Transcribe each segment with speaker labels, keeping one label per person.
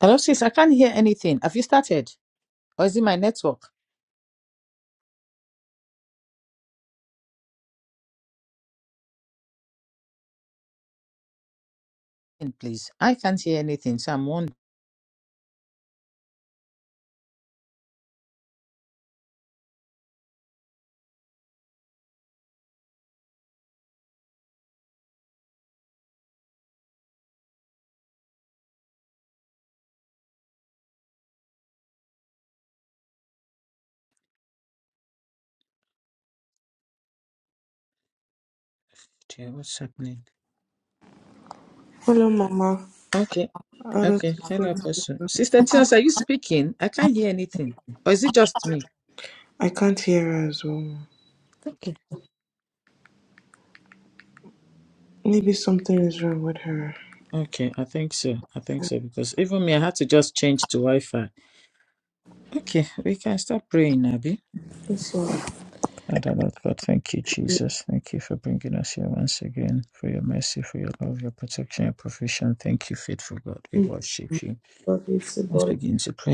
Speaker 1: Hello, sis. I can't hear anything. Have you started? Or is it my network? In, Please. I can't hear anything. So I'm wondering Okay, what's happening.
Speaker 2: Hello, Mama.
Speaker 1: Okay.
Speaker 2: Hello,
Speaker 1: Okay.
Speaker 2: sister.
Speaker 1: Hello, person. Sister Tina, are you speaking? I can't hear anything. Or is it just me?
Speaker 2: I can't hear her as well.
Speaker 1: Okay.
Speaker 2: Maybe something is wrong with her.
Speaker 1: Okay. I think so. I think so. Because even me, I had to just change to Wi Fi. Okay. We can start praying, Abby.
Speaker 2: So,
Speaker 1: Father, Lord God, thank you, Jesus. Thank you for bringing us here once again, for your mercy, for your love, your protection, your provision. Thank you, faithful God. We worship you.
Speaker 2: what is the
Speaker 1: Let's
Speaker 2: ball of
Speaker 1: begin to pray.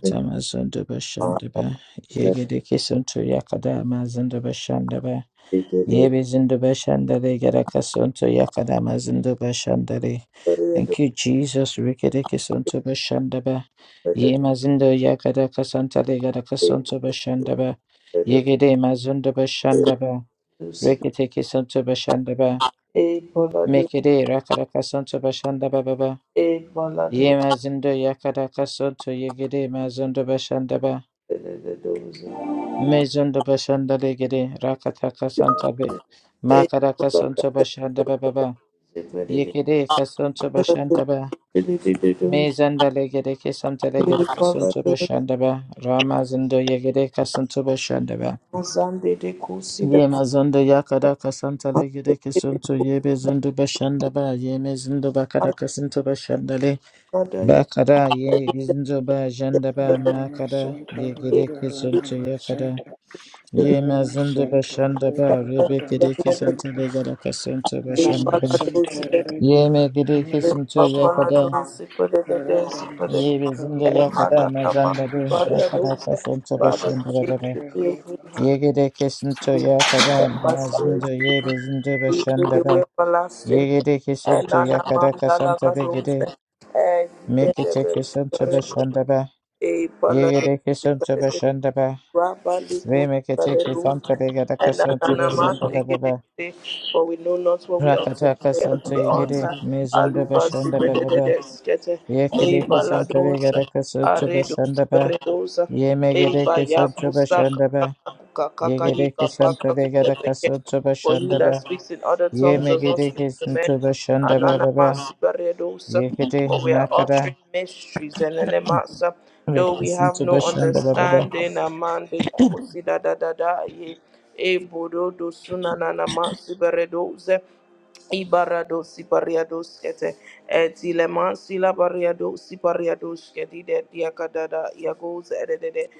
Speaker 2: the day
Speaker 1: Zundaba Shandaba.
Speaker 2: that
Speaker 1: Yegedeke Sunto Yakadama Zundaba Shandaba.
Speaker 2: we did it,
Speaker 1: Yebe Zundaba Shandare Garaka Sunto Yakadama Zundaba Shandare.
Speaker 2: but we do
Speaker 1: Thank you, Jesus. Rikedeke Sunto Bashandaba.
Speaker 2: better than
Speaker 1: Yema Zundo Yakadaka Santale Garaka Sunto Bashandaba.
Speaker 2: they did
Speaker 1: Yegede Mazunda Bashandaba.
Speaker 2: it.
Speaker 1: Reketeke Sunto Bashandaba.
Speaker 2: A polado,
Speaker 1: Mekede Rakaraka Sunto Bashandaba Baba.
Speaker 2: a polado,
Speaker 1: Ye mazindo yakaraka sonto yegere mazindo bashandaba.
Speaker 2: the doze,
Speaker 1: Mezondo bashanda legere rakataka santabe.
Speaker 2: a
Speaker 1: Makaraka
Speaker 2: polado,
Speaker 1: sonto bashandaba baba.
Speaker 2: but it is
Speaker 1: Yegere kasonto
Speaker 2: polado,
Speaker 1: bashandaba.
Speaker 2: the doze,
Speaker 1: Mezanda legere kesanta
Speaker 2: a
Speaker 1: legere kasonto
Speaker 2: polado,
Speaker 1: bashandaba. Ramazindo yegere kasonto bashandaba.
Speaker 2: Sunday, the cusida,
Speaker 1: Ye mazondo yakaraka santa legere kesonto yebe zindo bashandaba. Ye mezindo bakaraka sonto bashandale. Bakada ye gizinzo ba janda ba
Speaker 3: Radama
Speaker 1: makada
Speaker 3: Santa
Speaker 1: ye gire
Speaker 3: Leda
Speaker 1: ki santo
Speaker 3: Radama
Speaker 1: ya yakada
Speaker 3: Santa
Speaker 1: ye ma
Speaker 3: Radama
Speaker 1: zindo ba
Speaker 3: Santa
Speaker 1: shanda
Speaker 3: Leda
Speaker 1: ba rebe gire
Speaker 3: Radama
Speaker 1: gede
Speaker 2: the
Speaker 1: kisanta
Speaker 3: Santa
Speaker 1: legada kasanto ba shanda
Speaker 3: Lima
Speaker 1: ba
Speaker 3: Santa
Speaker 2: Ipaladosi,
Speaker 1: ye me
Speaker 3: Leda
Speaker 1: gire ki
Speaker 3: Radama
Speaker 1: santo ya
Speaker 3: Santa
Speaker 1: yakada
Speaker 2: Papaladosi, Padadesi,
Speaker 3: Radama
Speaker 1: ye
Speaker 3: Santa
Speaker 1: bezindo
Speaker 2: Padadesi,
Speaker 3: Leda
Speaker 1: ma
Speaker 2: Mandarama,
Speaker 1: zanda
Speaker 3: Radama
Speaker 1: de
Speaker 3: Santa
Speaker 1: bakada
Speaker 2: Variadosi,
Speaker 1: kasanto ba
Speaker 2: Father,
Speaker 3: Radama
Speaker 1: shanda ba
Speaker 2: create
Speaker 1: ba ba.
Speaker 3: Santa
Speaker 2: create me
Speaker 3: Leda
Speaker 1: ye
Speaker 2: heart,
Speaker 1: gire ki santo ya kisanto
Speaker 2: and my
Speaker 1: ma
Speaker 2: spirit,
Speaker 1: zindo ye bezindo ba
Speaker 2: create me
Speaker 1: shanda
Speaker 2: the way
Speaker 1: ba
Speaker 2: everlasting,
Speaker 1: ye gire ki
Speaker 2: and
Speaker 1: santo kisanto yakada
Speaker 2: Anamanda
Speaker 1: kasanta de
Speaker 2: Lagadosi, and
Speaker 1: te ki santo
Speaker 2: the
Speaker 1: ba
Speaker 2: best,
Speaker 1: shanda ba
Speaker 2: e bala
Speaker 1: Yegere kesuntu to
Speaker 2: de
Speaker 1: be.
Speaker 2: Rabali
Speaker 1: Remekete
Speaker 2: Kutsareruze,
Speaker 1: kesuntu begere
Speaker 2: and
Speaker 1: kesuntu
Speaker 2: Ananamas
Speaker 1: başında be be be.
Speaker 2: Egede, for we know not what we ought to
Speaker 1: Rakata
Speaker 2: pray at
Speaker 1: kesuntu
Speaker 2: the
Speaker 1: yegere
Speaker 2: altar.
Speaker 1: mezunda
Speaker 2: Alubas
Speaker 1: başında be be be.
Speaker 2: Bedeskete, E
Speaker 1: Yekere kesuntu
Speaker 2: Baladosa,
Speaker 1: begere kesuntu
Speaker 2: Aredos
Speaker 1: başında be.
Speaker 2: Beredosa, E
Speaker 1: Yemegere kesuntu
Speaker 2: Bayakusa
Speaker 1: başında be. Yegere
Speaker 2: Kakakakakayika
Speaker 1: kesuntu begere kesuntu
Speaker 2: Pakakukepeke.
Speaker 1: to
Speaker 2: For he that
Speaker 1: be.
Speaker 2: speaks in other tongues does not
Speaker 1: Yemegere
Speaker 2: speak to
Speaker 1: kesuntu
Speaker 2: men.
Speaker 1: başında be be be.
Speaker 2: Ananamas, Baredosa,
Speaker 1: Yekere
Speaker 2: For we are
Speaker 1: makara
Speaker 2: uttering mysteries. And Enemasa,
Speaker 1: ve
Speaker 2: though we have
Speaker 1: kesuntu
Speaker 2: no
Speaker 1: başında be be be.
Speaker 2: understanding, Aman de Kosi da da da da ye. E bodo do sunananamasi Baredosa. Ibarado sipariado skete etilema sila bariado sipariado skete de diakadada yagos edede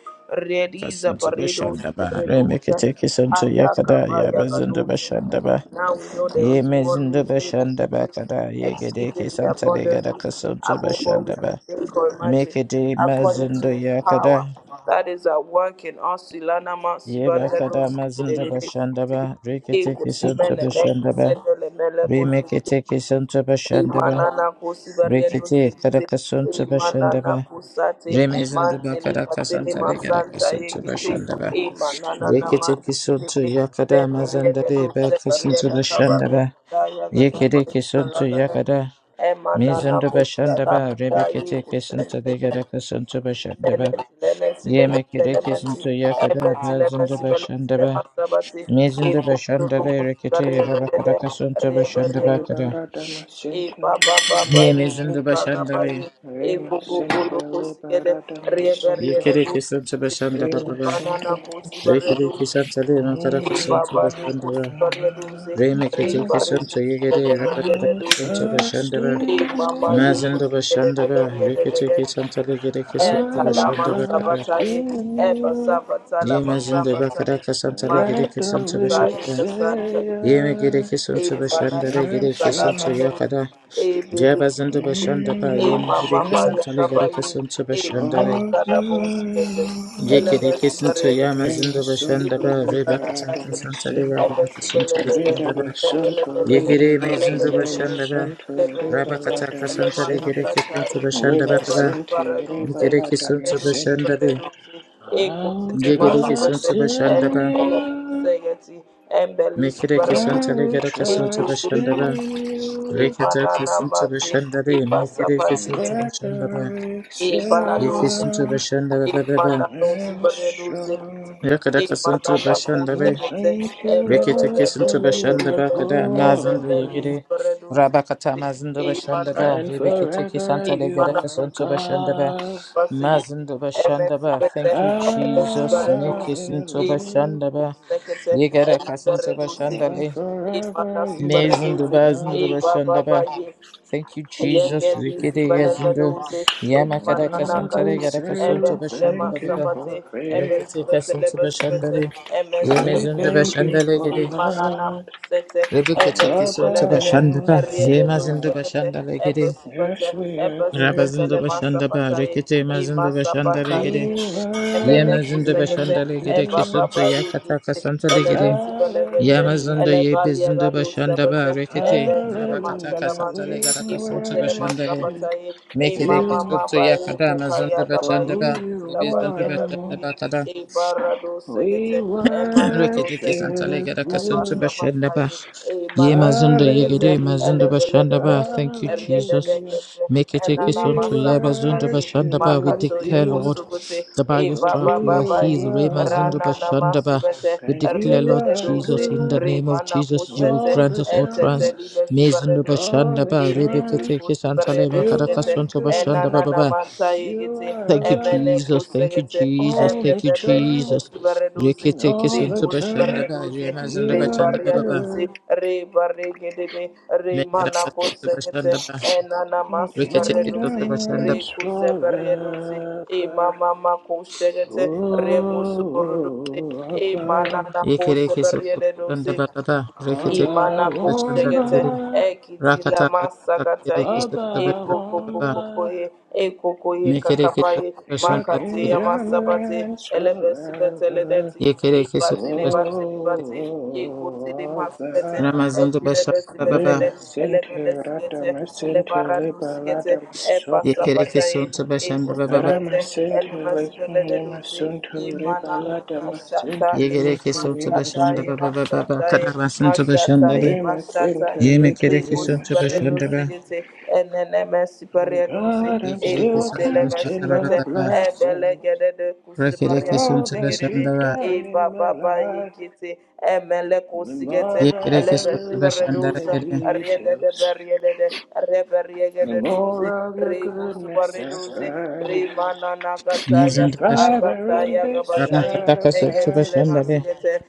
Speaker 2: rediza
Speaker 1: Kasinto
Speaker 2: paredo
Speaker 1: bashanda ba
Speaker 2: redoza
Speaker 1: remekete kisanto
Speaker 2: ayaka
Speaker 1: yakada ya bazinto
Speaker 2: bayagadoza.
Speaker 1: bashanda ba
Speaker 2: Now we know there
Speaker 1: ye
Speaker 2: is one who
Speaker 1: mezinto
Speaker 2: is able
Speaker 1: bashanda
Speaker 2: to
Speaker 1: ba
Speaker 2: do
Speaker 1: kada ye gede
Speaker 2: exceedingly
Speaker 1: kisanta de gada
Speaker 2: abundantly
Speaker 1: kasanto
Speaker 2: above all we
Speaker 1: bashanda
Speaker 2: can
Speaker 1: ba
Speaker 2: think or imagine,
Speaker 1: mekede
Speaker 2: according to
Speaker 1: mazinto
Speaker 2: his power
Speaker 1: yakada
Speaker 2: that is at work in us. Ilana ma
Speaker 1: ye
Speaker 2: sibariado
Speaker 1: bakada mazinto bashanda ba rekete
Speaker 2: Ikusi
Speaker 1: kisanto
Speaker 2: mene ne
Speaker 1: bashanda ba
Speaker 2: kusende le mele kusi
Speaker 1: remekete kisanto bashanda ba
Speaker 2: Manana Kusibario
Speaker 1: rekete kada
Speaker 2: Sikte, E
Speaker 1: kasanto bashanda
Speaker 2: Manana
Speaker 1: ba
Speaker 2: Kusate,
Speaker 1: remezinto
Speaker 2: Mantele
Speaker 1: bakada
Speaker 2: Katele
Speaker 1: kasanta de gada
Speaker 2: Masanta
Speaker 1: kasanto
Speaker 2: Ekite,
Speaker 1: bashanda
Speaker 2: E Manana
Speaker 1: Yekete kisonto
Speaker 2: Mantele,
Speaker 1: yakada
Speaker 2: Rebelia Bedu
Speaker 1: mazandare ba
Speaker 2: Sebaria
Speaker 1: kasonto
Speaker 2: Kabaria
Speaker 1: bashandaba.
Speaker 2: Daya
Speaker 1: Yekede
Speaker 2: Gadabaya
Speaker 1: kisonto
Speaker 2: Kalagada,
Speaker 1: yakada
Speaker 2: Emanana
Speaker 1: mezonto
Speaker 2: Kusala
Speaker 1: bashandaba.
Speaker 2: Daya
Speaker 1: Rebekete kisonto
Speaker 2: Kusente
Speaker 1: degada kasonto bashandaba. Yemekede kisonto yakada bazonto bashandaba. Mezonto bashandare rekete rabakada kasonto bashandaba
Speaker 3: Leda
Speaker 1: kada.
Speaker 3: Radama
Speaker 2: e
Speaker 3: Santa
Speaker 2: baba baba
Speaker 1: Ye
Speaker 3: Leda
Speaker 2: yu
Speaker 1: mezonto
Speaker 2: kuka
Speaker 3: Santa
Speaker 2: gaba
Speaker 1: bashandale.
Speaker 2: yu e
Speaker 3: Rima
Speaker 2: gogo bolo
Speaker 3: Santa
Speaker 2: kosi
Speaker 3: Leda
Speaker 2: gede
Speaker 3: Radama
Speaker 2: riebe
Speaker 3: Santa
Speaker 2: riebe
Speaker 1: Yekede
Speaker 2: dosi
Speaker 1: kisonto
Speaker 2: kiti e
Speaker 1: bashandaba
Speaker 3: Rima
Speaker 1: baba.
Speaker 2: banana
Speaker 3: Santa
Speaker 2: kosi bare
Speaker 1: Rekede
Speaker 2: dosi
Speaker 1: kisonto
Speaker 2: kiti
Speaker 1: le makada
Speaker 2: e
Speaker 1: kasonto
Speaker 2: baba de
Speaker 1: bashandaba.
Speaker 2: kosi bare dosi re
Speaker 1: Remekete
Speaker 3: Oh,
Speaker 2: bare
Speaker 1: kesun toye
Speaker 2: kosi
Speaker 3: I
Speaker 1: gere
Speaker 2: gede
Speaker 1: rakata
Speaker 2: riebe
Speaker 3: will
Speaker 2: dosi
Speaker 1: kesun ba
Speaker 2: kiti
Speaker 3: trust
Speaker 1: shandaba
Speaker 3: in
Speaker 2: e mama ye
Speaker 3: you.
Speaker 1: mazindo
Speaker 2: kosi gede
Speaker 1: bashanda
Speaker 2: gede
Speaker 1: ba shandaba
Speaker 2: riebe
Speaker 1: rekete
Speaker 2: gede
Speaker 1: kesun tale gere
Speaker 3: I
Speaker 1: kesun
Speaker 2: e
Speaker 1: toba
Speaker 3: will
Speaker 2: talama
Speaker 1: shandaba kara
Speaker 3: trust
Speaker 2: sabataye
Speaker 3: in
Speaker 2: e
Speaker 3: you.
Speaker 2: basabata
Speaker 1: ye
Speaker 2: lama
Speaker 1: mazindo ba kada
Speaker 2: sabataye
Speaker 1: kesun
Speaker 3: and
Speaker 1: tale gere
Speaker 3: Let the
Speaker 2: mantala
Speaker 1: kesun toba
Speaker 3: weak
Speaker 2: mataye
Speaker 1: shandaba
Speaker 2: kasanta
Speaker 3: say
Speaker 1: ye me gere kesun
Speaker 2: e
Speaker 1: toba
Speaker 2: banana
Speaker 1: shandaba
Speaker 3: I am
Speaker 1: gere
Speaker 2: kusala
Speaker 1: kesun
Speaker 2: na
Speaker 3: strong
Speaker 1: toya
Speaker 2: dozi
Speaker 1: kara
Speaker 2: e
Speaker 1: ye
Speaker 2: baby,
Speaker 1: mazindo ba shandaba
Speaker 2: e
Speaker 1: ye
Speaker 3: in
Speaker 1: me
Speaker 3: the
Speaker 2: mama
Speaker 1: gere kesun
Speaker 2: maya
Speaker 3: strength
Speaker 1: tale gere
Speaker 2: kabayi
Speaker 1: kesun toba
Speaker 2: e
Speaker 1: shandare
Speaker 2: ayika
Speaker 3: of
Speaker 2: na
Speaker 3: my
Speaker 2: bonsikete
Speaker 1: ye
Speaker 3: Lord.
Speaker 1: gere
Speaker 2: elemesi
Speaker 1: kesun toya
Speaker 3: Rema
Speaker 1: mazindo bashanda
Speaker 3: sunto
Speaker 1: ba shandaba re bakata
Speaker 3: liberata me
Speaker 1: kesun tale
Speaker 3: sinto.
Speaker 1: gere kesun toba
Speaker 3: Reda me
Speaker 1: shandaba
Speaker 3: sunto
Speaker 1: ye gere
Speaker 3: liberate
Speaker 1: mazindo ba
Speaker 3: me me
Speaker 1: shandaba
Speaker 3: sunto liberata
Speaker 1: Rabakataka
Speaker 3: me
Speaker 1: Santare
Speaker 3: sinto.
Speaker 1: Gereki Santo Bashanda
Speaker 3: Lema
Speaker 1: Baba
Speaker 3: sente
Speaker 1: Gereki
Speaker 3: liberata me
Speaker 1: Santo
Speaker 3: sinto.
Speaker 1: Bashanda
Speaker 3: I'll
Speaker 1: Be Gereki
Speaker 3: trust
Speaker 1: Santo Bashanda
Speaker 3: in
Speaker 1: Ba
Speaker 3: you.
Speaker 1: Mekereki
Speaker 3: I
Speaker 1: Santale
Speaker 3: will
Speaker 1: Gereka Santo
Speaker 3: trust
Speaker 1: Bashanda
Speaker 3: in
Speaker 1: Ba
Speaker 3: you.
Speaker 1: Lekataka
Speaker 2: Ibanana
Speaker 1: Santo
Speaker 2: mate,
Speaker 1: Bashanda Be Mekereki
Speaker 2: ibasapati
Speaker 3: And
Speaker 1: Santo
Speaker 3: Let
Speaker 2: limiti,
Speaker 3: the
Speaker 1: Bashanda Ba
Speaker 3: weak say
Speaker 2: e balado
Speaker 1: Yeki Santo
Speaker 2: sekete
Speaker 3: I
Speaker 1: Bashanda
Speaker 2: e
Speaker 1: Baba Baba
Speaker 2: manano
Speaker 3: am
Speaker 2: sibaledo sekete
Speaker 3: strong.
Speaker 2: e
Speaker 1: Yakadaka Santo
Speaker 2: manana ko
Speaker 1: Bashanda
Speaker 3: Oh,
Speaker 1: Be
Speaker 3: thank
Speaker 2: e
Speaker 3: you,
Speaker 2: be be be
Speaker 1: Reketeki
Speaker 3: Lord,
Speaker 2: be
Speaker 1: Santo
Speaker 3: for
Speaker 2: be
Speaker 3: you
Speaker 2: be
Speaker 1: Bashanda
Speaker 2: be
Speaker 3: are
Speaker 1: Ba
Speaker 2: be
Speaker 1: Kada
Speaker 2: e be
Speaker 1: Mazunda
Speaker 2: be li
Speaker 3: holy.
Speaker 1: Yegere
Speaker 2: sibaledo
Speaker 1: Rabakata
Speaker 2: sekete
Speaker 1: Mazunda
Speaker 2: e
Speaker 1: Bashanda
Speaker 2: manano
Speaker 1: Ba
Speaker 3: And
Speaker 1: Rebeketeki
Speaker 3: forever
Speaker 2: sekete e
Speaker 1: Santale
Speaker 3: you
Speaker 1: Gereka
Speaker 2: manano
Speaker 3: are
Speaker 1: Santo
Speaker 2: sekete
Speaker 1: Bashanda Ba
Speaker 3: God.
Speaker 2: e ba
Speaker 1: Mazanda
Speaker 2: e me
Speaker 1: Bashandaba,
Speaker 2: sibete
Speaker 1: thank you,
Speaker 2: e be
Speaker 3: Hallelujah.
Speaker 1: Jesus.
Speaker 2: sibaledo
Speaker 1: Make
Speaker 2: sekete
Speaker 1: it into
Speaker 2: e
Speaker 1: Bashandaba.
Speaker 2: me
Speaker 1: Yegara
Speaker 2: e
Speaker 1: Kasanto
Speaker 2: sibaledo sekete
Speaker 3: And
Speaker 1: Bashandale.
Speaker 2: e
Speaker 3: forever you
Speaker 2: manasubaredo
Speaker 1: Mazanda
Speaker 3: are
Speaker 2: sekete
Speaker 1: Bazanda
Speaker 3: God.
Speaker 2: e ba ba ba
Speaker 1: Bashandaba.
Speaker 2: ye
Speaker 1: Thank you,
Speaker 2: Yeke
Speaker 1: Jesus.
Speaker 2: bisi
Speaker 1: Rikede
Speaker 2: belege
Speaker 1: Yazanda.
Speaker 2: dose,
Speaker 1: Yamakara
Speaker 2: ekmanana
Speaker 3: Lord, we
Speaker 1: Kasantare
Speaker 2: kate,
Speaker 1: Gara
Speaker 3: say
Speaker 1: Kasanto
Speaker 3: we
Speaker 2: ebetile
Speaker 3: thank
Speaker 1: Bashandaba.
Speaker 3: you
Speaker 1: Baba.
Speaker 2: masapate,
Speaker 3: for favor.
Speaker 1: Rikete
Speaker 2: ebesibete
Speaker 1: Kasanto
Speaker 2: lebesibete,
Speaker 1: Bashandale.
Speaker 3: We
Speaker 2: emesibelege
Speaker 1: Yemazanda
Speaker 3: thank
Speaker 2: dose,
Speaker 3: you
Speaker 1: Bashandale
Speaker 3: for
Speaker 1: Gede.
Speaker 2: imanana
Speaker 3: love.
Speaker 2: musete,
Speaker 1: Rebekete Kisanto
Speaker 3: Abba,
Speaker 2: ebesibelede,
Speaker 1: Bashandaba.
Speaker 2: eriede dose
Speaker 1: Yemazanda
Speaker 3: Abba,
Speaker 2: kete,
Speaker 1: Bashandale Gede.
Speaker 2: ebesibete,
Speaker 3: Yes, we are
Speaker 2: ebesibete
Speaker 1: Rabazanda
Speaker 2: le
Speaker 3: grateful.
Speaker 1: Bashandaba.
Speaker 2: masapataye,
Speaker 1: Rikete Mazanda Bashandale Gede.
Speaker 2: imasapataye,
Speaker 3: We
Speaker 1: Yemazinda
Speaker 2: Emenecusekete,
Speaker 3: worship
Speaker 1: bashanda legere
Speaker 3: you.
Speaker 1: kesunto
Speaker 2: Ebaba
Speaker 1: yakata
Speaker 2: Yukite,
Speaker 1: kasanta legere.
Speaker 2: Elemesipelegete,
Speaker 1: Yamazunda
Speaker 3: Hallelujah.
Speaker 1: ye bizinda
Speaker 2: Elevaliagado
Speaker 1: bashanda ba
Speaker 2: Sebete,
Speaker 1: rekete.
Speaker 2: Ebetileman
Speaker 1: Rabakata
Speaker 3: Hallelujah.
Speaker 1: kasanta
Speaker 2: Telemante,
Speaker 3: We
Speaker 1: legara kasunto
Speaker 2: Ikuteleman
Speaker 1: bashanda le.
Speaker 3: worship
Speaker 2: Sabataye,
Speaker 1: Mekere
Speaker 2: Imama
Speaker 3: you
Speaker 1: kesunto
Speaker 2: Mabaye,
Speaker 1: yakada mazunda
Speaker 3: for
Speaker 1: bashanda
Speaker 2: Kukayagabaye,
Speaker 1: ba.
Speaker 3: who you
Speaker 1: Rebizinda
Speaker 3: are.
Speaker 1: bashanda
Speaker 2: Kikabagiagaguye,
Speaker 1: ba kada.
Speaker 2: Ibarado Segete,
Speaker 3: We
Speaker 2: Emanano
Speaker 1: Rekete kesanta
Speaker 2: Sekete,
Speaker 3: worship
Speaker 1: legara
Speaker 2: Eba
Speaker 1: kasunto
Speaker 3: you.
Speaker 1: bashanda ba.
Speaker 2: Sabataye,
Speaker 1: Ye
Speaker 2: Imanapu
Speaker 1: mazunda
Speaker 2: Segete,
Speaker 1: yegede mazunda
Speaker 3: Hallelujah,
Speaker 1: bashanda
Speaker 2: Elevelede,
Speaker 1: ba. Thank you, Jesus.
Speaker 3: hallelujah.
Speaker 2: Eriedekete,
Speaker 1: Make it take us
Speaker 2: enana
Speaker 3: We
Speaker 1: unto ye
Speaker 2: masapata
Speaker 1: mazunda
Speaker 2: ye
Speaker 1: bashanda ba. We
Speaker 3: worship
Speaker 2: makato ye
Speaker 1: declare,
Speaker 3: you
Speaker 1: Lord,
Speaker 2: busukute
Speaker 1: that by
Speaker 2: e
Speaker 1: your
Speaker 3: for
Speaker 1: strap
Speaker 2: baba
Speaker 3: who
Speaker 1: we are
Speaker 2: baba
Speaker 3: you
Speaker 2: ye
Speaker 1: healed. Re
Speaker 3: are,
Speaker 1: mazunda
Speaker 2: rana
Speaker 1: bashanda ba.
Speaker 2: namasibete
Speaker 1: We
Speaker 3: and
Speaker 1: declare,
Speaker 3: you
Speaker 2: rede
Speaker 1: Lord
Speaker 2: de
Speaker 3: are
Speaker 2: doze
Speaker 1: Jesus, in the
Speaker 3: good
Speaker 1: name of
Speaker 2: remana
Speaker 1: Jesus, you will
Speaker 2: kusete
Speaker 3: all
Speaker 1: grant
Speaker 3: the
Speaker 1: us
Speaker 2: etete
Speaker 3: time,
Speaker 1: utterance.
Speaker 2: libe
Speaker 1: Mazunda
Speaker 2: sibaredoze
Speaker 3: all
Speaker 1: bashanda
Speaker 3: the
Speaker 2: e
Speaker 1: ba.
Speaker 2: bebe
Speaker 1: Rebeke
Speaker 3: time.
Speaker 1: take us antale
Speaker 3: You
Speaker 1: makaraka
Speaker 2: kusibaredeskete
Speaker 3: are
Speaker 1: sunto bashanda
Speaker 2: enana
Speaker 1: ba
Speaker 3: good,
Speaker 1: ba ba.
Speaker 2: namanta ye
Speaker 3: you
Speaker 2: gete
Speaker 3: are a
Speaker 1: Thank you,
Speaker 2: emene
Speaker 3: light
Speaker 1: Jesus. Thank you,
Speaker 2: kusegete
Speaker 1: Jesus.
Speaker 3: all the
Speaker 1: Thank you,
Speaker 3: time,
Speaker 2: Ebebebelike
Speaker 1: Jesus.
Speaker 2: sibareduzi,
Speaker 1: Reke take us
Speaker 3: all the
Speaker 1: unto
Speaker 2: ribu
Speaker 3: time.
Speaker 1: bashanda ba.
Speaker 2: sibareduzi,
Speaker 1: Re mazunda
Speaker 3: You are
Speaker 1: bashanda ba ba ba.
Speaker 2: ribariaduzi,
Speaker 3: good,
Speaker 2: ribarigedede,
Speaker 1: Mekaraka sotu
Speaker 2: rimanakosekete,
Speaker 1: bashanda ba
Speaker 2: enanama
Speaker 3: the
Speaker 1: reketeke sotu
Speaker 2: sibareduzi,
Speaker 3: kingdom
Speaker 1: bashanda ba
Speaker 3: reigns
Speaker 2: rikuzebereduzi,
Speaker 3: forever.
Speaker 2: imamamakoshekete, ribu
Speaker 3: Oh,
Speaker 2: suburuduzi,
Speaker 3: Abba,
Speaker 1: yekereke sotu bashanda
Speaker 2: imananakosebereduzi,
Speaker 1: ba baba reketeke
Speaker 2: imana
Speaker 3: Abba,
Speaker 1: sotu
Speaker 2: ko
Speaker 1: bashanda
Speaker 2: shegete
Speaker 1: tigiri
Speaker 3: Wanda,
Speaker 2: ekiti la
Speaker 1: rakata kata
Speaker 2: masakata
Speaker 1: kereke
Speaker 2: ye
Speaker 1: sotu
Speaker 3: Abba,
Speaker 2: eko
Speaker 1: bashanda ba
Speaker 2: koko
Speaker 1: baba
Speaker 2: koko
Speaker 3: Wanda,
Speaker 2: ye ekoko ye
Speaker 1: mekereke
Speaker 2: kakapa
Speaker 1: sotu
Speaker 2: ye
Speaker 3: your
Speaker 1: bashanda
Speaker 2: makate
Speaker 1: tigiri
Speaker 2: ya
Speaker 3: kingdom
Speaker 2: masabate
Speaker 3: reigns
Speaker 2: elebesibeteledet
Speaker 3: forever.
Speaker 1: yekereke sotu bashanda
Speaker 2: ibatelebatelebate ekotele
Speaker 3: Oh,
Speaker 2: masibete
Speaker 3: Abba,
Speaker 1: ramazondu bashanda ba baba
Speaker 2: ekilebesibetele
Speaker 3: Lima Sinti,
Speaker 2: elebelesigete
Speaker 3: Radama Sinti, Liba
Speaker 2: elebaradusigete
Speaker 3: Ladama Suntu,
Speaker 1: yekereke
Speaker 2: epasabata ye
Speaker 1: sotu bashanda
Speaker 2: eko
Speaker 1: ba baba
Speaker 3: Rama
Speaker 2: sepete
Speaker 3: Sinti,
Speaker 2: elemesi bele
Speaker 3: Likum Lima
Speaker 2: elemesibelededusi
Speaker 3: Suntu, Riba
Speaker 2: Imanana
Speaker 3: Ladama Sinti,
Speaker 2: Masataye,
Speaker 1: yegereke
Speaker 3: Likum
Speaker 1: sotu
Speaker 3: Lima
Speaker 1: bashanda
Speaker 2: Masataye,
Speaker 1: ba
Speaker 3: Suntu.
Speaker 1: baba baba
Speaker 2: Masataye,
Speaker 1: kadaba sotu bashanda le
Speaker 2: Masataye,
Speaker 3: Be my
Speaker 2: Masataye,
Speaker 3: Center, licking
Speaker 1: yemekereke
Speaker 2: Rico
Speaker 3: me, my
Speaker 1: sotu
Speaker 2: Siberedo
Speaker 1: bashanda
Speaker 3: center.
Speaker 1: ba
Speaker 2: Sigete, NNMS
Speaker 3: Oh
Speaker 2: Siberedosi,
Speaker 3: God, I'm
Speaker 1: yekereke
Speaker 2: Eco
Speaker 3: still
Speaker 1: sotu
Speaker 2: Telemes
Speaker 3: counting
Speaker 1: bashanda ba
Speaker 3: my
Speaker 2: Sibete,
Speaker 1: baba
Speaker 3: blessings
Speaker 2: Ebelegede de
Speaker 3: for
Speaker 1: Rekereke
Speaker 2: Cusibariago
Speaker 3: all
Speaker 1: suntuda
Speaker 3: that you've
Speaker 2: Sigede,
Speaker 1: shandava.
Speaker 3: done
Speaker 2: Eba
Speaker 3: in my
Speaker 2: Baba
Speaker 3: life.
Speaker 2: Yikiti, Emeleco
Speaker 3: The more
Speaker 2: Sigete,
Speaker 3: that
Speaker 1: Yekereke
Speaker 3: I
Speaker 2: Eleve
Speaker 3: look
Speaker 1: suntuda
Speaker 3: in
Speaker 1: shandara
Speaker 3: the
Speaker 2: Siberedosa,
Speaker 1: gere.
Speaker 2: Ariede de
Speaker 3: details,
Speaker 2: Berriede, Reberiege
Speaker 3: the
Speaker 2: de Dosi.
Speaker 3: more of your
Speaker 2: Rebo
Speaker 3: goodness I
Speaker 2: Subaredose,
Speaker 3: find.
Speaker 2: Remana Nagataya,
Speaker 3: And
Speaker 1: Mizuntuda
Speaker 3: Father, on
Speaker 2: Agataya
Speaker 3: this
Speaker 1: shandana
Speaker 2: Gabataya,
Speaker 3: side of
Speaker 1: kataka suntuda
Speaker 2: Egetile
Speaker 3: heaven,
Speaker 1: shandave.
Speaker 2: Masigete,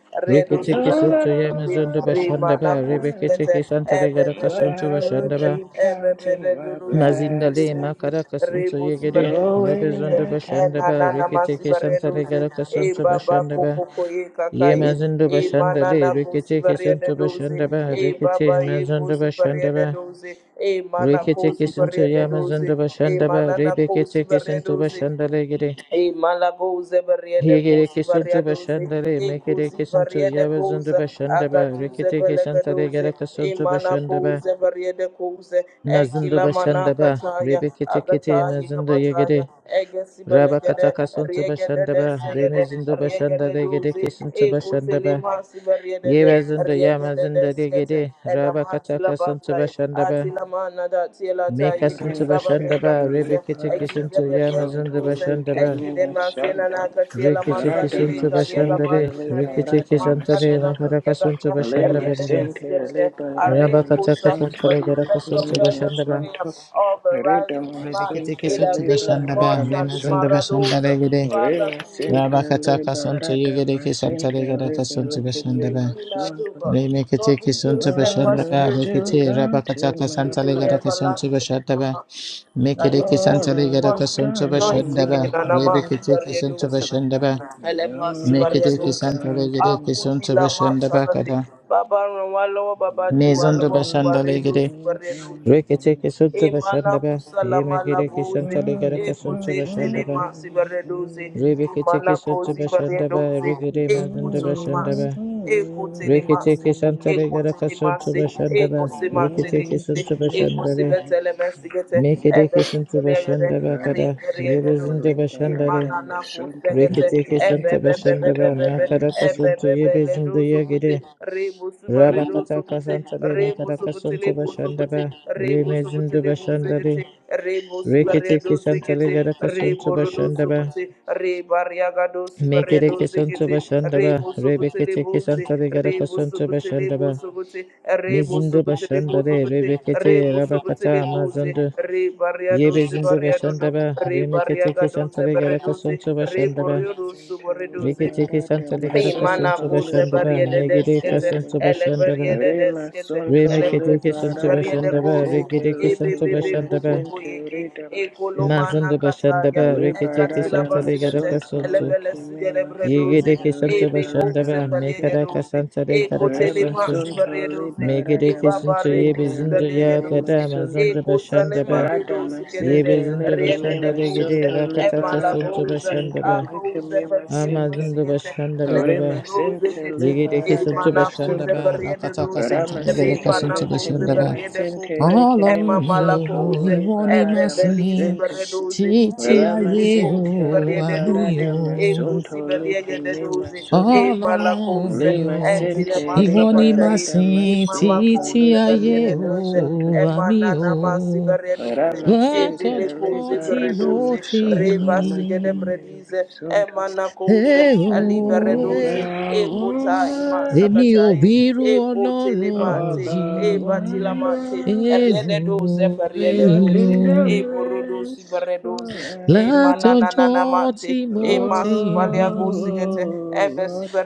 Speaker 3: I
Speaker 2: Redo
Speaker 1: Reketeke
Speaker 3: know
Speaker 1: suntu
Speaker 3: that
Speaker 2: Subaredo
Speaker 1: ya
Speaker 3: I'll
Speaker 2: Kosi,
Speaker 3: run
Speaker 1: mazuntuda
Speaker 3: out of
Speaker 2: Remana
Speaker 1: shandava.
Speaker 3: time,
Speaker 1: Rebeketeke
Speaker 2: Kosigete,
Speaker 1: santare gara
Speaker 3: but I
Speaker 1: kasuntuda
Speaker 3: will
Speaker 2: Ebebebebebebe,
Speaker 1: shandava.
Speaker 3: keep counting
Speaker 2: Ebebebe
Speaker 3: my
Speaker 1: Mazindale
Speaker 3: blessings.
Speaker 1: makara kasuntu
Speaker 2: Zukutilimosi, bosi
Speaker 1: yegere.
Speaker 3: Knowing
Speaker 2: baredusi
Speaker 3: I
Speaker 1: Rebezuntuda
Speaker 2: e
Speaker 3: can't
Speaker 2: na
Speaker 1: shandava.
Speaker 2: na na masi
Speaker 1: Reketeke santare
Speaker 2: baredusi
Speaker 1: gara
Speaker 2: e
Speaker 1: kasuntuda
Speaker 2: baba koko
Speaker 1: shandava.
Speaker 2: koye kaka
Speaker 1: Ye
Speaker 2: ye
Speaker 1: mazuntuda
Speaker 2: e mana na
Speaker 1: shandale.
Speaker 2: kosi
Speaker 1: Reketeke suntuda
Speaker 2: baredusi
Speaker 1: shandava.
Speaker 2: e
Speaker 1: Rekete
Speaker 2: baba ye kosi
Speaker 1: mazuntuda shandava.
Speaker 2: baredusi e mana
Speaker 1: Rekete
Speaker 2: kosi
Speaker 1: kesintu
Speaker 2: baredusi
Speaker 1: yamazında
Speaker 2: e
Speaker 1: başında
Speaker 2: mana
Speaker 1: ba
Speaker 2: na kosi
Speaker 1: rebekete kesintu
Speaker 2: baredusi
Speaker 1: başında le gire.
Speaker 2: E malaboze bariede
Speaker 1: Yegere
Speaker 2: kosi
Speaker 1: kesintu
Speaker 2: variadoze,
Speaker 1: başında le
Speaker 2: e
Speaker 1: mekere
Speaker 2: kosi
Speaker 1: kesintu
Speaker 2: variede
Speaker 1: yamazında
Speaker 2: koza,
Speaker 1: başında ba
Speaker 2: akaduze
Speaker 1: rekete kesintu le
Speaker 2: pelegadoze,
Speaker 1: gere
Speaker 2: e
Speaker 1: kesintu
Speaker 2: mana
Speaker 1: başında ba
Speaker 2: koze variede koze, e
Speaker 1: mazında
Speaker 2: kila mana
Speaker 1: başında ba
Speaker 2: kataya,
Speaker 1: rebekete kete
Speaker 2: akataya
Speaker 1: yamazında yegere.
Speaker 2: kabataya, egesi
Speaker 1: Raba
Speaker 2: belegede,
Speaker 1: kata kesintu
Speaker 2: riegede
Speaker 1: başında
Speaker 2: de
Speaker 1: ba
Speaker 2: segede,
Speaker 1: remezinde başında
Speaker 2: riegede
Speaker 1: le gere
Speaker 2: doze, e
Speaker 1: kesintu
Speaker 2: kose
Speaker 1: başında ba.
Speaker 2: limasi variede de,
Speaker 1: Yemazında
Speaker 2: riegede
Speaker 1: yamazında
Speaker 2: de
Speaker 1: le
Speaker 2: skete,
Speaker 1: gere. Raba kata
Speaker 2: and
Speaker 1: kesintu
Speaker 2: labatai
Speaker 1: başında ba
Speaker 2: atila mana da tila ta yeke
Speaker 1: Mekasunta
Speaker 3: my
Speaker 2: saba ne da
Speaker 1: Bashandaba,
Speaker 3: center,
Speaker 2: duse
Speaker 1: Rebekete
Speaker 2: egi
Speaker 1: Kisunta
Speaker 3: liberadama
Speaker 2: zebelie de
Speaker 1: Yamazunda
Speaker 3: santo,
Speaker 2: duse
Speaker 1: Bashandaba,
Speaker 2: egi de
Speaker 3: lucamina
Speaker 2: masina na
Speaker 3: santa,
Speaker 2: katila
Speaker 1: Rikete
Speaker 2: masandi le
Speaker 1: Kisunta
Speaker 3: radama
Speaker 2: kalia da
Speaker 1: Bashandare,
Speaker 3: center,
Speaker 2: bani kane
Speaker 1: Rikete
Speaker 3: liberadama
Speaker 2: masanda
Speaker 1: Kisantale,
Speaker 2: da
Speaker 3: santo,
Speaker 2: kalia da
Speaker 1: Makarakasunta
Speaker 2: sa
Speaker 3: alema
Speaker 2: riede de
Speaker 1: Bashandaba,
Speaker 3: center,
Speaker 2: siede de are
Speaker 3: liberadama
Speaker 1: Rabakataka
Speaker 2: kusa
Speaker 3: santo,
Speaker 2: for
Speaker 1: Santale,
Speaker 2: the special
Speaker 1: Garakasunta
Speaker 3: lucamina
Speaker 2: present
Speaker 1: Bashandaba,
Speaker 2: prayer
Speaker 3: santo,
Speaker 2: of a righteous
Speaker 3: redama
Speaker 2: man
Speaker 1: Rebekete
Speaker 2: it
Speaker 3: center,
Speaker 1: Kisunta
Speaker 2: availeth
Speaker 1: Bashandaba,
Speaker 2: much
Speaker 3: liberadama
Speaker 2: alima
Speaker 1: Remazunda
Speaker 3: santo,
Speaker 2: radosa
Speaker 1: Bashandare Gede,
Speaker 2: Father,
Speaker 3: rela center,
Speaker 1: Rabakataka Santa Yegede
Speaker 3: liberadama center,
Speaker 1: Kisantale, Garakasunta
Speaker 2: Create in
Speaker 3: liberadama
Speaker 1: Bashandaba,
Speaker 2: me a clean heart, O
Speaker 3: santo,
Speaker 2: God. Lord,
Speaker 1: Remekete
Speaker 2: renew a
Speaker 1: Kisunta
Speaker 3: But
Speaker 2: steadfast
Speaker 3: I'm
Speaker 1: Bashandaba,
Speaker 2: spirit
Speaker 3: still
Speaker 2: within
Speaker 1: Rikete,
Speaker 2: me.
Speaker 3: counting
Speaker 1: Rabakataka
Speaker 2: Lead me
Speaker 3: my
Speaker 2: the
Speaker 1: Santale,
Speaker 2: way
Speaker 3: blessings.
Speaker 1: Garakasunta
Speaker 2: everlasting, and I'm
Speaker 1: Bashandaba,
Speaker 2: happy.
Speaker 1: Make
Speaker 2: That
Speaker 1: it a
Speaker 2: this
Speaker 1: kiss and
Speaker 3: All
Speaker 2: bone
Speaker 1: tell
Speaker 2: you
Speaker 1: you that
Speaker 2: crush
Speaker 1: a
Speaker 3: I've
Speaker 2: may
Speaker 1: son to
Speaker 3: done
Speaker 2: rejoice
Speaker 3: in
Speaker 1: Bashandaba,
Speaker 3: my
Speaker 2: again, and I'm
Speaker 3: life.
Speaker 1: Rebecca
Speaker 2: happy
Speaker 1: take
Speaker 2: that
Speaker 1: his
Speaker 2: you
Speaker 1: son
Speaker 2: do
Speaker 1: to Bashandaba,
Speaker 2: it.
Speaker 3: You
Speaker 2: Elebasi
Speaker 3: know
Speaker 1: make
Speaker 3: I'm
Speaker 1: it
Speaker 2: Maria
Speaker 1: a
Speaker 3: still
Speaker 1: kiss
Speaker 2: Dosa.
Speaker 1: and tell you that a
Speaker 3: counting my
Speaker 1: son
Speaker 2: Akuti
Speaker 1: to
Speaker 2: la
Speaker 3: blessings.
Speaker 1: Bashandaba,
Speaker 2: Masakati.
Speaker 1: Kada,
Speaker 2: Baba Ran Walowa Baba
Speaker 1: Maison to
Speaker 2: Diwalowa Bubaredo
Speaker 1: Bashandalegre,
Speaker 2: Bubaredo,
Speaker 1: Reke take his son
Speaker 2: masi
Speaker 1: to
Speaker 2: emana
Speaker 1: Bashandaba,
Speaker 2: kusala
Speaker 1: he make it a kiss and
Speaker 2: malabuze
Speaker 1: tell you that a son to
Speaker 2: ekuzente le
Speaker 1: Bashandaba,
Speaker 2: masi baredoze
Speaker 1: Rebecca take
Speaker 2: emana
Speaker 1: his son to
Speaker 2: kozi
Speaker 1: Bashandaba,
Speaker 2: baredoze
Speaker 1: Regede Mazon to
Speaker 2: ekutulu masi
Speaker 1: Bashandaba,
Speaker 2: ekutele
Speaker 1: Reke take
Speaker 2: masi
Speaker 1: his son to Legata
Speaker 2: ekutele
Speaker 1: son to
Speaker 2: masi
Speaker 1: Bashandaba, Reke
Speaker 2: ekusimantele
Speaker 1: take his
Speaker 2: kise
Speaker 1: son to Bashandale,
Speaker 3: All
Speaker 2: ekusibetele mesigete
Speaker 1: make it a kiss and to
Speaker 2: ebesitele yede
Speaker 1: Bashandaba,
Speaker 3: Santa
Speaker 1: Kada,
Speaker 2: riyede
Speaker 1: Yebezin
Speaker 2: yedoze
Speaker 1: to Bashandale,
Speaker 2: emana
Speaker 3: Liberadam
Speaker 2: na
Speaker 3: Santo
Speaker 2: kusegete
Speaker 1: Reketeke Santa
Speaker 3: Licimima
Speaker 1: Bashanda Ba
Speaker 3: Santa
Speaker 2: ebebebebebebe
Speaker 3: Rama
Speaker 1: Makaraka
Speaker 3: Sun
Speaker 1: Santo
Speaker 2: ebebebe
Speaker 1: Yebezinda
Speaker 2: ledoze kute
Speaker 1: Yagere
Speaker 2: rebusu Reno
Speaker 1: Rabakataka
Speaker 2: Subuti,
Speaker 1: Santa Be
Speaker 2: Remo
Speaker 1: Makaraka
Speaker 2: Subuti,
Speaker 1: Santo
Speaker 2: Lemo
Speaker 1: Bashanda
Speaker 2: Subuti,
Speaker 1: Ba
Speaker 2: Remo Subuti,
Speaker 1: Remezindu
Speaker 2: Lemo
Speaker 1: Bashanda
Speaker 2: Zigiti,
Speaker 1: Re
Speaker 2: Remo
Speaker 1: Reketeke
Speaker 2: Subaredo
Speaker 1: Santa
Speaker 2: Zigiti,
Speaker 1: Legaraka Santo
Speaker 2: Remo Rodo
Speaker 1: Bashanda Ba
Speaker 2: Subuti, Re Bariagado Sibaredo
Speaker 1: Mekereke Santo
Speaker 2: Zigiti,
Speaker 1: Bashanda Ba
Speaker 2: Remo Subuti,
Speaker 1: Rebeketeke
Speaker 2: Lemo Zi,
Speaker 1: Santa Legaraka
Speaker 2: Remo
Speaker 1: Santo
Speaker 2: Subuti,
Speaker 1: Bashanda
Speaker 2: Lemo
Speaker 1: Ba
Speaker 2: Subuti, Remo
Speaker 1: Mizindu
Speaker 2: Subuti, Lemo
Speaker 1: Bashanda Re
Speaker 2: Subuti,
Speaker 1: Rebekete
Speaker 2: Remo Subuti,
Speaker 1: Rabakata
Speaker 2: Lemo Zi,
Speaker 1: Mazundu
Speaker 2: Re Bariado
Speaker 1: Yebezindu
Speaker 2: Sibariado,
Speaker 1: Bashanda Ba
Speaker 2: Re
Speaker 1: Remeketeke
Speaker 2: Bariagado
Speaker 1: Santa Legaraka
Speaker 2: Zeberedo Zi,
Speaker 1: Santo
Speaker 2: Re
Speaker 1: Bashanda Ba
Speaker 3: Rama
Speaker 2: Boriodo
Speaker 3: Santa
Speaker 1: Riki
Speaker 2: Subaredo
Speaker 1: tiki santa
Speaker 3: Liberadam
Speaker 1: ligada
Speaker 2: Imana
Speaker 1: kasuntu
Speaker 3: Santo
Speaker 2: kuze
Speaker 1: bashandaba.
Speaker 2: bariede
Speaker 3: Licimima
Speaker 1: Megidi
Speaker 2: deskete,
Speaker 3: Santa
Speaker 1: kasuntu
Speaker 2: ele
Speaker 1: bashandaba.
Speaker 2: bariede
Speaker 3: Rima
Speaker 2: deskete,
Speaker 3: Santo
Speaker 2: ele
Speaker 1: Remiki tiki
Speaker 2: bredisi
Speaker 1: suntu
Speaker 2: bariede
Speaker 3: Liberadam
Speaker 1: bashandaba.
Speaker 2: kuzi,
Speaker 1: Rigi
Speaker 3: Santa
Speaker 1: diki
Speaker 2: ebe
Speaker 1: suntu
Speaker 2: bebe
Speaker 3: Licimima
Speaker 2: kuku
Speaker 1: bashandaba.
Speaker 3: Santa
Speaker 2: kuyeke,
Speaker 3: Ridama
Speaker 2: eko
Speaker 3: Santa
Speaker 2: lomana
Speaker 1: Mazundu
Speaker 2: kataya,
Speaker 1: bashandaba. Riki tiki
Speaker 2: ekatila
Speaker 1: santa
Speaker 3: Liberadam
Speaker 1: ligada
Speaker 2: basilete, ele
Speaker 3: Santo
Speaker 1: kasuntu.
Speaker 2: bele sigere
Speaker 3: Licimima
Speaker 1: Yigi
Speaker 2: bredozi,
Speaker 3: Santa
Speaker 1: diki suntu
Speaker 2: ebe kuze
Speaker 1: bashandaba.
Speaker 3: Ribaladam
Speaker 2: pelege
Speaker 1: Mekada
Speaker 3: Santa
Speaker 2: dozi,
Speaker 1: kasanta
Speaker 2: eko
Speaker 1: ligada
Speaker 2: tele
Speaker 3: Rima
Speaker 1: kasuntu.
Speaker 2: masi
Speaker 3: Santo
Speaker 2: bariede dozi,
Speaker 1: Megidi
Speaker 2: eba
Speaker 3: Liberadam
Speaker 1: kisuntu
Speaker 2: bare
Speaker 1: yebi
Speaker 3: Santa
Speaker 2: kusi belege
Speaker 1: ya
Speaker 3: Licimima
Speaker 2: dozi,
Speaker 1: kada
Speaker 3: Santa
Speaker 1: mazundu
Speaker 2: Ekusale
Speaker 1: bashandaba.
Speaker 2: maridos gedede
Speaker 1: Yebi
Speaker 3: Radhamasinte
Speaker 1: zindu
Speaker 2: rede de
Speaker 1: bashanda
Speaker 2: pose
Speaker 1: ligidi
Speaker 3: lekemimasinte
Speaker 1: rakata
Speaker 3: liba
Speaker 2: emala
Speaker 1: kasuntu
Speaker 2: pose
Speaker 3: radhamasinte
Speaker 2: a
Speaker 1: bashandaba.
Speaker 2: pose patire
Speaker 3: lekemimasinte
Speaker 1: Amazundu
Speaker 2: pasigete
Speaker 1: bashandaba
Speaker 2: lepere
Speaker 1: baba.
Speaker 2: rose
Speaker 3: remasinte
Speaker 2: kete
Speaker 3: liba
Speaker 1: Yigiriki suntu
Speaker 2: emana
Speaker 1: bashanda
Speaker 2: pose
Speaker 3: radhamasinte
Speaker 2: periede
Speaker 1: rakataka
Speaker 2: rose
Speaker 1: santa yigiriki
Speaker 3: ramasinte
Speaker 2: remana
Speaker 1: suntu
Speaker 2: pose
Speaker 1: bashanda ba.
Speaker 2: periede
Speaker 3: lekemimasinte
Speaker 2: pose
Speaker 1: Ọlọ́run mi
Speaker 2: emamala
Speaker 3: lekemimasinte
Speaker 1: ò
Speaker 2: pose
Speaker 1: ìwọ
Speaker 3: riba
Speaker 1: ni màá sìn
Speaker 2: ebebelisi
Speaker 3: radhamasinte
Speaker 2: beredose
Speaker 1: títí
Speaker 2: ebele
Speaker 1: ayé o
Speaker 2: pose
Speaker 3: ramasinte
Speaker 2: periede
Speaker 3: liba
Speaker 1: àmì
Speaker 2: rose
Speaker 1: o.
Speaker 3: radhamasinte
Speaker 2: ekusi beliege de rose
Speaker 1: Ọlọ́run
Speaker 2: emala pose
Speaker 1: mi ò
Speaker 2: etile
Speaker 1: ìwọ
Speaker 2: masa
Speaker 1: ni màá
Speaker 2: pataye E
Speaker 1: sìn
Speaker 2: mama ko
Speaker 1: títí ayé
Speaker 2: sebere
Speaker 1: o
Speaker 2: doze, e
Speaker 1: àmì
Speaker 2: mana
Speaker 1: o.
Speaker 2: nama
Speaker 1: olorun mi o
Speaker 2: sebere doze,
Speaker 1: iwo ni
Speaker 2: e bele
Speaker 1: masi,
Speaker 2: ko
Speaker 3: Ramasintele
Speaker 1: sin tí
Speaker 2: sebere
Speaker 1: mo
Speaker 2: doze,
Speaker 1: ti
Speaker 2: Reba basi
Speaker 3: Baradamasontole
Speaker 2: gede bredize, e
Speaker 3: Kamimasonto
Speaker 2: mana ko
Speaker 1: Ẹ
Speaker 2: ze,
Speaker 1: ó,
Speaker 2: e libere
Speaker 1: ẹ
Speaker 2: doze,
Speaker 1: ó.
Speaker 2: e kota
Speaker 3: Obawamba
Speaker 2: ima
Speaker 1: Èmi
Speaker 2: sakata
Speaker 1: ò
Speaker 2: e,
Speaker 1: bírú
Speaker 2: e kote le
Speaker 1: Ọlọ́run
Speaker 2: mate, e
Speaker 1: yìí.
Speaker 2: batila
Speaker 3: Obawamba
Speaker 2: mate, e
Speaker 1: Ẹ ó,
Speaker 2: riede doze, per
Speaker 1: ẹ
Speaker 3: Your
Speaker 2: doze,
Speaker 1: ó.
Speaker 2: e
Speaker 3: kingdom
Speaker 2: buru dosi
Speaker 3: reigns
Speaker 2: bere doze,
Speaker 3: forever
Speaker 1: Látọjọ́ tí
Speaker 2: Emanananamante,
Speaker 1: mo ti rí.
Speaker 2: Emasibalia
Speaker 3: Oh
Speaker 2: Gosigete,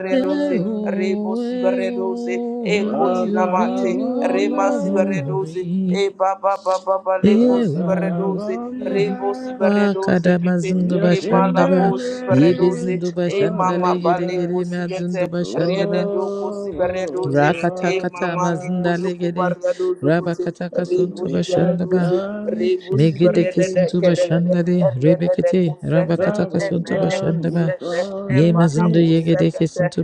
Speaker 3: Oba
Speaker 1: Ẹ ó,
Speaker 2: Rebo
Speaker 1: ẹ ó,
Speaker 2: Siberedoze,
Speaker 1: èmi
Speaker 2: Egoti
Speaker 1: ò bírú
Speaker 2: Lamante,
Speaker 3: Obawamba
Speaker 2: Rema
Speaker 1: eo rí.
Speaker 2: Siberedoze, E Baba Baba
Speaker 1: Eo,
Speaker 2: Baleko Siberedoze,
Speaker 3: Obawamba
Speaker 1: eo,
Speaker 2: Rebo
Speaker 1: wakada
Speaker 2: Siberedoze,
Speaker 1: mazindo
Speaker 3: Your
Speaker 2: E
Speaker 1: bashanda ba wá zindo bashanda kàdàmà zùndùbà
Speaker 3: kingdom
Speaker 1: ṣàǹdàbà,
Speaker 2: Malago
Speaker 1: yébé
Speaker 2: Siberedoze,
Speaker 3: reigns
Speaker 1: zùndùbà
Speaker 2: E Mama
Speaker 1: ṣàǹdàlẹ̀
Speaker 3: forever
Speaker 2: Baleko
Speaker 1: gẹ́dẹ́gẹ́dẹ́ má
Speaker 2: Sigete,
Speaker 1: zùndùbà ṣàǹdàbà,
Speaker 2: Riede Doko
Speaker 3: Oh,
Speaker 2: Siberedoze,
Speaker 3: oh,
Speaker 2: E
Speaker 3: oh,
Speaker 1: rákàtàkàtà má
Speaker 2: Mama
Speaker 1: bashanda
Speaker 2: Leko
Speaker 3: Abba,
Speaker 1: gẹ́dẹ́,
Speaker 2: Zokubaria Dozo
Speaker 1: rábàkàtàkà
Speaker 2: Rebo
Speaker 1: sùntùbà
Speaker 3: we have
Speaker 1: ṣàǹdàbà,
Speaker 2: Siberedoze,
Speaker 3: come
Speaker 2: Rebo
Speaker 3: to
Speaker 2: Siberedose.
Speaker 3: give
Speaker 1: mẹ́gẹ́dẹ́kẹ́
Speaker 3: you
Speaker 2: Thank
Speaker 1: sùntùbà
Speaker 3: praise,
Speaker 1: ṣàǹdàlẹ̀, rẹ́bẹ̀kẹ́tẹ́
Speaker 3: bowing
Speaker 1: bashanda ba.
Speaker 3: down before
Speaker 1: Ye
Speaker 3: the
Speaker 1: mazindo yege
Speaker 3: King.
Speaker 1: deke suntu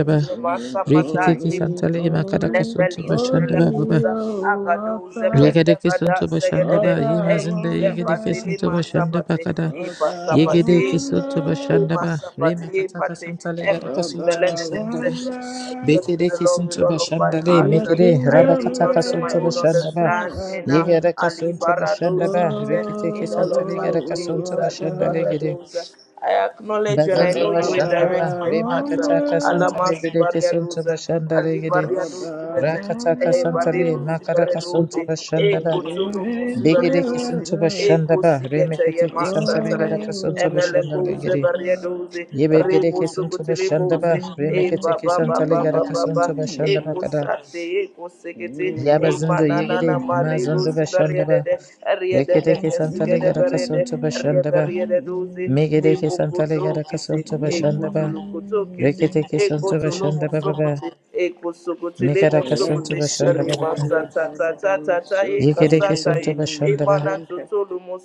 Speaker 3: We're singing,
Speaker 1: Reke teke
Speaker 2: you.
Speaker 3: Holy,
Speaker 1: santale makadaka
Speaker 3: Holy,
Speaker 1: suntu
Speaker 2: Lepelizi
Speaker 1: bashandaba
Speaker 3: Holy,
Speaker 1: baba.
Speaker 2: Velekuza,
Speaker 3: Oh,
Speaker 2: Agaduze
Speaker 3: Abba,
Speaker 1: Reke deke suntu
Speaker 2: Pelegada Segede,
Speaker 1: bashandaba. Ye
Speaker 3: Abba,
Speaker 1: mazindo
Speaker 2: Egize
Speaker 1: yege deke
Speaker 3: Wamba,
Speaker 2: Patili
Speaker 1: suntu bashanda ba
Speaker 2: Mansapati,
Speaker 1: kada.
Speaker 2: Ipa
Speaker 3: Abba,
Speaker 1: Yege deke
Speaker 2: Sapati,
Speaker 1: suntu
Speaker 3: Wamba,
Speaker 1: bashanda
Speaker 2: Ima
Speaker 1: ba Re
Speaker 2: Sapati,
Speaker 1: makataka
Speaker 2: Pati,
Speaker 1: santale gadaka
Speaker 2: Epati
Speaker 1: suntu
Speaker 3: Abba,
Speaker 1: bashandaba.
Speaker 3: Wamba.
Speaker 2: Velede, I trust
Speaker 1: Beke
Speaker 2: in the
Speaker 1: deke
Speaker 2: Lord with
Speaker 1: suntu
Speaker 2: all of my
Speaker 1: bashanda
Speaker 2: heart.
Speaker 3: Your
Speaker 1: Meke de
Speaker 2: I
Speaker 3: kingdom
Speaker 2: lean
Speaker 1: rabakataka
Speaker 2: not to my
Speaker 1: suntu
Speaker 2: own
Speaker 3: reigns
Speaker 1: bashandaba.
Speaker 2: understanding.
Speaker 3: forever.
Speaker 1: Yege deke
Speaker 2: Ali
Speaker 1: suntu
Speaker 3: Oh,
Speaker 2: Barados,
Speaker 1: bashandaba. Reke teke
Speaker 2: in all of
Speaker 1: santale
Speaker 2: my
Speaker 1: gadaka suntu
Speaker 2: ways, Ali
Speaker 3: Abba,
Speaker 1: bashandale
Speaker 2: Barados. I acknowledge and I
Speaker 1: Bazanda
Speaker 2: know you will
Speaker 1: bashanda
Speaker 2: direct
Speaker 1: ba
Speaker 3: Abba,
Speaker 2: my path.
Speaker 1: remakataka
Speaker 3: Wamba,
Speaker 2: Alama
Speaker 1: santale gede kesunta
Speaker 2: Sibariados,
Speaker 1: bashanda
Speaker 2: Ali
Speaker 1: regede
Speaker 2: Bariados,
Speaker 3: Abba,
Speaker 1: rakataka
Speaker 2: Eh,
Speaker 1: santale
Speaker 3: Wamba,
Speaker 2: Bariados,
Speaker 1: makaraka sunta
Speaker 2: Sibariados,
Speaker 1: bashanda
Speaker 2: Eh,
Speaker 1: ba
Speaker 3: it
Speaker 2: Kutulu
Speaker 3: is
Speaker 1: begede
Speaker 2: Musibaredos,
Speaker 1: kesunta
Speaker 3: forever.
Speaker 2: Eh,
Speaker 1: bashanda ba
Speaker 2: Kusigete
Speaker 1: remekete kesantale gede
Speaker 2: Yemasataya.
Speaker 1: kesunta bashanda
Speaker 2: Emelebuze
Speaker 3: Oh,
Speaker 1: regede
Speaker 3: Abba.
Speaker 2: barieduze,
Speaker 1: yebe gede
Speaker 2: ribuzu
Speaker 1: kesunta bashanda ba
Speaker 2: kutilibuze, e
Speaker 3: Mm-hmm.
Speaker 2: ba
Speaker 1: remekete
Speaker 2: ba ba
Speaker 1: kesantale
Speaker 2: ba
Speaker 1: gede
Speaker 2: ba ba ba,
Speaker 1: kesunta
Speaker 2: e
Speaker 1: bashanda ba kada
Speaker 2: kusate, e kusekete,
Speaker 1: yaba
Speaker 2: e
Speaker 1: zindo
Speaker 2: mananana
Speaker 1: yegede
Speaker 2: marido
Speaker 1: mazondo
Speaker 3: Mm-hmm.
Speaker 2: si
Speaker 1: bashanda ba
Speaker 2: bariedede,
Speaker 1: rekete
Speaker 2: riedede
Speaker 1: kesantale
Speaker 2: kesigede
Speaker 1: gede
Speaker 2: beriede,
Speaker 1: kesunta
Speaker 3: Mm-hmm.
Speaker 1: bashanda ba
Speaker 2: riedede duze,
Speaker 1: megede kesantale gede
Speaker 2: ebokotokete
Speaker 3: Mm-hmm.
Speaker 1: kesunta bashanda ba
Speaker 2: ekotolokotokete
Speaker 3: Mm-hmm.
Speaker 1: Reketeke sonto bashanda baba.
Speaker 3: Mm-hmm.
Speaker 1: ba.
Speaker 2: ekotolomosokote
Speaker 1: Mekaraka
Speaker 3: Let me
Speaker 1: sonto
Speaker 2: ekosokotelemosokote
Speaker 1: bashanda
Speaker 3: sin
Speaker 1: baba. ba.
Speaker 3: tele para de me
Speaker 2: remasatatatataye
Speaker 3: sin
Speaker 1: Yekereke
Speaker 3: tele que
Speaker 2: kasataye
Speaker 1: sonto
Speaker 3: me me
Speaker 1: bashanda ba.
Speaker 3: sin te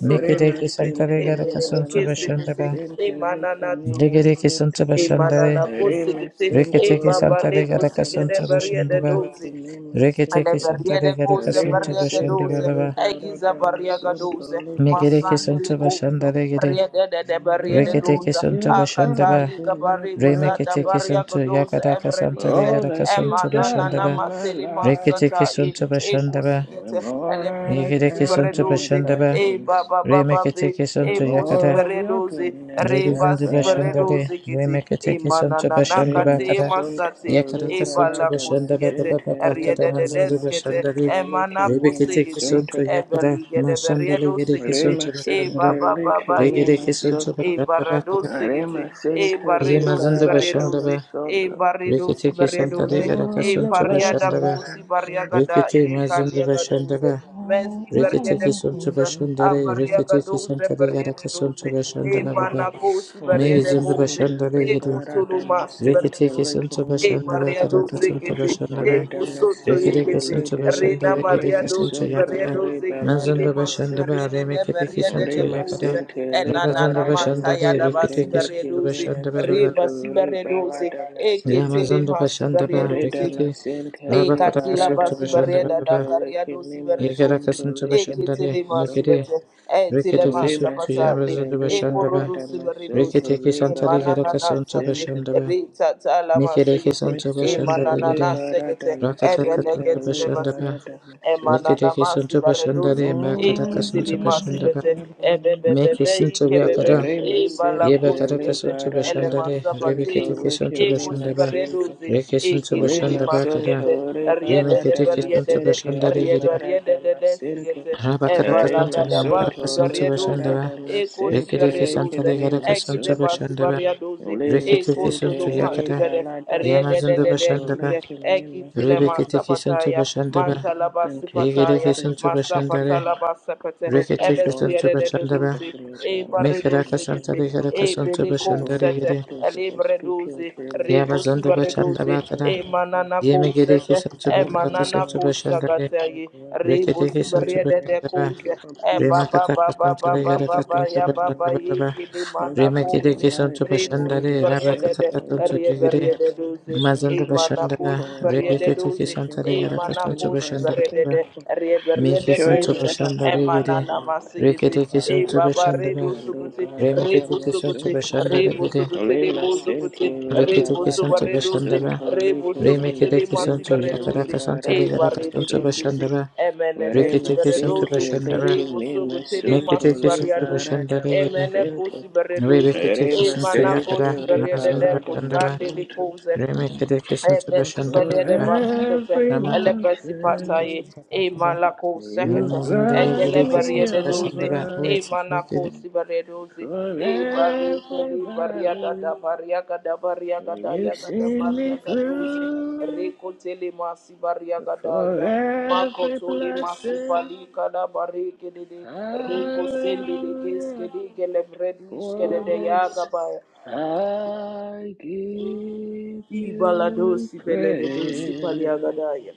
Speaker 3: re me
Speaker 1: Mekereke
Speaker 3: sin
Speaker 1: santa
Speaker 3: tele
Speaker 1: regaraka sonto
Speaker 3: para de me
Speaker 1: bashanda
Speaker 2: emenenekesepete
Speaker 1: ba.
Speaker 3: sin tele que me me
Speaker 1: Regereke
Speaker 2: emananatomosote
Speaker 3: sin
Speaker 1: sonto
Speaker 3: te
Speaker 1: bashanda re.
Speaker 3: re me
Speaker 2: emananakosekete
Speaker 3: sin
Speaker 1: Reketeke
Speaker 3: tele
Speaker 1: santa
Speaker 3: para
Speaker 1: regaraka
Speaker 3: de me
Speaker 1: sonto
Speaker 3: sin
Speaker 1: bashanda ba.
Speaker 3: tele que
Speaker 2: dozi.
Speaker 3: me me sin
Speaker 1: Reketeke
Speaker 3: te
Speaker 1: santa
Speaker 2: Eleberiede
Speaker 1: regaraka
Speaker 2: kuze
Speaker 3: re
Speaker 1: sonto
Speaker 2: beriege
Speaker 1: bashanda ba
Speaker 2: duze,
Speaker 1: baba. ba.
Speaker 2: egize beriege duze,
Speaker 1: Mekereke sonto
Speaker 2: masandili cose,
Speaker 1: bashanda regere.
Speaker 2: riede de de beriede
Speaker 3: Lord, I'm
Speaker 1: Reketeke
Speaker 2: duze,
Speaker 1: sonto
Speaker 3: still
Speaker 1: bashanda
Speaker 2: akata
Speaker 1: ba.
Speaker 2: iga
Speaker 3: counting my
Speaker 2: bari kuzada
Speaker 1: Remeketeke
Speaker 3: blessings,
Speaker 2: beriege
Speaker 1: sonto
Speaker 2: duze,
Speaker 1: yakaraka santa
Speaker 2: ebredize,
Speaker 3: all
Speaker 1: regaraka
Speaker 3: that you've
Speaker 1: sonto
Speaker 2: emanana
Speaker 3: done
Speaker 1: bashanda
Speaker 2: na
Speaker 1: ba.
Speaker 3: in my
Speaker 2: mateli
Speaker 3: life.
Speaker 2: masata
Speaker 1: Reketeke
Speaker 2: i,
Speaker 1: sonto bashanda ba.
Speaker 3: The
Speaker 2: ekusigete,
Speaker 3: more that I
Speaker 2: elebredizi
Speaker 1: Yigiriki
Speaker 3: count
Speaker 1: suntu
Speaker 3: my
Speaker 2: bereduze,
Speaker 1: bashandaba.
Speaker 2: e
Speaker 3: blessings,
Speaker 2: baba baba be,
Speaker 1: Remekitiki
Speaker 3: the
Speaker 2: e
Speaker 1: suntu
Speaker 2: posi
Speaker 3: more
Speaker 1: yakada.
Speaker 3: of your
Speaker 2: bereduze,
Speaker 3: goodness I
Speaker 2: reba
Speaker 1: Rebizindu
Speaker 2: si
Speaker 3: find.
Speaker 1: bashandare.
Speaker 2: bereduze kusiete
Speaker 1: Remekitiki suntu
Speaker 2: imanana
Speaker 1: bashandaba
Speaker 2: kate
Speaker 1: kada.
Speaker 2: masate
Speaker 3: Rimasuntoli
Speaker 1: Yakaraka
Speaker 2: ebala
Speaker 1: suntu bashandaba
Speaker 2: kusiete
Speaker 1: baba
Speaker 3: baradamasinti
Speaker 1: baba kada
Speaker 2: riede de
Speaker 3: libali
Speaker 1: mazindu
Speaker 2: deskete
Speaker 1: bashandari.
Speaker 3: masuntoli
Speaker 2: emana
Speaker 3: kimi
Speaker 1: Rebekitiki
Speaker 2: kusigete
Speaker 1: suntu
Speaker 3: masunto.
Speaker 1: yakada.
Speaker 2: ebeli gede
Speaker 1: Mashandale
Speaker 2: beriedo
Speaker 1: yiriki
Speaker 2: sigete
Speaker 1: suntu
Speaker 2: e
Speaker 1: bashandaba.
Speaker 2: baba
Speaker 3: Rimasintili
Speaker 2: baba
Speaker 3: kimi
Speaker 1: Regiriki
Speaker 2: yekete
Speaker 1: suntu
Speaker 2: e
Speaker 3: masunto.
Speaker 1: bashandaba
Speaker 2: barado
Speaker 1: kada.
Speaker 2: sigete e
Speaker 3: Rimasintili
Speaker 2: baredo
Speaker 1: Yemazindu
Speaker 2: sibaredoze
Speaker 1: bashandaba.
Speaker 2: e
Speaker 3: baradamasunto.
Speaker 2: baredo
Speaker 1: Rikitiki santare
Speaker 2: sibaredoze
Speaker 1: garaka
Speaker 3: More
Speaker 2: e
Speaker 3: of your
Speaker 1: suntu
Speaker 2: pariada
Speaker 1: bashandaba.
Speaker 3: blessings I
Speaker 2: kosi
Speaker 3: count.
Speaker 2: bariagada
Speaker 1: Rikiti
Speaker 2: ye
Speaker 1: mazindu
Speaker 2: kaliagadoze
Speaker 1: bashandaba.
Speaker 2: Mezi bariede
Speaker 1: Reketeke sonto
Speaker 2: kuza,
Speaker 1: bashandare,
Speaker 2: abariaga
Speaker 1: reketeke
Speaker 2: doze
Speaker 1: santare
Speaker 2: bariede
Speaker 1: yaraka
Speaker 2: doze,
Speaker 1: sonto
Speaker 2: e
Speaker 1: bashandara baba.
Speaker 2: manakosi
Speaker 1: Me
Speaker 2: bariede
Speaker 3: Lima
Speaker 1: izondo
Speaker 2: koze,
Speaker 3: Santa
Speaker 1: bashandare
Speaker 2: e
Speaker 1: gede.
Speaker 2: kutulu
Speaker 3: Liberata
Speaker 2: masi bariede
Speaker 3: Masente
Speaker 1: Reketeke
Speaker 2: doze,
Speaker 1: sonto
Speaker 3: Likim
Speaker 2: e
Speaker 3: Lima
Speaker 1: bashandara
Speaker 2: maria
Speaker 1: karaka
Speaker 3: Santa
Speaker 2: dose.
Speaker 1: sonto
Speaker 2: kete, e
Speaker 1: bashandara.
Speaker 3: Rita
Speaker 2: kusoto
Speaker 3: Masente
Speaker 1: Reketeke
Speaker 2: yekete,
Speaker 1: sonto
Speaker 2: rena
Speaker 3: Libilikim
Speaker 1: bashandare gede
Speaker 2: maria
Speaker 1: ke
Speaker 3: Mima
Speaker 2: dose.
Speaker 1: sonto
Speaker 3: Santa
Speaker 2: bariede
Speaker 1: yakara.
Speaker 2: dose. kete, le
Speaker 3: Liberata
Speaker 1: Mazondo
Speaker 2: masi
Speaker 3: Masente
Speaker 1: bashandara
Speaker 2: bariede de
Speaker 1: remeketeke
Speaker 2: bariede
Speaker 1: sonto
Speaker 2: de
Speaker 3: Rima
Speaker 1: yakara.
Speaker 2: kuze,
Speaker 3: Sente
Speaker 2: e
Speaker 1: Rabazondo
Speaker 2: nanana
Speaker 3: Liberata
Speaker 2: manta
Speaker 1: bashandare
Speaker 2: yada basi
Speaker 3: Masente
Speaker 1: reketeke
Speaker 2: dose.
Speaker 1: sonto
Speaker 3: Likim
Speaker 2: doze,
Speaker 3: Mima
Speaker 1: bashandara
Speaker 2: re
Speaker 1: baba.
Speaker 3: Santa
Speaker 2: basi
Speaker 3: Liberata
Speaker 2: e kete
Speaker 3: Masente
Speaker 2: le
Speaker 1: Yamazondo
Speaker 2: masi dose.
Speaker 1: bashandara
Speaker 3: Rita
Speaker 1: rekete.
Speaker 3: Masente
Speaker 2: E
Speaker 1: Rabakaraka
Speaker 2: katila
Speaker 3: Liberata
Speaker 1: sonto
Speaker 2: basi
Speaker 1: bashandara
Speaker 2: bareda
Speaker 3: Masanta
Speaker 2: da
Speaker 1: baba.
Speaker 2: karia
Speaker 3: Likim
Speaker 2: dosi
Speaker 3: Mima
Speaker 1: Yekaraka
Speaker 2: veredosi.
Speaker 3: Santa
Speaker 1: sonto
Speaker 2: E
Speaker 3: Likim Mima
Speaker 2: kitele masi
Speaker 1: bashandare.
Speaker 3: Santa
Speaker 2: bete. E tile
Speaker 1: Reketeke
Speaker 2: masa
Speaker 3: Lima
Speaker 1: sutu
Speaker 2: bata
Speaker 3: Center,
Speaker 2: e.
Speaker 1: yabazudu
Speaker 2: E
Speaker 1: bashandaba.
Speaker 3: Liberada
Speaker 2: korodosi veredosi.
Speaker 3: Masunto,
Speaker 1: Reketeke
Speaker 2: E
Speaker 1: santalega
Speaker 3: Liberada
Speaker 2: mananana
Speaker 1: rakasuntu
Speaker 2: sate.
Speaker 3: Masente,
Speaker 1: bashandaba.
Speaker 2: Re tata la
Speaker 1: Mikereke
Speaker 2: masigete.
Speaker 1: suntu
Speaker 2: E
Speaker 3: Masunto,
Speaker 2: mananana
Speaker 1: bashandalegede.
Speaker 3: Liberada
Speaker 2: segete. E
Speaker 1: Rakataka
Speaker 3: Masente,
Speaker 1: suntu
Speaker 2: belegete le basi
Speaker 1: bashandaba.
Speaker 2: bete
Speaker 3: Liberada Masente.
Speaker 2: emanana
Speaker 1: Reketeke
Speaker 2: masi
Speaker 1: suntu
Speaker 2: baredoze
Speaker 1: bashandale makadaka
Speaker 3: Oh,
Speaker 2: ekitili
Speaker 1: suntu
Speaker 2: masi
Speaker 3: blessings
Speaker 1: bashandaba.
Speaker 2: bete
Speaker 3: that fall.
Speaker 1: Meke
Speaker 2: ebebebebe
Speaker 1: suntu
Speaker 2: ikebebe
Speaker 1: yakada.
Speaker 3: Rema Center,
Speaker 2: ebalakosi
Speaker 1: Yebakadaka
Speaker 2: bete
Speaker 1: suntu
Speaker 3: Liberada
Speaker 1: bashandale.
Speaker 2: elemasabate
Speaker 3: Masunto,
Speaker 1: Rebeketeke suntu
Speaker 3: Likimi
Speaker 2: ekosi
Speaker 1: bashandaba.
Speaker 3: Masente.
Speaker 2: baredoze
Speaker 1: Reke suntu
Speaker 2: ekitili
Speaker 3: Lima
Speaker 1: bashandaba
Speaker 2: masi
Speaker 1: kada.
Speaker 2: gete
Speaker 3: Santo de
Speaker 2: riedede
Speaker 1: Remeketeke suntu
Speaker 2: beriedede
Speaker 3: Masente de
Speaker 1: bashandalegede.
Speaker 2: riebe de riede riede de de
Speaker 3: Masente
Speaker 2: sigete
Speaker 1: Rabakadaka
Speaker 3: Rima
Speaker 2: ebalagada
Speaker 1: santale makadaka
Speaker 2: basi
Speaker 3: Santo
Speaker 1: suntu
Speaker 3: de
Speaker 2: baredoze
Speaker 1: bashandaba.
Speaker 2: ekosi
Speaker 3: Masente
Speaker 1: Reketeke
Speaker 3: Lake
Speaker 2: baredoze
Speaker 1: santale
Speaker 3: Mima
Speaker 1: gadaka suntu
Speaker 2: egide basi
Speaker 1: bashandaba.
Speaker 2: baredoze
Speaker 3: Lima
Speaker 1: Rekete
Speaker 3: Sente
Speaker 1: kesuntu
Speaker 3: de
Speaker 2: ekotolomhasi
Speaker 1: yakada.
Speaker 2: bere
Speaker 3: Balada
Speaker 2: riede de de
Speaker 1: Yamazında
Speaker 2: riedede
Speaker 3: Masanto
Speaker 1: başında
Speaker 2: kite
Speaker 1: ba
Speaker 3: Lake
Speaker 2: ekitile
Speaker 1: Rebekete
Speaker 2: masabati
Speaker 1: kesuntu
Speaker 2: pataya,
Speaker 1: başında ba.
Speaker 2: manta laba
Speaker 3: Thank you for your
Speaker 2: pataya,
Speaker 1: Reketekesuntu ba Yamazundu bashandaba. Rebeketekesuntu bashandaba. Yegerekesuntu
Speaker 3: favor.
Speaker 2: masa
Speaker 3: Thank you
Speaker 1: bashandare.
Speaker 2: patala
Speaker 3: for
Speaker 2: basepete,
Speaker 3: opening
Speaker 2: ebesu
Speaker 3: doors.
Speaker 1: Reketekesuntu
Speaker 2: yede de
Speaker 3: Thank you for
Speaker 1: bashandaba.
Speaker 2: duzi,
Speaker 3: pushing me to
Speaker 2: e
Speaker 3: the right rooms.
Speaker 2: bareduzi
Speaker 3: Thank
Speaker 2: giti,
Speaker 1: Mekerakasantare
Speaker 3: you for
Speaker 2: e
Speaker 1: karakasuntu
Speaker 3: and
Speaker 2: beliko
Speaker 1: ba
Speaker 2: sete,
Speaker 3: boldness.
Speaker 1: gere.
Speaker 3: Thank you
Speaker 2: ele
Speaker 3: for speaking
Speaker 2: breduzi,
Speaker 3: through me. Thank you
Speaker 2: rebusi
Speaker 3: for
Speaker 1: Yamazundu
Speaker 2: bareduzi,
Speaker 1: bashandaba
Speaker 3: successful
Speaker 1: kara.
Speaker 2: e
Speaker 3: podcast.
Speaker 2: manana ko
Speaker 3: Thank you for
Speaker 2: sete,
Speaker 1: Yemegerekesuntu
Speaker 2: e
Speaker 3: opening
Speaker 2: manana
Speaker 1: bakarakasuntu
Speaker 3: doors.
Speaker 2: ko
Speaker 3: Thank
Speaker 1: bashandare.
Speaker 3: you for
Speaker 2: shagatayi,
Speaker 3: growth.
Speaker 1: ba
Speaker 3: Thank you
Speaker 2: rebusi
Speaker 3: for your
Speaker 2: barede de
Speaker 3: grace.
Speaker 1: bashandaba.
Speaker 3: Thank you
Speaker 2: koze,
Speaker 3: for
Speaker 2: e
Speaker 3: peace.
Speaker 2: baba baba
Speaker 1: Remakatakasantare
Speaker 3: Thank
Speaker 2: baba
Speaker 3: you for
Speaker 2: baba
Speaker 1: karakasuntu
Speaker 2: ya baba
Speaker 3: discernment.
Speaker 1: bashandaba.
Speaker 2: yiki di
Speaker 3: Thank
Speaker 2: mana
Speaker 3: you for
Speaker 2: koze,
Speaker 3: delight.
Speaker 1: Remeketekesuntu
Speaker 2: Rebus
Speaker 3: Rema
Speaker 1: bashandare.
Speaker 2: Variede
Speaker 3: Sente
Speaker 2: de
Speaker 1: Rabakatakasuntu
Speaker 2: Reverie de
Speaker 3: Liberata
Speaker 2: Doze,
Speaker 1: Mazanda
Speaker 3: Masunto. Thank you
Speaker 2: Emanacos
Speaker 1: Bashandara,
Speaker 3: for
Speaker 2: Varie de
Speaker 3: abundance.
Speaker 1: Rebekete
Speaker 2: Doze,
Speaker 3: Thank you
Speaker 1: Kisantare
Speaker 3: for answering
Speaker 1: Yarakasunto
Speaker 2: Emanacos
Speaker 3: prayers.
Speaker 2: Variede
Speaker 3: Thank
Speaker 1: Bashandara,
Speaker 2: de
Speaker 3: you for
Speaker 2: Reverie de
Speaker 3: showing
Speaker 1: Mekisunto
Speaker 2: Cosa,
Speaker 3: yourself in
Speaker 1: Bashandare
Speaker 3: a big
Speaker 1: Gede,
Speaker 2: Emanana
Speaker 3: way. Thank you,
Speaker 2: Masigiti,
Speaker 1: Rekete
Speaker 2: E
Speaker 3: Father
Speaker 1: Kisunto
Speaker 2: Baba
Speaker 3: Masente
Speaker 1: Bashandara,
Speaker 2: Redusuguti,
Speaker 3: Liberata
Speaker 1: Remekete Kisunto
Speaker 2: Rebusuguti,
Speaker 3: Masunto.
Speaker 1: Bashandare Gede,
Speaker 2: Rebusuguti,
Speaker 3: Le
Speaker 2: Rebusuguti,
Speaker 3: masente le
Speaker 1: Rekete
Speaker 3: balada
Speaker 1: Kisunto
Speaker 2: Rebusubareduzi,
Speaker 1: Bashandara,
Speaker 3: masonto le kembe
Speaker 1: Remekete
Speaker 2: Rebusuguti,
Speaker 3: masente
Speaker 1: Kisunto
Speaker 3: le
Speaker 2: Masibareduzi,
Speaker 1: Yakarakasantare
Speaker 2: E
Speaker 3: barada
Speaker 2: Barrede
Speaker 1: Yarakasunto
Speaker 2: de
Speaker 3: masonto
Speaker 2: Kisi,
Speaker 1: Bashandara,
Speaker 2: Emenene
Speaker 3: Vare
Speaker 1: Rekete Kisunto
Speaker 2: Sibareduzi,
Speaker 3: masente le
Speaker 1: Bashandara,
Speaker 3: kembe
Speaker 2: Rebusuguti,
Speaker 1: Mekete Kisunto
Speaker 2: Masibariaduzi.
Speaker 1: Bashandare Gede,
Speaker 2: Emene kusi
Speaker 3: masente
Speaker 2: bereduzi.
Speaker 1: Rebekete
Speaker 3: Vare
Speaker 1: Kisunto
Speaker 2: Emana kusi
Speaker 1: Yakara,
Speaker 3: masente le
Speaker 2: berede
Speaker 1: Mazanda
Speaker 2: de
Speaker 3: balada
Speaker 1: Bashandara,
Speaker 2: kusandi likuze.
Speaker 1: Remekete Kisunto
Speaker 2: Ebesi
Speaker 3: For
Speaker 2: balede
Speaker 1: Bashandara,
Speaker 2: basikete,
Speaker 3: every
Speaker 1: Ramata
Speaker 2: elebesi
Speaker 3: mountain
Speaker 2: pataye, e malako
Speaker 3: you
Speaker 2: sekete,
Speaker 1: Emizindaya
Speaker 3: brought
Speaker 2: egele
Speaker 1: gereki
Speaker 2: bariye
Speaker 3: me
Speaker 2: de
Speaker 1: santara
Speaker 2: doze,
Speaker 1: shandara
Speaker 3: over
Speaker 2: e
Speaker 1: oeti
Speaker 2: manako si bariye doze,
Speaker 3: For
Speaker 2: e bari
Speaker 3: every
Speaker 2: keli bariya
Speaker 3: valley
Speaker 2: gada bariya gada bariya gada ya
Speaker 3: you've
Speaker 2: gada
Speaker 3: seen
Speaker 2: bariya
Speaker 3: me
Speaker 2: gada doze,
Speaker 3: through
Speaker 2: reko tele masi bariya gada
Speaker 3: For
Speaker 2: ya, mako
Speaker 3: every
Speaker 2: tole masi
Speaker 3: blessing,
Speaker 2: pali kada bari kede de, reko sende de ges
Speaker 3: hallelujah.
Speaker 2: kede gele bredish kede
Speaker 3: For
Speaker 2: de ya
Speaker 3: this
Speaker 2: gabaya,
Speaker 3: I give
Speaker 2: e
Speaker 3: you
Speaker 2: baladosi bele de dosi pali ya
Speaker 3: praise.
Speaker 2: gada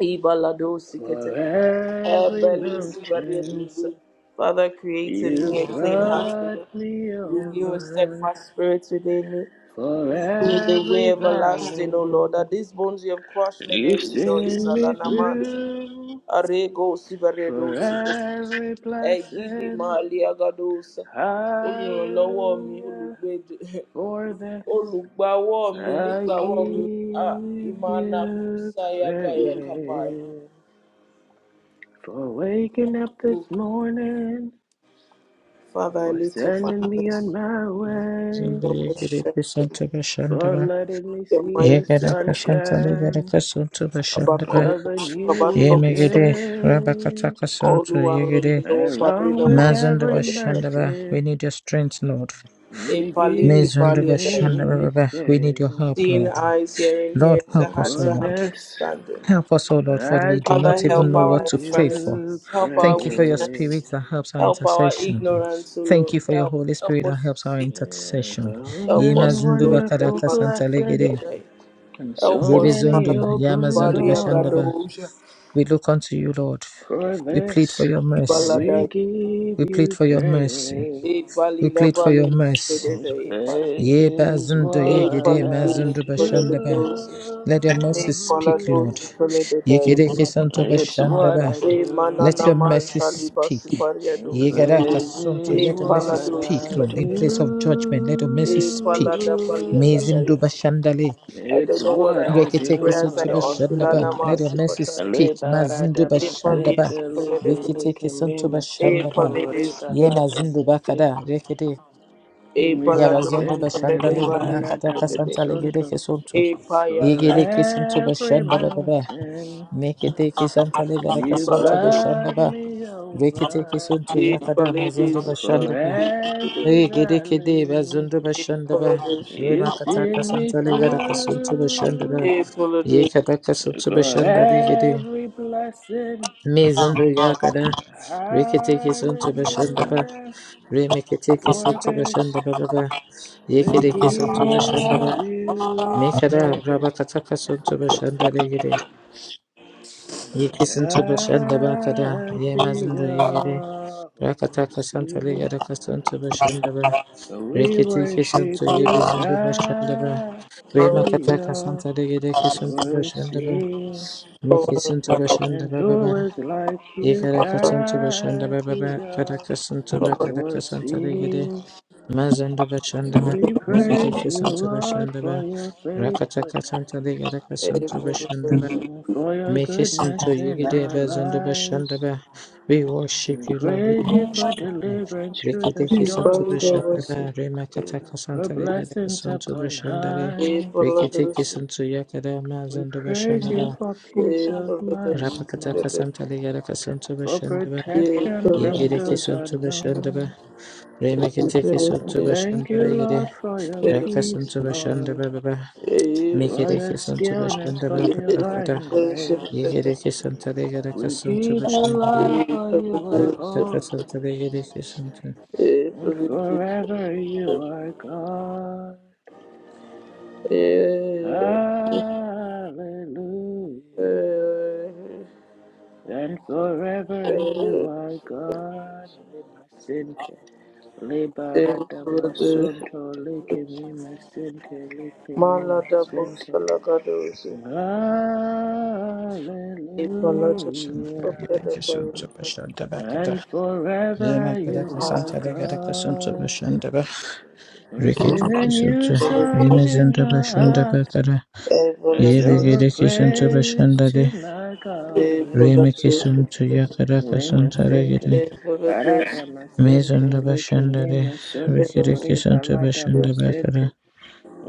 Speaker 2: Ibaladosikete.
Speaker 3: For every mountain
Speaker 2: Ebelisibariadusa. Father, create in
Speaker 3: you
Speaker 2: me a clean heart, O
Speaker 3: brought
Speaker 2: God.
Speaker 3: me
Speaker 2: Renew a
Speaker 3: over.
Speaker 2: steadfast spirit within me.
Speaker 3: For
Speaker 2: Through the way
Speaker 3: every
Speaker 2: everlasting, O
Speaker 3: valley
Speaker 2: Lord, that these bones you have crushed may they
Speaker 3: you
Speaker 2: rejoice.
Speaker 3: sent me
Speaker 2: Alanamanti.
Speaker 3: through.
Speaker 2: Arego
Speaker 3: For
Speaker 2: Sibaredosi.
Speaker 3: every
Speaker 2: Egidi
Speaker 3: blessing.
Speaker 2: Maliagadosa. Olùrànlọ́wọ́ mi,
Speaker 3: Hallelujah.
Speaker 2: olùgbèdè,
Speaker 3: For this
Speaker 2: olùgbàwọ́ mi,
Speaker 3: I
Speaker 2: onígbàwọ́ mi. Ah,
Speaker 3: give
Speaker 2: Imana
Speaker 3: you
Speaker 2: Kusayagayakabai.
Speaker 3: praise. For waking up this morning.
Speaker 2: Father, I
Speaker 3: For
Speaker 2: lift up my
Speaker 3: sending me on
Speaker 2: hands.
Speaker 3: my way.
Speaker 2: You're my strength, you're my help,
Speaker 3: For letting me
Speaker 2: you're
Speaker 3: see
Speaker 2: my
Speaker 3: the
Speaker 2: wisdom.
Speaker 3: sunshine
Speaker 2: About coming
Speaker 3: of a
Speaker 2: worship, about
Speaker 3: new
Speaker 2: coming son.
Speaker 3: day.
Speaker 2: All who are on the Lord,
Speaker 3: Along
Speaker 2: Palina
Speaker 3: with
Speaker 2: Masu,
Speaker 3: every
Speaker 2: Palina
Speaker 1: we
Speaker 3: mercy
Speaker 1: need your strength Lord
Speaker 2: A
Speaker 3: you give
Speaker 2: Palini
Speaker 3: to
Speaker 2: Palina Dada.
Speaker 3: me, you
Speaker 1: we need
Speaker 3: say,
Speaker 1: your help
Speaker 2: Seeing
Speaker 1: Lord
Speaker 2: eyes, hearing
Speaker 1: Lord
Speaker 2: ears, the
Speaker 1: help us
Speaker 2: hearts
Speaker 1: O
Speaker 3: for
Speaker 2: that have
Speaker 1: Lord
Speaker 3: this.
Speaker 2: understanding.
Speaker 1: help us O Lord for
Speaker 3: I
Speaker 1: we do
Speaker 2: Father,
Speaker 1: not even
Speaker 2: help
Speaker 1: know what
Speaker 2: our
Speaker 3: give
Speaker 1: to pray for
Speaker 3: you
Speaker 2: infirmities, help our
Speaker 1: thank you for your
Speaker 3: praise.
Speaker 1: spirit
Speaker 2: weakness,
Speaker 1: that helps our
Speaker 2: help our
Speaker 1: intercession
Speaker 2: ignorance, O
Speaker 1: Thank
Speaker 2: Lord.
Speaker 1: you for your
Speaker 2: Help,
Speaker 1: Holy
Speaker 2: help
Speaker 1: Spirit that
Speaker 2: us to
Speaker 1: helps our
Speaker 2: see,
Speaker 3: Yeah,
Speaker 1: intercession.
Speaker 3: so
Speaker 2: help
Speaker 3: many
Speaker 1: Yema
Speaker 2: us, O
Speaker 1: zindu
Speaker 2: Lord, in our
Speaker 3: wonderful
Speaker 1: bakadaka
Speaker 2: mercy,
Speaker 1: santa
Speaker 3: blessings
Speaker 2: Palina
Speaker 1: legede.
Speaker 2: Dada.
Speaker 3: and
Speaker 2: Help
Speaker 3: so
Speaker 1: Yebe
Speaker 2: us,
Speaker 3: many
Speaker 2: Father.
Speaker 1: zundu, yama
Speaker 3: open
Speaker 1: zundu
Speaker 2: Balia
Speaker 1: bashandaba.
Speaker 3: doors.
Speaker 2: Gadosha,
Speaker 1: We look unto you, Lord.
Speaker 3: For
Speaker 1: We plead for
Speaker 3: this,
Speaker 1: your mercy.
Speaker 3: we
Speaker 2: Ibaladaya,
Speaker 3: give
Speaker 1: We plead
Speaker 3: you
Speaker 1: for your mercy.
Speaker 3: praise.
Speaker 2: E
Speaker 1: We
Speaker 2: Palila
Speaker 1: plead for your
Speaker 2: Balis,
Speaker 1: mercy.
Speaker 3: And
Speaker 2: Bededa, E Pal,
Speaker 3: praise
Speaker 1: Yeba
Speaker 3: is
Speaker 1: zundu
Speaker 2: E
Speaker 3: what
Speaker 1: yegede ma
Speaker 2: Palidis,
Speaker 3: I
Speaker 1: zundu bashandaba.
Speaker 2: Toledos,
Speaker 1: Let your mercy
Speaker 2: E
Speaker 1: speak,
Speaker 3: do.
Speaker 1: Lord.
Speaker 2: Palados, Tolededa,
Speaker 1: Yekereke santo
Speaker 3: It's what I
Speaker 1: bashandaba.
Speaker 2: E
Speaker 3: do.
Speaker 1: Let
Speaker 2: Manana
Speaker 1: your
Speaker 2: Man
Speaker 1: mercy
Speaker 2: Saliba
Speaker 1: speak.
Speaker 3: And
Speaker 2: Supariados,
Speaker 1: Yegaraka
Speaker 3: praise
Speaker 1: santo.
Speaker 3: is
Speaker 2: E
Speaker 1: Let your mercy
Speaker 3: what
Speaker 2: Palados,
Speaker 1: speak,
Speaker 3: I
Speaker 1: Lord, in place
Speaker 2: Tolededa,
Speaker 1: of judgment. Let your mercy
Speaker 2: E
Speaker 1: speak.
Speaker 2: Palada Balia
Speaker 3: do.
Speaker 1: Mezindo
Speaker 2: Gadaya.
Speaker 1: bashandale.
Speaker 2: I don't
Speaker 3: It's
Speaker 2: know what I
Speaker 3: what I
Speaker 2: ought to
Speaker 1: Reketeke
Speaker 2: pray as I
Speaker 3: do.
Speaker 1: santo
Speaker 2: ought to
Speaker 1: bashandaba.
Speaker 2: Lanama
Speaker 1: Let
Speaker 3: Ramasente.
Speaker 1: your mercy
Speaker 2: Supatai,
Speaker 1: speak. Mazindo
Speaker 3: Liberata
Speaker 2: E
Speaker 1: bashandaba.
Speaker 2: Palis,
Speaker 3: masente.
Speaker 2: Toledos,
Speaker 3: Lipele
Speaker 1: Reketeke santo
Speaker 3: kemima
Speaker 2: E
Speaker 1: bashandaba.
Speaker 3: sunto.
Speaker 2: Palidis,
Speaker 1: Ye
Speaker 3: Ribalata
Speaker 2: Toledos.
Speaker 1: mazindo
Speaker 3: masente.
Speaker 1: bakada.
Speaker 2: E balado
Speaker 1: Yabazondo
Speaker 2: balade
Speaker 3: Rimasente.
Speaker 2: balade
Speaker 1: Bashandale,
Speaker 2: vale se
Speaker 1: Makata
Speaker 3: Liberata
Speaker 2: balade.
Speaker 1: Kasantale
Speaker 3: masunto.
Speaker 1: Gedeke Sonto,
Speaker 2: E paya
Speaker 3: For
Speaker 2: kati
Speaker 1: Yegereke Sonto
Speaker 3: every
Speaker 1: Bashanda Baba,
Speaker 3: mountain
Speaker 1: Mekete Kisantale Gadaka
Speaker 3: you
Speaker 1: Sonto
Speaker 2: balado.
Speaker 1: Bashanda
Speaker 3: brought
Speaker 1: Ba,
Speaker 3: me
Speaker 1: Rekete
Speaker 3: over.
Speaker 1: Kisonto
Speaker 2: E
Speaker 1: Yakada
Speaker 2: balade
Speaker 1: Mazondo
Speaker 2: se
Speaker 3: For
Speaker 1: Bashanda Ba,
Speaker 3: every
Speaker 1: Yegereke De
Speaker 3: valley.
Speaker 1: bazundo
Speaker 2: balade. E
Speaker 1: Bashanda Ba,
Speaker 2: balado se
Speaker 3: You
Speaker 1: Remakata
Speaker 3: send me
Speaker 1: Kasantale Gadaka Sonto Bashanda
Speaker 3: through
Speaker 1: Ba,
Speaker 2: e balado.
Speaker 1: Yekadaka Sonto
Speaker 3: for
Speaker 1: Bashanda Legede,
Speaker 3: every blessing.
Speaker 1: Mezondo Yakada, Rekete Kisonto Bashanda Ba,
Speaker 3: Hallelujah.
Speaker 1: Remeketeke
Speaker 3: For
Speaker 1: sotoba
Speaker 3: this
Speaker 1: shandaba baba.
Speaker 3: we give
Speaker 1: Yekereke sotoba shandaba.
Speaker 3: you
Speaker 1: Mekara
Speaker 3: praise.
Speaker 1: rabakataka sotoba shandale gede. Yekisin toba shandaba kada.
Speaker 3: God be
Speaker 1: Yemazindo yegede.
Speaker 3: all
Speaker 1: Rakataka santale
Speaker 3: seen.
Speaker 1: yaraka sotoba shandaba.
Speaker 3: We
Speaker 1: Reketeke
Speaker 3: worship
Speaker 1: soto
Speaker 3: you,
Speaker 1: yebezindo bashandaba.
Speaker 3: God be
Speaker 2: se
Speaker 1: Remakataka
Speaker 3: all
Speaker 1: santale gedeke sotoba shandaba.
Speaker 3: seen.
Speaker 2: balade.
Speaker 1: Mekisin toba
Speaker 3: And
Speaker 1: shandaba
Speaker 3: who
Speaker 1: baba.
Speaker 3: is like you
Speaker 1: Yekaraka sotoba
Speaker 3: can
Speaker 1: shandaba
Speaker 3: be
Speaker 1: baba. Karaka
Speaker 3: a
Speaker 1: sotoba karaka santale gede. Mazanda Bashanda Ba,
Speaker 3: We praise
Speaker 1: Rekateke
Speaker 3: you,
Speaker 1: Santa
Speaker 3: Lord,
Speaker 1: Bashanda
Speaker 3: for
Speaker 1: Ba,
Speaker 3: your
Speaker 1: Rakataka Santa
Speaker 3: faithfulness,
Speaker 1: Ligadaka Santa Bashanda Ba,
Speaker 3: and for your
Speaker 1: Make Hasten
Speaker 3: goodness
Speaker 1: to
Speaker 3: in
Speaker 1: Yigide
Speaker 3: our
Speaker 1: Bazanda
Speaker 3: lives.
Speaker 1: Bashanda Ba. We worship
Speaker 3: We
Speaker 1: you, Lord, we
Speaker 3: praise you for
Speaker 1: worship you.
Speaker 3: deliverance through the
Speaker 1: Rekateke
Speaker 2: E
Speaker 3: storm,
Speaker 1: Santa
Speaker 3: Lord,
Speaker 2: balado
Speaker 1: Bashanda
Speaker 2: se
Speaker 1: Ba,
Speaker 2: e balado was
Speaker 1: Remakataka
Speaker 3: for
Speaker 1: Santa Ligadaka
Speaker 3: blessings
Speaker 1: Santa
Speaker 3: upon
Speaker 1: Bashanda Re,
Speaker 2: e
Speaker 3: high.
Speaker 2: balado
Speaker 1: Rekateke
Speaker 2: se e balado se
Speaker 1: Santa Yakada
Speaker 3: We
Speaker 1: Mazanda
Speaker 3: praise
Speaker 1: Bashanda
Speaker 3: you
Speaker 1: Ba,
Speaker 3: for peace
Speaker 2: e
Speaker 3: of
Speaker 2: balado.
Speaker 3: mind,
Speaker 1: Rapakataka
Speaker 3: Lord,
Speaker 1: Santa
Speaker 2: se
Speaker 1: Ligadaka Santa
Speaker 3: for
Speaker 1: Bashanda Ba,
Speaker 3: protection from
Speaker 1: Yigideke
Speaker 3: those
Speaker 1: Santa Bashanda Ba,
Speaker 3: unknown.
Speaker 1: Remakateke
Speaker 3: We
Speaker 1: Santa
Speaker 3: thank
Speaker 1: Bashanda
Speaker 3: you, Lord, for your
Speaker 1: Rekede kisun
Speaker 3: peace, Lord, for your
Speaker 1: to
Speaker 3: stillness,
Speaker 1: bashanda
Speaker 3: for divine grace.
Speaker 2: E
Speaker 3: We give you,
Speaker 2: Maladabosalagadosi,
Speaker 3: Lord, for you are holy, and forever you are God. Hallelujah. And forever you are God. Lemasente, lebarada masonto, lekemi masente, lekemi masente. Hallelujah.
Speaker 2: Ipalados, Oyadabarisa,
Speaker 3: And
Speaker 1: bakada
Speaker 3: forever you are
Speaker 2: Ipalados,
Speaker 3: God. I sing a
Speaker 2: Ipalados,
Speaker 3: new song in my
Speaker 2: Ipalados,
Speaker 3: heart, a song of praise to my God. Lima Sunday, Lima Sente,
Speaker 2: Ipalados,
Speaker 3: Arata Masente, Lake masonto, Sunto,
Speaker 2: Ipalados,
Speaker 3: Rebalata
Speaker 2: Ipalados,
Speaker 3: Masente.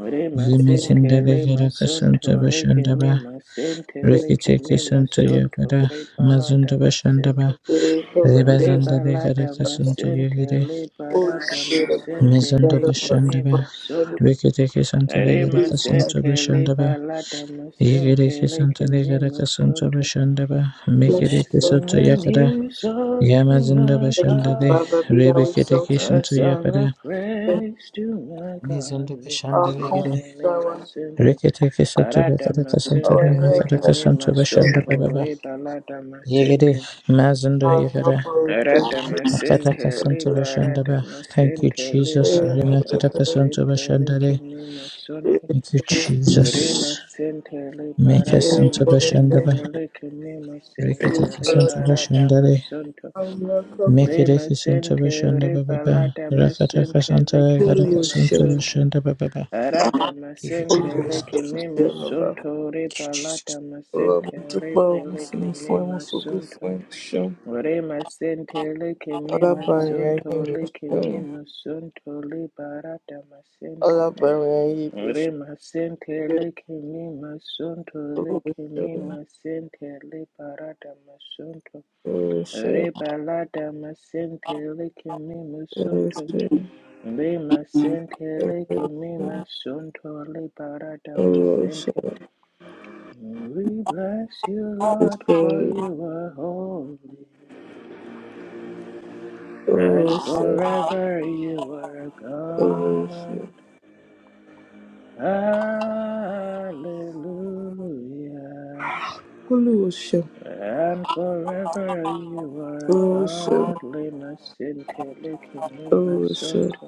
Speaker 3: Ore masente
Speaker 1: Zimazindaba
Speaker 3: le
Speaker 1: Yaraka
Speaker 3: masonto
Speaker 1: Santa
Speaker 3: le que me
Speaker 1: Bashandaba
Speaker 3: masente
Speaker 2: If
Speaker 3: le que
Speaker 1: Rikitiki
Speaker 3: me
Speaker 1: Santa
Speaker 3: masonto
Speaker 1: Yagada
Speaker 3: re balada
Speaker 1: Mazunda
Speaker 3: masente
Speaker 1: Bashandaba
Speaker 2: the Holy
Speaker 3: re
Speaker 2: Ghost,
Speaker 1: Ribazanda de
Speaker 3: balada
Speaker 1: Yaraka Santa
Speaker 3: masente
Speaker 1: Yagade
Speaker 3: le
Speaker 2: Holy
Speaker 3: balada
Speaker 2: Spirit of God,
Speaker 3: masente
Speaker 1: Mizanda
Speaker 3: le que
Speaker 2: gather us
Speaker 3: me
Speaker 2: for
Speaker 1: Bashandaba
Speaker 2: the
Speaker 3: masonto
Speaker 1: Rikitiki Santa
Speaker 3: re
Speaker 1: Yaraka
Speaker 2: peace.
Speaker 1: Santa
Speaker 3: masente le
Speaker 1: Bashandaba
Speaker 3: balada masente
Speaker 1: Yigiriki
Speaker 3: le
Speaker 1: Santa
Speaker 3: que me
Speaker 1: Yaraka Santa
Speaker 3: masonto
Speaker 1: Bashandaba
Speaker 2: Bless
Speaker 3: I
Speaker 2: you,
Speaker 1: Mikiriki
Speaker 2: Lord.
Speaker 3: sing
Speaker 1: Santa
Speaker 3: a
Speaker 2: Thank you.
Speaker 1: Yakada
Speaker 3: new song to
Speaker 1: Yamazinda
Speaker 3: my
Speaker 2: Thank you,
Speaker 3: God.
Speaker 1: Bashandade
Speaker 2: Baba. Be thou
Speaker 1: Ribikitiki
Speaker 2: exalted.
Speaker 3: A
Speaker 1: Santa
Speaker 3: song of
Speaker 1: Yakada
Speaker 2: Thank you,
Speaker 3: praise to my God,
Speaker 1: Mizanda
Speaker 3: lima
Speaker 2: Our
Speaker 1: Bashandaba
Speaker 2: comfort,
Speaker 3: sente,
Speaker 1: Yagade
Speaker 3: my
Speaker 2: our,
Speaker 3: sente,
Speaker 1: Rikitiki Santa
Speaker 3: arada my
Speaker 1: Bakadaka Santa
Speaker 3: masente,
Speaker 2: our
Speaker 3: leke
Speaker 1: Bakadaka
Speaker 3: mima
Speaker 1: Santa
Speaker 2: help, thank you.
Speaker 3: sonto,
Speaker 1: Bashandaba
Speaker 3: leba lada
Speaker 1: Yigiri
Speaker 3: masente,
Speaker 1: Mazindo
Speaker 2: our
Speaker 1: Yigara
Speaker 2: helper,
Speaker 3: arada
Speaker 2: thank you.
Speaker 1: Akataka
Speaker 3: masente,
Speaker 1: Santa
Speaker 3: leba arada
Speaker 1: Bashandaba. Thank you,
Speaker 3: masente, leba
Speaker 1: Jesus.
Speaker 2: Thank you,
Speaker 3: arada
Speaker 2: Lord. Thank you. Thank you, Lord.
Speaker 1: Remakataka Santa
Speaker 3: masente, leke
Speaker 1: Bashandare.
Speaker 3: my
Speaker 2: Thank
Speaker 3: sonto,
Speaker 1: Thank you,
Speaker 2: you,
Speaker 3: lima
Speaker 1: Jesus.
Speaker 3: sente, leba
Speaker 1: Make us
Speaker 3: arada
Speaker 1: into
Speaker 3: masente,
Speaker 1: Bashandaba.
Speaker 3: leke mima sente,
Speaker 1: Rikataka Santa
Speaker 3: leba arada
Speaker 2: Lord.
Speaker 1: Bashandare.
Speaker 3: masonto.
Speaker 2: Our
Speaker 1: Make
Speaker 3: Be
Speaker 2: helper,
Speaker 1: it a Santa
Speaker 3: masente re
Speaker 1: Bashandaba Baba.
Speaker 3: palata
Speaker 1: Rakataka
Speaker 3: masente
Speaker 1: Santa
Speaker 3: leke me
Speaker 1: Yagaraka
Speaker 2: Holy
Speaker 1: Santa
Speaker 2: Ghost,
Speaker 3: masonto.
Speaker 1: Bashandaba Baba.
Speaker 3: Arada
Speaker 1: Give you
Speaker 3: masente
Speaker 2: Holy
Speaker 1: glory, Lord.
Speaker 3: leke me
Speaker 2: Ghost,
Speaker 3: masonto re
Speaker 1: Thank you, Jesus.
Speaker 3: palata
Speaker 2: Ọ̀rọ̀ mo
Speaker 3: masente re
Speaker 2: dúpẹ́ o, mo
Speaker 3: peleke
Speaker 2: fìyìn fún
Speaker 3: me
Speaker 2: ẹ, mo fògo
Speaker 3: masonto.
Speaker 2: fún ẹ, o ṣeun.
Speaker 3: Re masente leke me
Speaker 2: Alábàárìn ayé
Speaker 3: masonto
Speaker 2: mi, o
Speaker 3: leke me
Speaker 2: ṣeun.
Speaker 3: masonto le parata masente.
Speaker 2: Alábàárìn ayé mi, o
Speaker 3: Re masente
Speaker 2: ṣeun.
Speaker 3: leke me masonto
Speaker 2: Olúwa,
Speaker 3: leke
Speaker 2: o
Speaker 3: me
Speaker 2: ṣeun.
Speaker 3: masente le parata masonto.
Speaker 2: Olúwa, o ṣeun.
Speaker 3: Re balada masentele que mi
Speaker 2: Olúwa, o
Speaker 3: masunto.
Speaker 2: ṣeun.
Speaker 3: Be masentele que mi masunto. Le balada
Speaker 2: Olúwa, o ṣeun. Olúwa, o ṣeun. Olúwa, o ṣeun. Olúwa, o ṣeun. Olúwa, o ṣeun. Olúwa, o ṣeun. Olúwa, o
Speaker 3: masente.
Speaker 2: ṣeun.
Speaker 3: We bless you, Lord, for you are holy. And forever you are God. Hallelujah.
Speaker 2: Olúwa, o ṣeun. Olúwa, o ṣeun.
Speaker 3: And forever you are God. Le masentele que mi masunto.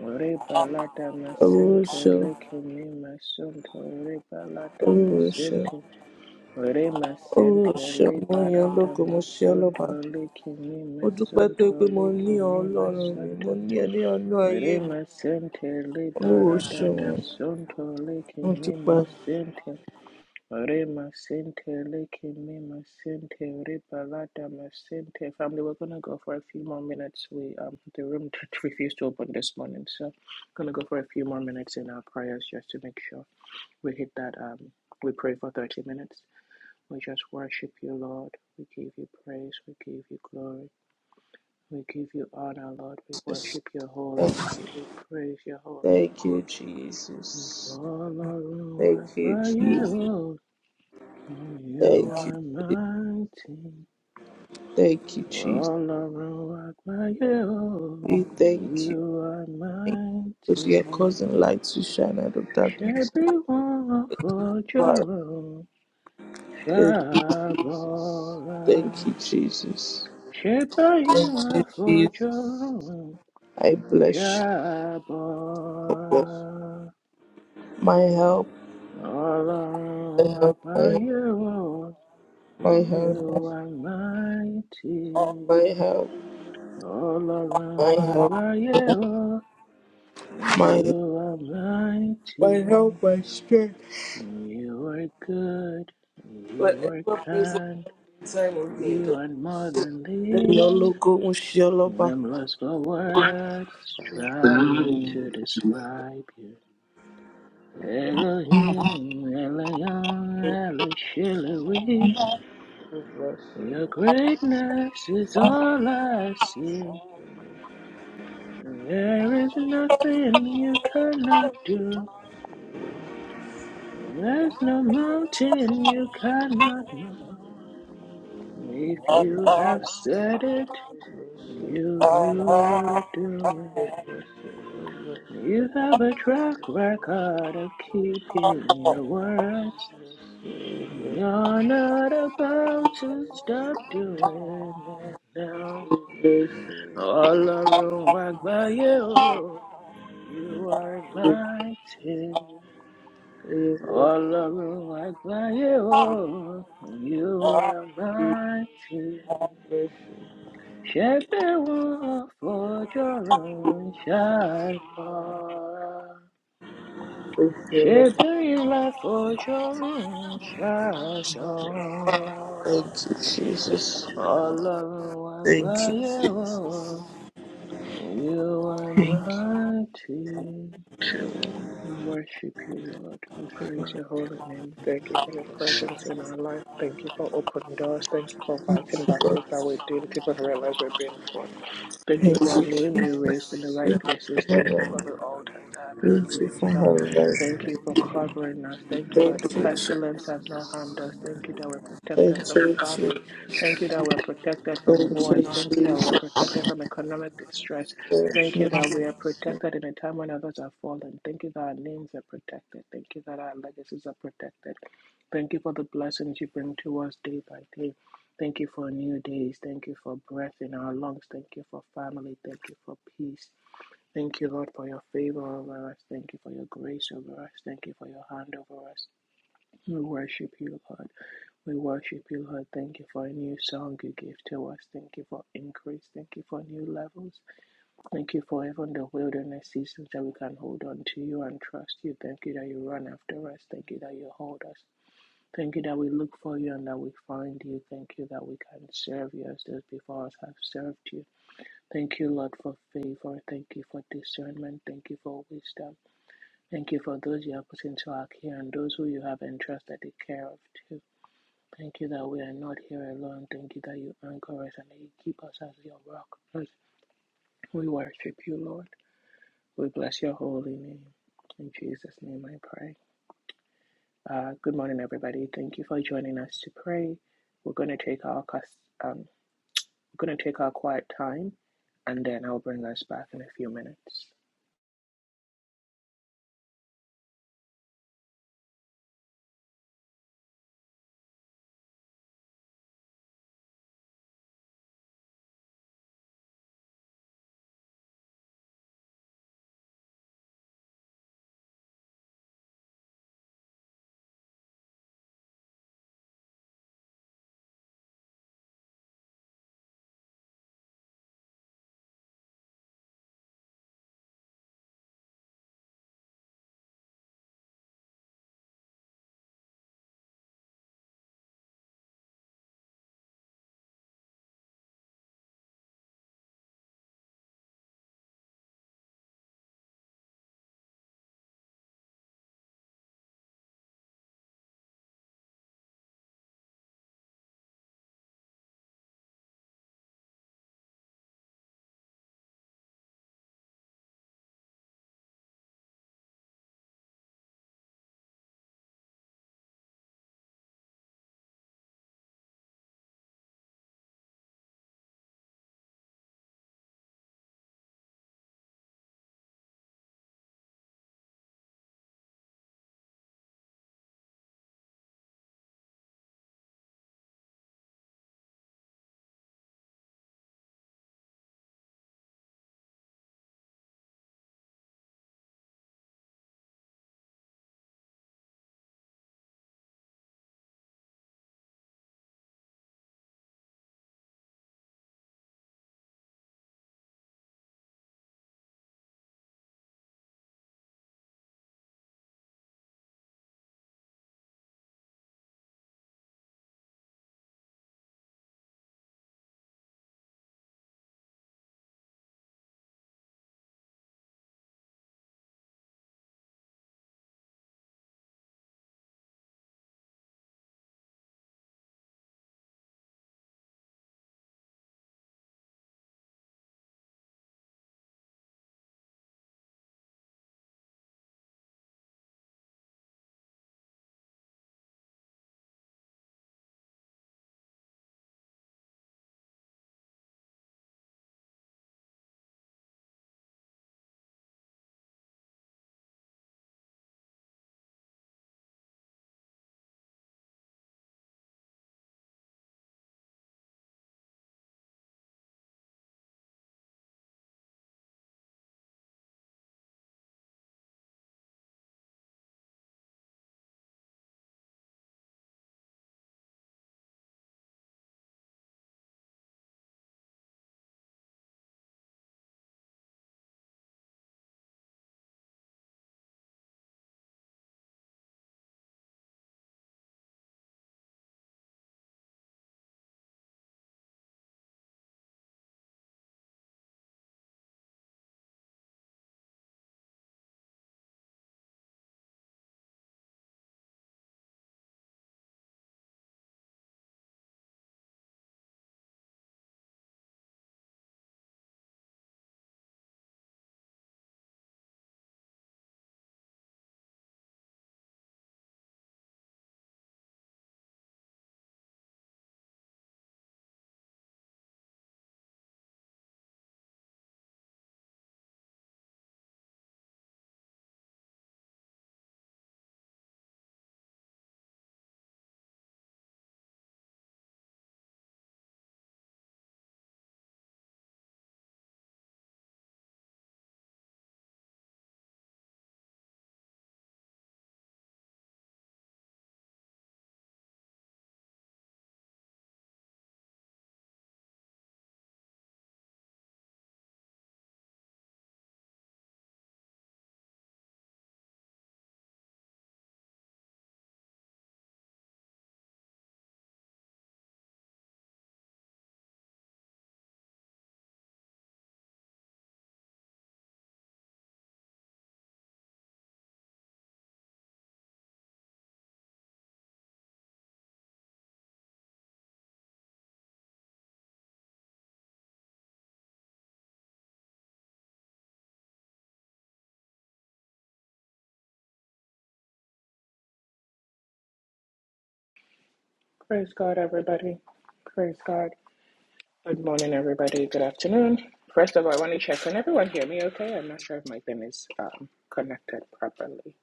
Speaker 3: Rebalata masente leke mi masunto rebalata masente re masente
Speaker 2: Mo yan
Speaker 3: rebalata
Speaker 2: ológo, mo ṣe ọlọ́ba.
Speaker 3: masunto leke mi
Speaker 2: Mo dúpẹ́ tó
Speaker 3: masunto
Speaker 2: pé mo
Speaker 3: leke
Speaker 2: ní ọ
Speaker 3: mi
Speaker 2: Ọlọ́run mi, mo
Speaker 3: masunto
Speaker 2: ní ẹ ní ọ̀nà ayé
Speaker 3: re
Speaker 2: mi.
Speaker 3: masente
Speaker 2: Olúwo
Speaker 3: rebalata
Speaker 2: ṣeun,
Speaker 3: masunto leke
Speaker 2: mo
Speaker 3: mi
Speaker 2: dúpẹ́.
Speaker 3: masente Re masente, leke me masente, re balada masente. Family, we're gonna go for a few more minutes. We um the room refused to open this morning, so gonna go for a few more minutes in our prayers just to make sure we hit that um we pray for thirty minutes. We just worship you, Lord. We give you praise. We give you glory. We give you honor, Lord. We
Speaker 2: Jesus.
Speaker 3: worship your holy
Speaker 2: Thank
Speaker 3: name.
Speaker 2: you,
Speaker 3: We praise your holy name.
Speaker 2: thank you Jesus, thank you Jesus,
Speaker 3: You
Speaker 2: thank you,
Speaker 3: are
Speaker 2: Je-
Speaker 3: mighty,
Speaker 2: thank you Jesus.
Speaker 3: all around my you.
Speaker 2: We thank you
Speaker 3: You are
Speaker 2: because you are
Speaker 3: mighty,
Speaker 2: causing light to shine out of darkness.
Speaker 3: every one for
Speaker 2: Father,
Speaker 3: Jerome.
Speaker 2: Thank you,
Speaker 3: Shabora,
Speaker 2: thank you Jesus,
Speaker 3: Shebayim
Speaker 2: thank you
Speaker 3: for
Speaker 2: Jesus.
Speaker 3: Jerome.
Speaker 2: I bless you,
Speaker 3: Shabora,
Speaker 2: I bless you. My help,
Speaker 3: all
Speaker 2: my
Speaker 3: around
Speaker 2: help, my
Speaker 3: my
Speaker 2: help,
Speaker 3: you.
Speaker 2: my help,
Speaker 3: You are mighty.
Speaker 2: my help.
Speaker 3: All
Speaker 2: My
Speaker 3: around I
Speaker 2: help,
Speaker 3: cry, yeah, oh,
Speaker 2: my
Speaker 3: you are
Speaker 2: my
Speaker 3: mighty,
Speaker 2: help, my strength.
Speaker 3: you are good, you are
Speaker 2: Whatever present
Speaker 3: kind,
Speaker 2: in time of need.
Speaker 3: you are more than
Speaker 2: Your
Speaker 3: this.
Speaker 2: logo was Shalaba.
Speaker 3: I'm lost for words, trying to describe you. Elohim, Elion, Elishiliwi, your greatness is all I see. There is nothing you cannot do. There's no mountain you cannot move. If you have said it, you, will do it. You have a track record of keeping your words. And you're not about to stop doing it now. All around, walk by you. You are mighty. All of room like my own, you are mighty. Shepherd one for your own child bar. Shepherd in life for your own child
Speaker 2: Thank you, Jesus.
Speaker 3: All of room like
Speaker 2: Thank you.
Speaker 3: my own, you are mighty. We worship you, Lord. We praise your holy name. Thank you for your presence in our life. Thank you for open doors. Thank you for fighting battles that we didn't even realize we're being fought. Thank you
Speaker 2: Thank
Speaker 3: for our
Speaker 2: you,
Speaker 3: name
Speaker 2: Jesus.
Speaker 3: being raised in the right places. Thank you for the altars that have been
Speaker 2: Thank you for
Speaker 3: raised up.
Speaker 2: her life.
Speaker 3: Thank you for covering us. Thank you that
Speaker 2: Thank
Speaker 3: the
Speaker 2: you, Jesus.
Speaker 3: pestilence has not harmed us. Thank you that we're
Speaker 2: Thank
Speaker 3: protected from
Speaker 2: you,
Speaker 3: famine.
Speaker 2: Jesus.
Speaker 3: Thank you that we're protected from
Speaker 2: Thank you,
Speaker 3: wars. Thank you that
Speaker 2: Jesus.
Speaker 3: we're protected from economic distress. Thank you
Speaker 2: Thank
Speaker 3: that we are
Speaker 2: you.
Speaker 3: protected in a time when others are fallen. Thank you that our names are protected. Thank you that our legacies are protected. Thank you for the blessings you bring to us day by day. Thank you for new days. Thank you for breath in our lungs. Thank you for family. Thank you for peace. Thank you, Lord, for your favor over us. Thank you for your grace over us. Thank you for your hand over us. We worship you, Lord. We worship you, Lord. Thank you for a new song you give to us. Thank you for increase. Thank you for new levels. Thank you for even the wilderness seasons that we can hold on to you and trust you. Thank you that you run after us. Thank you that you hold us. Thank you that we look for you and that we find you. Thank you that we can serve you as those before us have served you. Thank you, Lord, for favor. Thank you for discernment. Thank you for wisdom. Thank you for those you have put into our care and those who you have entrusted the care of too. Thank you that we are not here alone. Thank you that you anchor us and that you keep us as your rock. Lord, we worship you, Lord. We bless your holy name. In Jesus' name I pray. Uh, good morning, everybody. Thank you for joining us to pray. We're going to take our um, we're going to take our quiet time, and then I'll bring us back in a few minutes. Praise God, everybody. Praise God. Good morning, everybody. Good afternoon. First of all, I want to check. Can everyone hear me? Okay. I'm not sure if my thing is um, connected properly.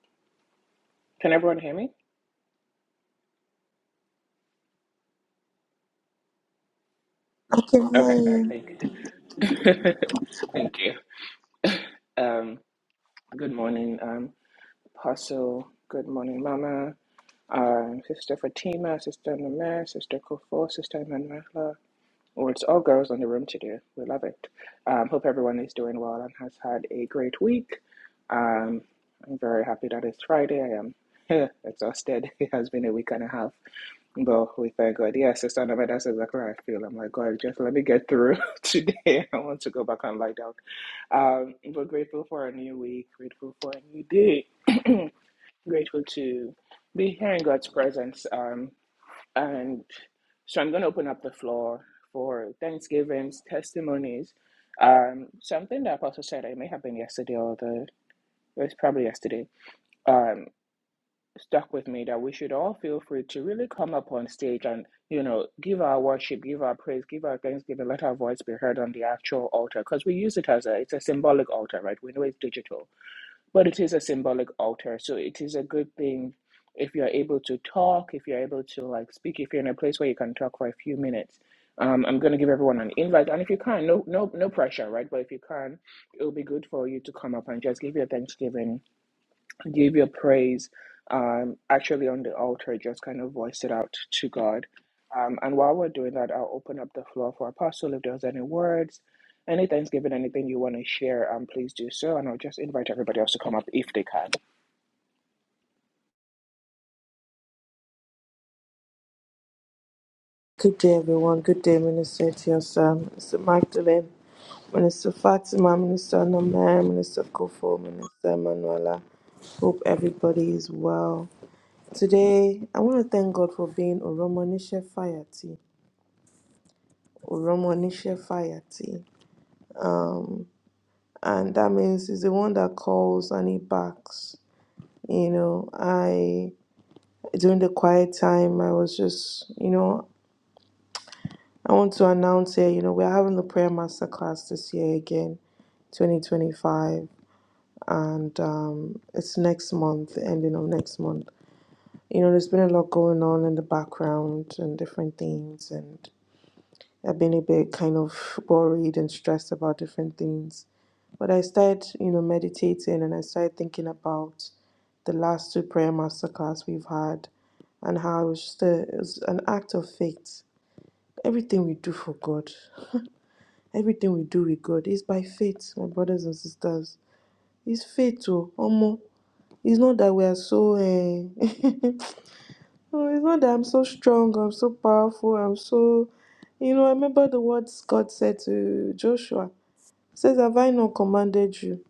Speaker 3: Can everyone hear me?
Speaker 2: I can hear
Speaker 3: Okay. All right.
Speaker 2: you.
Speaker 3: Thank you. thank you. Um, good morning, um, Apostle. Good morning, Mama. um, Sister Fatima, Sister Namir, Sister Kofo, Sister Manuela. Well, it's all girls in the room today. We love it. Um, hope everyone is doing well and has had a great week. Um, I'm very happy that it's Friday. I am exhausted. It has been a week and a half, but we thank God. Yes, Sister Namir, that's exactly how I feel. I'm like, God, just let me get through today. I want to go back and lie down. Um, but grateful for a new week, grateful for a new day. grateful to be here in God's presence. Um, and so I'm going to open up the floor for thanksgivings, testimonies. Um, something that Apostle said, it may have been yesterday or the, it was probably yesterday, um, stuck with me that we should all feel free to really come up on stage and, you know, give our worship, give our praise, give our thanksgiving, let our voice be heard on the actual altar because we use it as a, it's a symbolic altar, right? We know it's digital but it is a symbolic altar so it is a good thing if you're able to talk if you're able to like speak if you're in a place where you can talk for a few minutes um, i'm going to give everyone an invite and if you can no no no pressure right but if you can it'll be good for you to come up and just give your thanksgiving give your praise um, actually on the altar, just kind of voice it out to God. Um, and while we're doing that, I'll open up the floor for Apostle. If there's any words, any thanksgiving, anything you want to share, um, please do so. And I'll just invite everybody else to come up if they can.
Speaker 2: Good day, everyone. Good day, Minister Etiosa, Minister Magdalene, Minister Fatima, Minister Namaya, Minister Kofo, Minister Manuela. Hope everybody is well. Today, I want to thank God for being Oromonishe Fayati. Oromonishe Fayati. And that means he's the one that calls and he backs. You know, I, during the quiet time, I was just, you know, I want to announce here, you know, we're having the prayer masterclass this year again, 2025. and um, it's next month, the ending of next month. You know, there's been a lot going on in the background and different things, and I've been a bit kind of worried and stressed about different things. But I started, you know, meditating and I started thinking about the last two prayer masterclass we've had and how it was just a, it was an act of faith. Everything we do for God, everything we do with God is by faith, my brothers and sisters. It's faith, oh, almost. It's not that we are so. Eh, So it's not that I'm so strong, I'm so powerful, I'm so. You know, I remember the words God said to Joshua. He says, Have I not commanded you?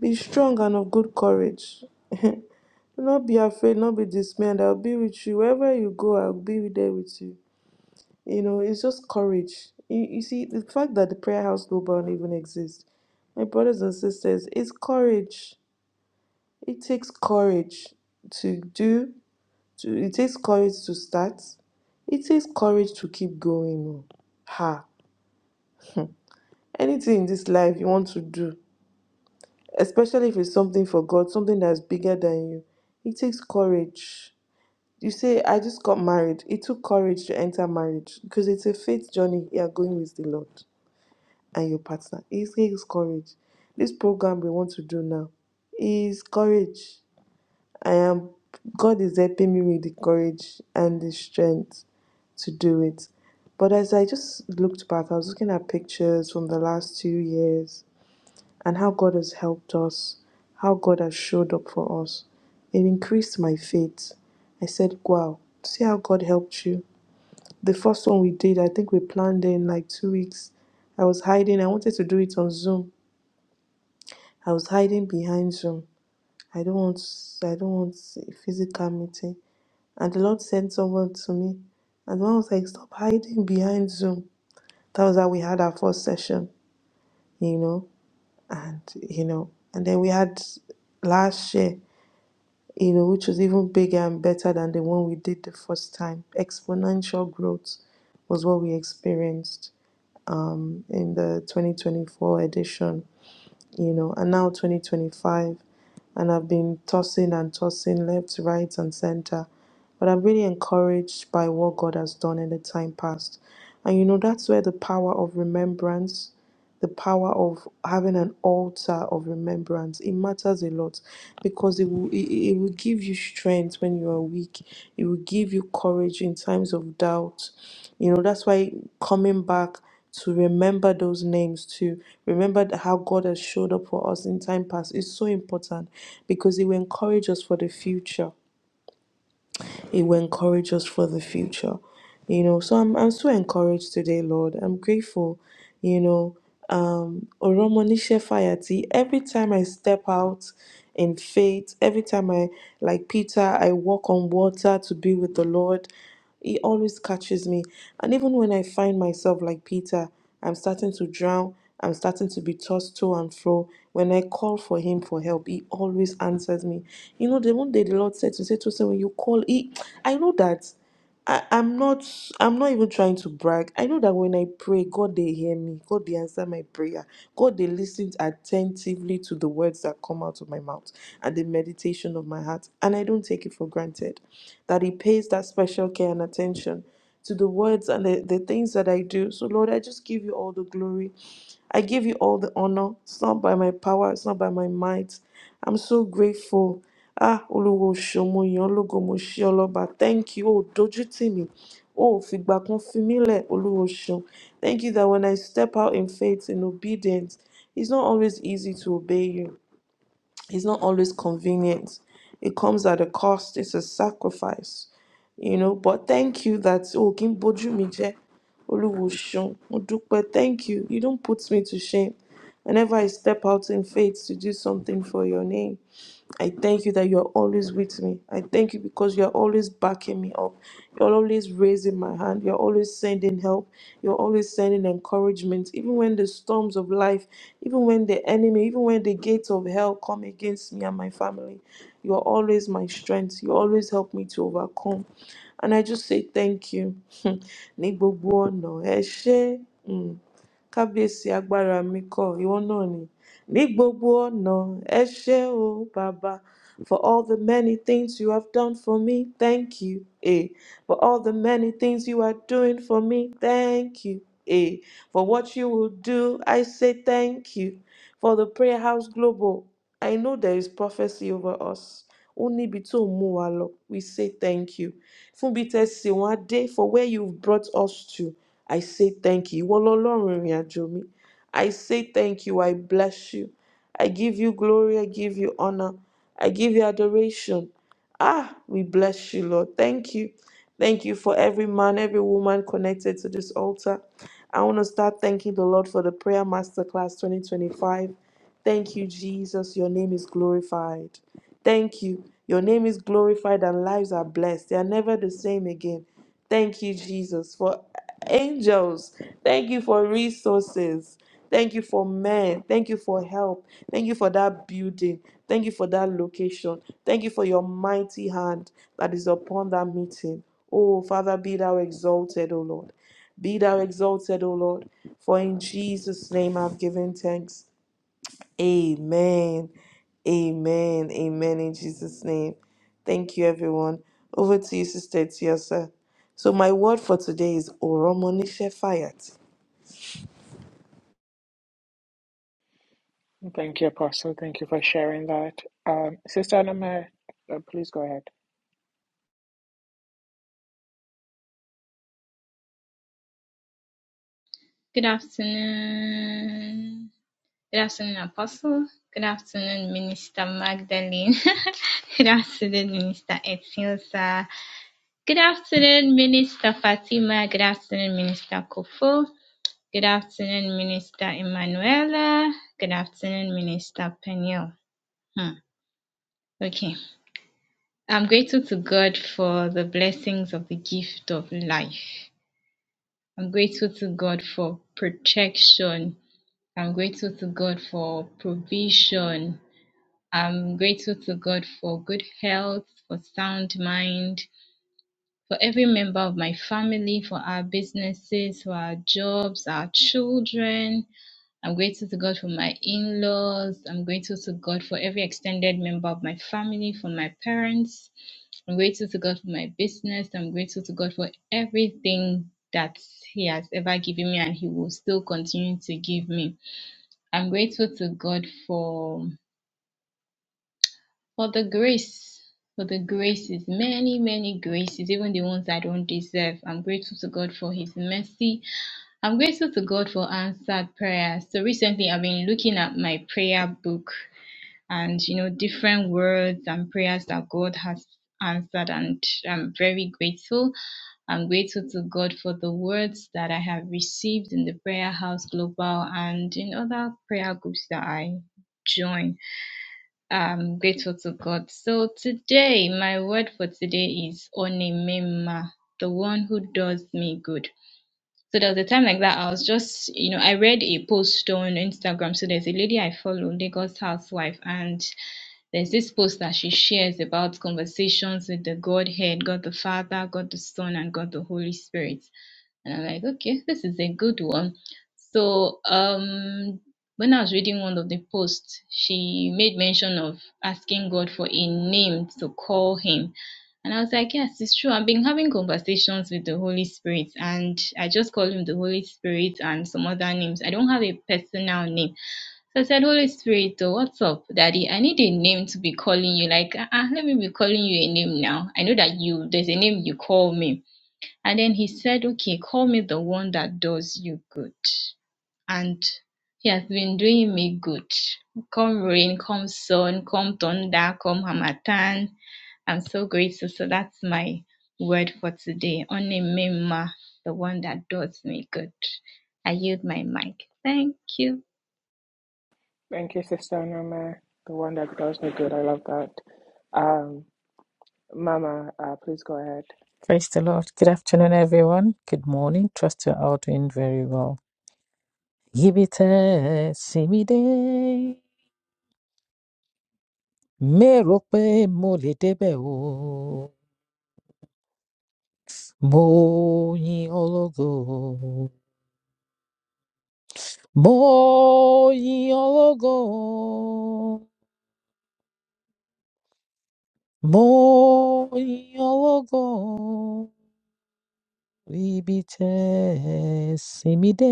Speaker 2: Be strong and of good courage. Do not be afraid, not be dismayed. I'll be with you. Wherever you go, I'll be there with you. You know, it's just courage. You, you see, the fact that the prayer house global don't even exist, my brothers and sisters, it's courage. It takes courage to do, to, it takes courage to start It takes courage to keep going. oh. Ha! Anything in this life you want to do, especially if it's something for God, something that's bigger than you, it takes courage. You say, I just got married. It took courage to enter marriage because it's a faith journey you are going with the Lord and your partner. It takes courage. This program we want to do now is courage. I am, God is helping me with the courage and the strength to do it. But as I just looked back, I was looking at pictures from the last two years and how God has helped us, how God has showed up for us. It increased my faith. I said, Wow, see how God helped you. The first one we did, I think we planned in like two weeks. I was hiding, I wanted to do it on Zoom. I was hiding behind Zoom. I don't want I don't want a physical meeting. And the Lord sent someone to me. And the one was like, Stop hiding behind Zoom That was how we had our first session, you know, and you know, and then we had last year, you know, which was even bigger and better than the one we did the first time. Exponential growth was what we experienced in the 2024 edition, you know, and now 2025. And I've been tossing and tossing left, right, and center But I'm really encouraged by what God has done in the time past. And you know, that's where the power of remembrance, the power of having an altar of remembrance, it matters a lot because it will, it, it will give you strength when you are weak. It will give you courage in times of doubt. You know, that's why coming back to remember those names to remember th- how god has showed up for us in time past is so important because it will encourage us for the future it will encourage us for the future you know so i'm, I'm so encouraged today lord i'm grateful you know um oromonishe fayati every time i step out in faith every time i like peter i walk on water to be with the lord he always catches me. And even when I find myself like Peter, I'm starting to drown, I'm starting to be tossed to and fro. When I call for him for help, he always answers me. You know, the one day the Lord said to say to say when you call, he I know that I, I'm not I'm not even trying to brag. I know that when I pray, God they hear me. God they answer my prayer. God they listen attentively to the words that come out of my mouth and the meditation of my heart. And I don't take it for granted that He pays that special care and attention to the words and the, the things that I do. So, Lord, I just give you all the glory. I give you all the honor. It's not by my power, it's not by my might. I'm so grateful. Ah, Oluwo Shomo Yologo Moshioloba. Thank you. Oh, dojú tì mí. Oh, fìgbà kan fi mí Olúwo ṣeun. Thank you that when I step out in faith and obedience, it's not always easy to obey you. It's not always convenient. It comes at a cost. It's a sacrifice you know but thank you that oh kimboju mi je oluwo seun mo dupe thank you you don't put me to shame whenever i step out in faith to do something for your name i thank you that you are always with me i thank you because you are always backing me up you're always raising my hand you're always sending help you're always sending encouragement even when the storms of life even when the enemy even when the gates of hell come against me and my family you are always my strength you always help me to overcome and I just say thank you. Ní gbogbo ọ̀nà, ẹ ṣé. Mm kábíyèsí agbára mi kọ ìwọ náà ni ní gbogbo ọ̀nà ẹ ṣé o bàbá for all the many things you have done for me thank you eh. for all the many things you are doing for me thank you eh. for what you will do i say thank you for the prayer house global i know there is prophecy over us oni níbi tó mú wa lọ we say thank you fún bí tẹ́ ẹ wọ́n á for where you have brought us to I say thank you. Ìwọ lọlọ́run ìrìn mi. I say thank you. I bless you. I give you glory. I give you honor. I give you adoration. Ah, we bless you, Lord. Thank you. Thank you for every man, every woman connected to this altar. I want to start thanking the Lord for the Prayer Masterclass 2025. Thank you, Jesus. Your name is glorified. Thank you. Your name is glorified and lives are blessed. They are never the same again. Thank you, Jesus, for angels. Thank you for resources. Thank you for men. Thank you for help. Thank you for that building. Thank you for that location. Thank you for your mighty hand that is upon that meeting. Oh, Father, be thou exalted, O Lord. Be thou exalted, O Lord. For in Jesus' name I've given thanks. Amen. Amen. Amen. In Jesus' name. Thank you, everyone. Over to you, Sister Tiosa. So, my word for today is Oromonishe Fayat.
Speaker 3: Thank you, Apostle. Thank you for sharing that. Um, Sister Anama, uh, please go ahead.
Speaker 4: Good afternoon. Good afternoon, Apostle. Good afternoon, Minister Magdalene. Good afternoon, Minister Etilsa. Good afternoon, Minister Fatima. Good afternoon, Minister Kofo. Good afternoon, Minister Emanuela. Good afternoon, Minister Peniel. Hmm. Okay. I'm grateful to God for the blessings of the gift of life. I'm grateful to God for protection. I'm grateful to God for provision. I'm grateful to God for good health, for sound mind, for every member of my family, for our businesses, for our jobs, our children. I'm grateful to God for my in laws. I'm grateful to God for every extended member of my family, for my parents. I'm grateful to God for my business. I'm grateful to God for everything that He has ever given me and He will still continue to give me. I'm grateful to God for for the grace, for the graces, many, many graces, even the ones I don't deserve. I'm grateful to God for His mercy. I'm grateful to God for answered prayers. So recently I've been looking at my prayer book and you know different words and prayers that God has answered and I'm very grateful. I'm grateful to God for the words that I have received in the Prayer House Global and in other prayer groups that I join. I'm grateful to God. So today, my word for today is Onemema, the one who does me good. So there was a time like that I was just, you know, I read a post on Instagram. So there's a lady I follow, Lagos housewife, and there's this post that she shares about conversations with the Godhead, God the Father, God the Son, and God the Holy Spirit. And I'm like, okay, this is a good one. So um, when I was reading one of the posts, she made mention of asking God for a name to call him. And I was like, yes, it's true. I've been having conversations with the Holy Spirit, and I just call him the Holy Spirit and some other names. I don't have a personal name. So I said, Holy Spirit, oh, what's up, Daddy? I need a name to be calling you. Like, ah, ah, let me be calling you a name now. I know that you, there's a name you call me and then he said, Okay, call me the one that does you good. And he has been doing me good. Come rain, come sun, come thunder, come Hamatan. I'm so grateful. So that's my word for today. Only Mima, the one that does me good. I yield my mic. Thank you.
Speaker 3: Thank you, Sister Anama, the one that does me good. I love that. Um, Mama, uh, please go ahead.
Speaker 1: Praise the Lord. Good afternoon, everyone. Good morning. Trust you're all doing very well. Give it a mi rò pé mo lè débẹ̀ o mo yìn ológo mo yìn ológo mo yìn ológo ibi tẹ́ ẹ sìn mí dé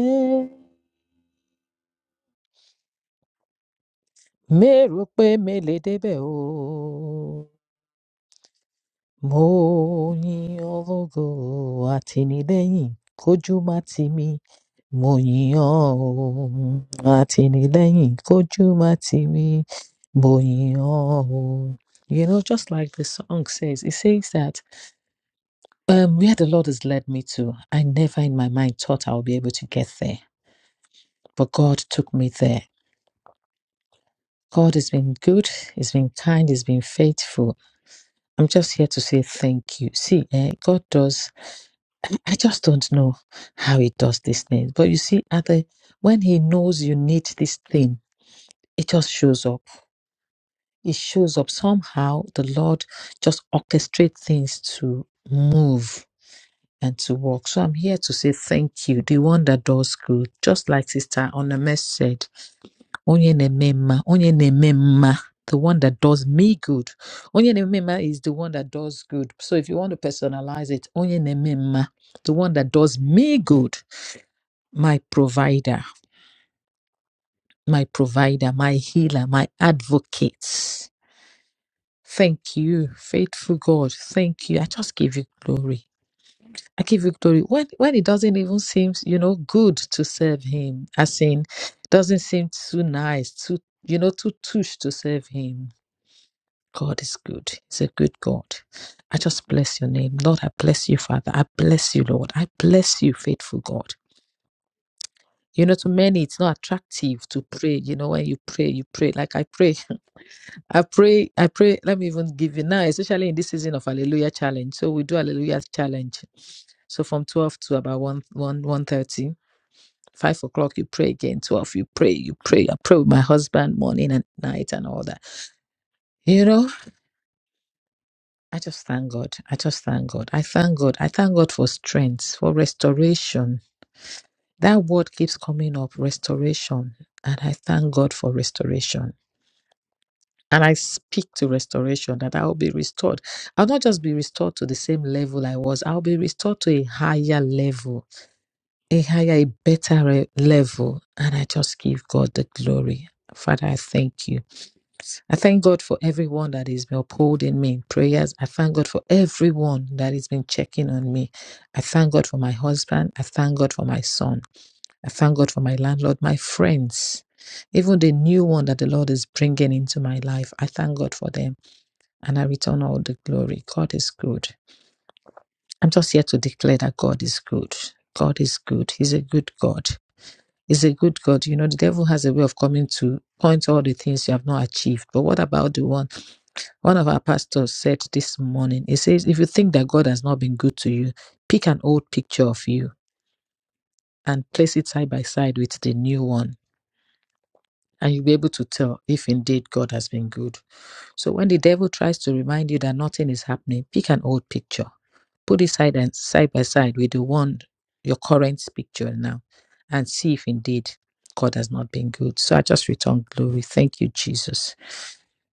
Speaker 1: mi rò pé mi lè débẹ̀ o mo yin ológo àtìlẹ́yìn kójú má tì mí mo yìn ọ́ o, àtìlẹ́yìn kójú má tì mí mo yìn ọ́ o. You know, just like the song says, it says that um, where the Lord has led me to, I never in my mind thought I would be able to get there, but God took me there. God has been good, He's been kind, He's been faithful. I'm just here to say thank you. See, eh, God does. I just don't know how he does these things. But you see, at the when he knows you need this thing, it just shows up. It shows up somehow. The Lord just orchestrates things to move and to work. So I'm here to say thank you, the one that does good, just like Sister Onames said, Onye na-eme mma, onye na-eme mma, the one that does me good. Onye na-eme mma is the one that does good. So if you want to personalize it, Onye na-eme mma, the one that does me good. my provider, my provider, my healer, my advocate. Thank you, faithful God. Thank you. I just give you glory. I give you glory. When when it doesn't even seem, you know, good to serve him, as in doesn't seem too nice, too, you know, too touch to serve him. God is good. He's a good God. I just bless your name. Lord, I bless you, Father. I bless you, Lord. I bless you, faithful God. You know, to many, it's not attractive to pray. You know, when you pray, you pray. Like I pray, I pray, I pray. Let me even give you now, especially in this season of Hallelujah Challenge. So we do Hallelujah Challenge. So from 12 to about one one one thirty five o'clock, you pray again. 12, you pray, you pray. I pray with my husband morning and night and all that. You know, I just thank God. I just thank God. I thank God. I thank God for strength, for restoration. That word keeps coming up restoration. And I thank God for restoration. And I speak to restoration that I will be restored. I'll not just be restored to the same level I was, I'll be restored to a higher level, a higher, a better re- level. And I just give God the glory. Father, I thank you. I thank God for everyone that is upholding me in prayers. I thank God for everyone that has been checking on me. I thank God for my husband. I thank God for my son. I thank God for my landlord, my friends, even the new one that the Lord is bringing into my life. I thank God for them and I return all the glory. God is good. I'm just here to declare that God is good. God is good. He's a good God. He's a good God. You know, the devil has a way of coming to point all the things you have not achieved. But what about the one? One of our pastors said this morning, he says, if you think that God has not been good to you, pick an old picture of you and place it side by side with the new one. And you'll be able to tell if indeed God has been good. So when the devil tries to remind you that nothing is happening, pick an old picture Put it side and side by side with the one your current picture now and see if indeed God has not been good. So I just return glory. Thank you, Jesus.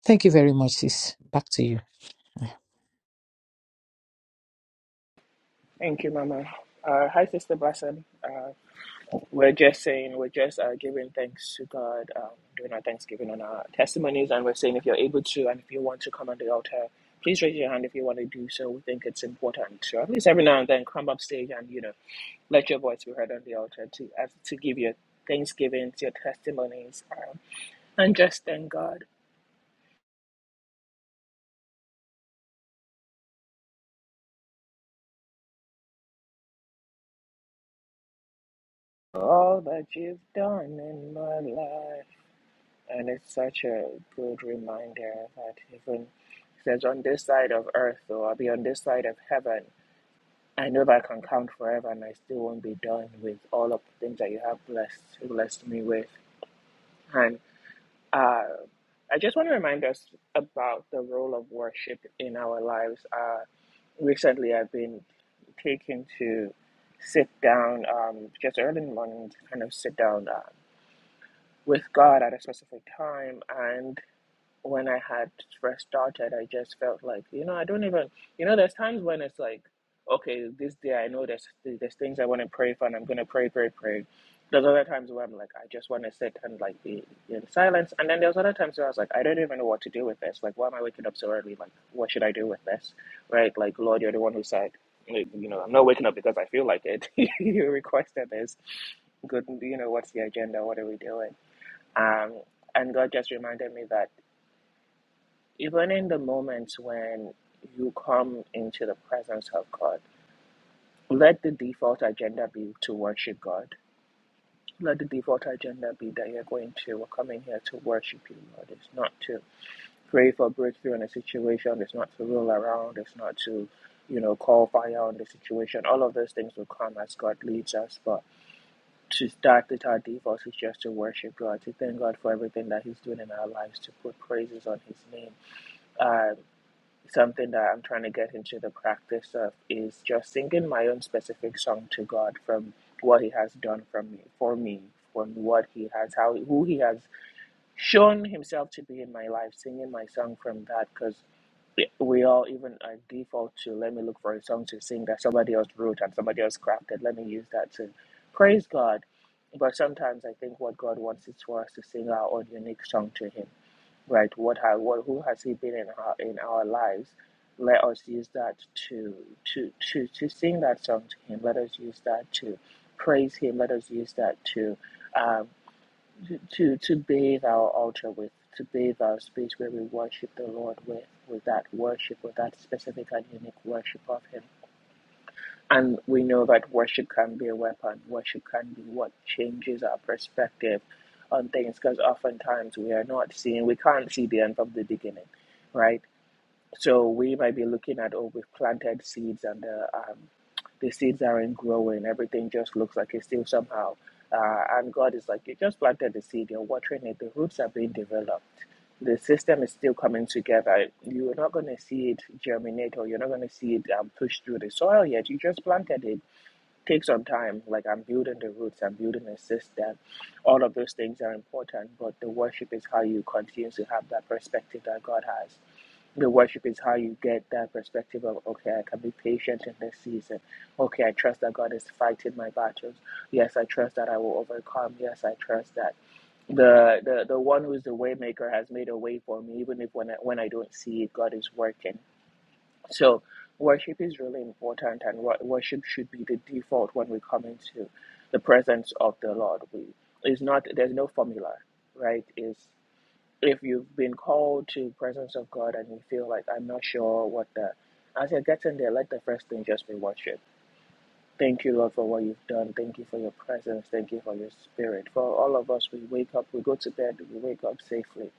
Speaker 1: Thank you very much, sis. Back to you.
Speaker 3: Thank you, Mama. Uh, hi, Sister Blessing. Uh. We're just saying, we're just uh, giving thanks to God, um, doing our thanksgiving and our testimonies. And we're saying, if you're able to and if you want to come on the altar, please raise your hand if you want to do so. We think it's important to at least every now and then come up stage and, you know, let your voice be heard on the altar to as, to give your thanksgivings, your testimonies, um, and just thank God for all that you've done in my life. And it's such a good reminder that even it says on this side of earth, or I'll be on this side of heaven. I know that I can count forever and I still won't be done with all of the things that you have blessed blessed me with. And uh, I just want to remind us about the role of worship in our lives. Uh, recently, I've been taken to sit down um, just early in the morning to kind of sit down uh, with God at a specific time. and when I had first started, I just felt like, you know, I don't even, you know, there's times when it's like, okay, this day I know there's there's things I want to pray for, and I'm gonna pray, pray, pray. There's other times where I'm like, I just want to sit and like be in silence, and then there's other times where I was like, I don't even know what to do with this. Like, why am I waking up so early? Like, what should I do with this? Right? Like, Lord, you're the one who said, like, you know, I'm not waking up because I feel like it. you requested this. Good, you know, what's the agenda? What are we doing? Um, and God just reminded me that even in the moments when you come into the presence of God, let the default agenda be to worship God. Let the default agenda be that you're going to, we're coming here to worship you, Lord. It's not to pray for breakthrough in a situation, it's not to roll around, it's not to, you know, call fire on the situation. All of those things will come as God leads us, but to start with our default is just to worship God, to thank God for everything that He's doing in our lives, to put praises on His name um, something that I'm trying to get into the practice of is just singing my own specific song to God from what He has done from me, for me, from what He has, how who He has shown Himself to be in my life. Singing my song from that, because we all even I default to let me look for a song to sing that somebody else wrote and somebody else crafted. Let me use that to praise God. But sometimes I think what God wants is for us to sing our own unique song to Him right? What has what who has he been in our in our lives? Let us use that to to to to sing that song to him. Let us use that to praise him. Let us use that to um, to to bathe our altar with, to bathe our space where we worship the Lord with, with that worship, with that specific and unique worship of him. And we know that worship can be a weapon. Worship can be what changes our perspective on things because oftentimes we are not seeing, we can't see the end from the beginning, right? So we might be looking at, oh, we've planted seeds and the, um, the seeds aren't growing. Everything just looks like it's still somehow. Uh, and God is like, you just planted the seed, you're watering it, the roots are being developed. The system is still coming together. You're not going to see it germinate or you're not going to see it um, push through the soil yet. You just planted it. Take some time. Like I'm building the roots, I'm building a system. All of those things are important, but the worship is how you continue to have that perspective that God has the worship is how you get that perspective of okay i can be patient in this season okay i trust that god is fighting my battles yes i trust that i will overcome yes i trust that the the, the one who's the waymaker has made a way for me even if when I, when I don't see it god is working so worship is really important and worship should be the default when we come into the presence of the lord we is not there's no formula right? Is if you've been called to presence of God and you feel like I'm not sure what the as you're getting there, let the first thing just be worship. Thank you, Lord, for what you've done. Thank you for your presence. Thank you for your spirit. For all of us, we wake up, we go to bed, we wake up safely.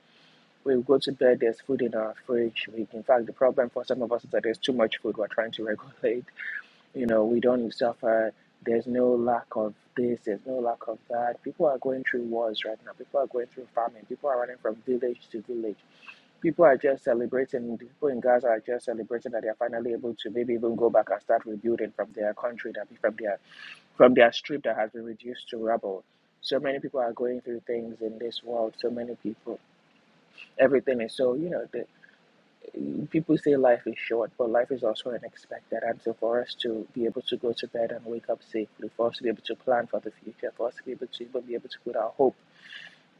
Speaker 3: We go to bed, there's food in our fridge. We, in fact, the problem for some of us is that there's too much food. We're trying to regulate. You know, we don't suffer. There's no lack of this, there's no lack of that. People are going through wars right now. People are going through famine. People are running from village to village People are just celebrating. People in Gaza are just celebrating that they are finally able to maybe even go back and start rebuilding from their country, that from their from their strip that has been reduced to rubble. So many people are going through things in this world. So many people, everything is so you know. The, people say life is short, but life is also unexpected. And so for us to be able to go to bed and wake up safely, for us to be able to plan for the future, for us to be able to even be able to put our hope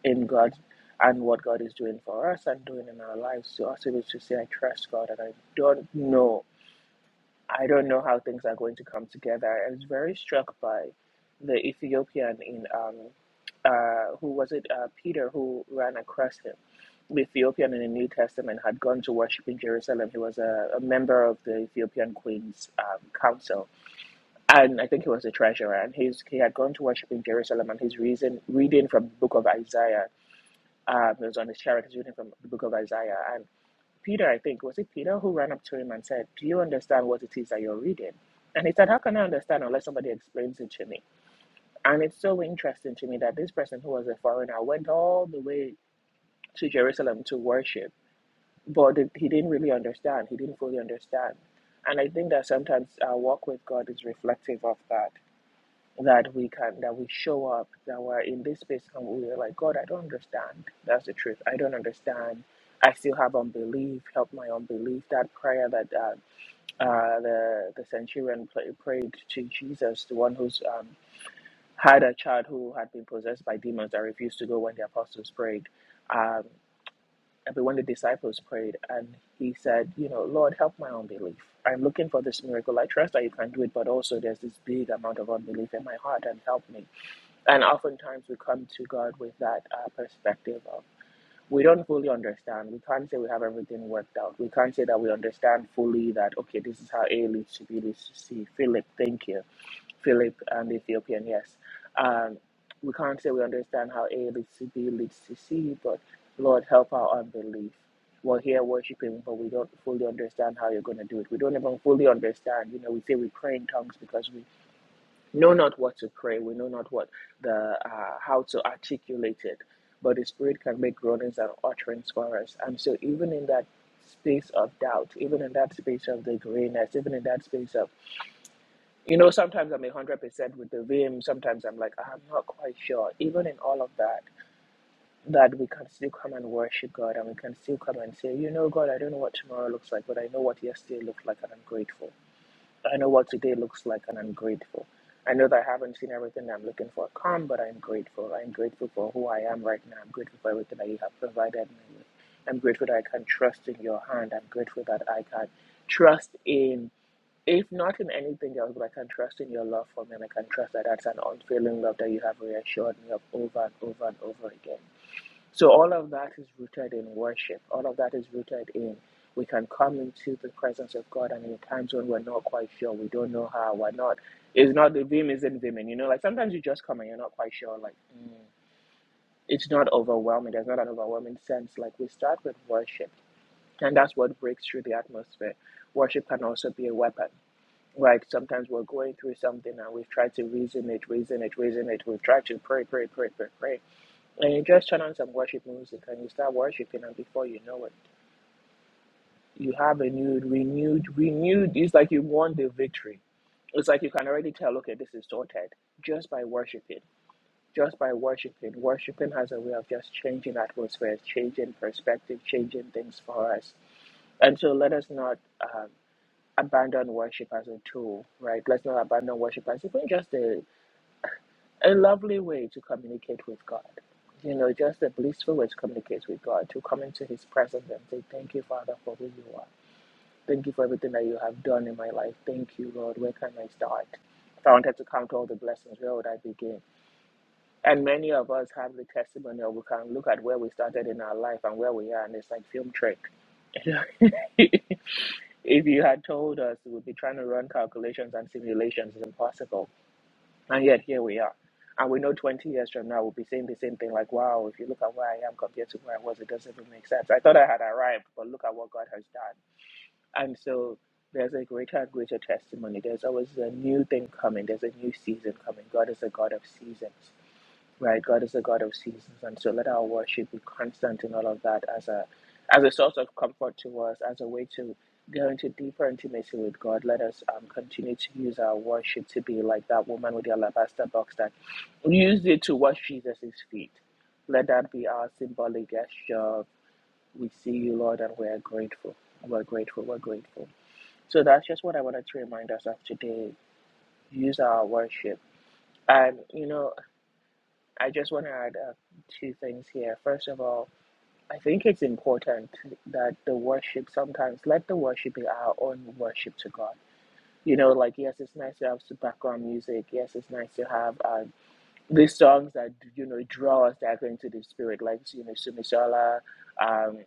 Speaker 3: in God and what God is doing for us and doing in our lives to also able to say, I trust God and I don't know. I don't know how things are going to come together. I was very struck by the Ethiopian in um uh who was it uh Peter who ran across him. The Ethiopian in the New Testament had gone to worship in Jerusalem. He was a, a member of the Ethiopian Queen's um, council, and I think he was the treasurer. And he's, he had gone to worship in Jerusalem, and he's reason, reading from the book of Isaiah um, it was on his chair because reading from the book of Isaiah. And Peter, I think, was it Peter who ran up to him and said, Do you understand what it is that you're reading? And he said, How can I understand unless somebody explains it to me? And it's so interesting to me that this person who was a foreigner went all the way to Jerusalem to worship, but he didn't really understand. He didn't fully understand. And I think that sometimes our walk with God is reflective of that that we can that we show up that we're in this space and we're like god i don't understand that's the truth i don't understand i still have unbelief help my unbelief that prayer that uh, uh, the the centurion pray, prayed to jesus the one who's um, had a child who had been possessed by demons that refused to go when the apostles prayed um, but when the disciples prayed and he said you know lord help my unbelief i'm looking for this miracle i trust that you can do it but also there's this big amount of unbelief in my heart and help me and oftentimes we come to God with that uh, perspective of we don't fully understand. We can't say we have everything worked out. We can't say that we understand fully that, okay, this is how A leads to B leads to C. Philip, thank you. Philip and the Ethiopian, yes. Um, we can't say we understand how A leads to B leads to C, but Lord, help our unbelief. We're here worshiping, but we don't fully understand how you're going to do it. We don't even fully understand. You know, we say we pray in tongues because we know not what to pray. We know not what the uh, how to articulate it, but the Spirit can make groanings and utterance for us. And so, even in that space of doubt, even in that space of the grayness, even in that space of you know, sometimes I'm one hundred percent with the vim. Sometimes I'm like I'm not quite sure. Even in all of that, that we can still come and worship God, and we can still come and say, you know, God, I don't know what tomorrow looks like, but I know what yesterday looked like, and I'm grateful. I know what today looks like and I'm grateful. I know that I haven't seen everything that I'm looking for come, but I'm grateful. I'm grateful for who I am right now. I'm grateful for everything that you have provided me with. I'm grateful that I can trust in your hand. I'm grateful that I can trust in, if not in anything else, but I can trust in your love for me. And I can trust that that's an unfailing love that you have reassured me of over and over and over again. So all of that is rooted in worship. All of that is rooted in we can come into the presence of God and in times when we're not quite sure, we don't know how, we're not it's not the vim isn't viming, you know, like sometimes you just come and you're not quite sure, like mm. it's not overwhelming. There's not an overwhelming sense. Like we start with worship. And that's what breaks through the atmosphere. Worship can also be a weapon. Like sometimes we're going through something and we've tried to reason it, reason it, reason it. We've tried to pray, pray, pray, pray, pray and you just turn on some worship music and you start worshiping, and before you know it, you have a new, renewed, renewed. It's like you won the victory. It's like you can already tell, okay, this is sorted just by worshiping. Just by worshiping. Worshiping has a way of just changing atmospheres, changing perspective, changing things for us. And so let us not um, abandon worship as a tool, right? Let's not abandon worship as even just a a lovely way to communicate with God. You know, just a blissful way to communicate with God, to come into His presence and say, Thank you, Father, for who you are. Thank you for everything that you have done in my life. Thank you, Lord. Where can I start? If I wanted to count all the blessings, where would I begin? And many of us have the testimony, or we can look at where we started in our life and where we are, and it's like film trick. if you had told us we would be trying to run calculations and simulations, it's impossible and yet here we are. And we know 20 years from now we'll be saying the same thing like, wow, if you look at where I am compared to where I was, it doesn't even make sense. I thought I had arrived, but look at what God has done. And so there's a greater and greater testimony. There's always a new thing coming. There's a new season coming. God is a God of seasons right? God is a God of seasons, and so let our worship be constant in all of that as a as a source of comfort to us, as a way to go into deeper intimacy with God. Let us um, continue to use our worship to be like that woman with the alabaster box that used it to wash Jesus' feet. Let that be our symbolic gesture. We see you, Lord, and we are grateful. We're grateful. We're grateful. So that's just what I wanted to remind us of today. Use our worship. And, you know, I just want to add uh, two things here. First of all, I think it's important that the worship sometimes let the worship be our own worship to God. You know, like yes, it's nice to have some background music. Yes, it's nice to have uh, these songs that you know draw us directly into the spirit, like you know Sumisola. Um,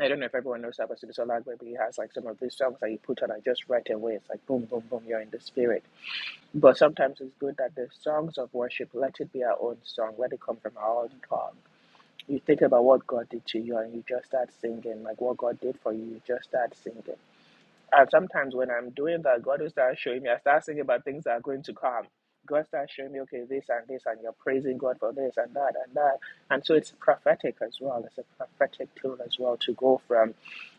Speaker 3: I don't know if everyone knows about Sumisola, but he has like some of these songs that you put on and just right away it's like boom, boom, boom, you're in the spirit. But sometimes it's good that the songs of worship let it be our own song, let it come from our own heart you think about what God did to you and you just start singing, like what God did for you, you just start singing. And sometimes when I'm doing that, God will start showing me, I start singing about things that are going to come. God starts showing me, okay, this and this, and you're praising God for this and that and that. And so it's prophetic as well. It's a prophetic tool as well to go from,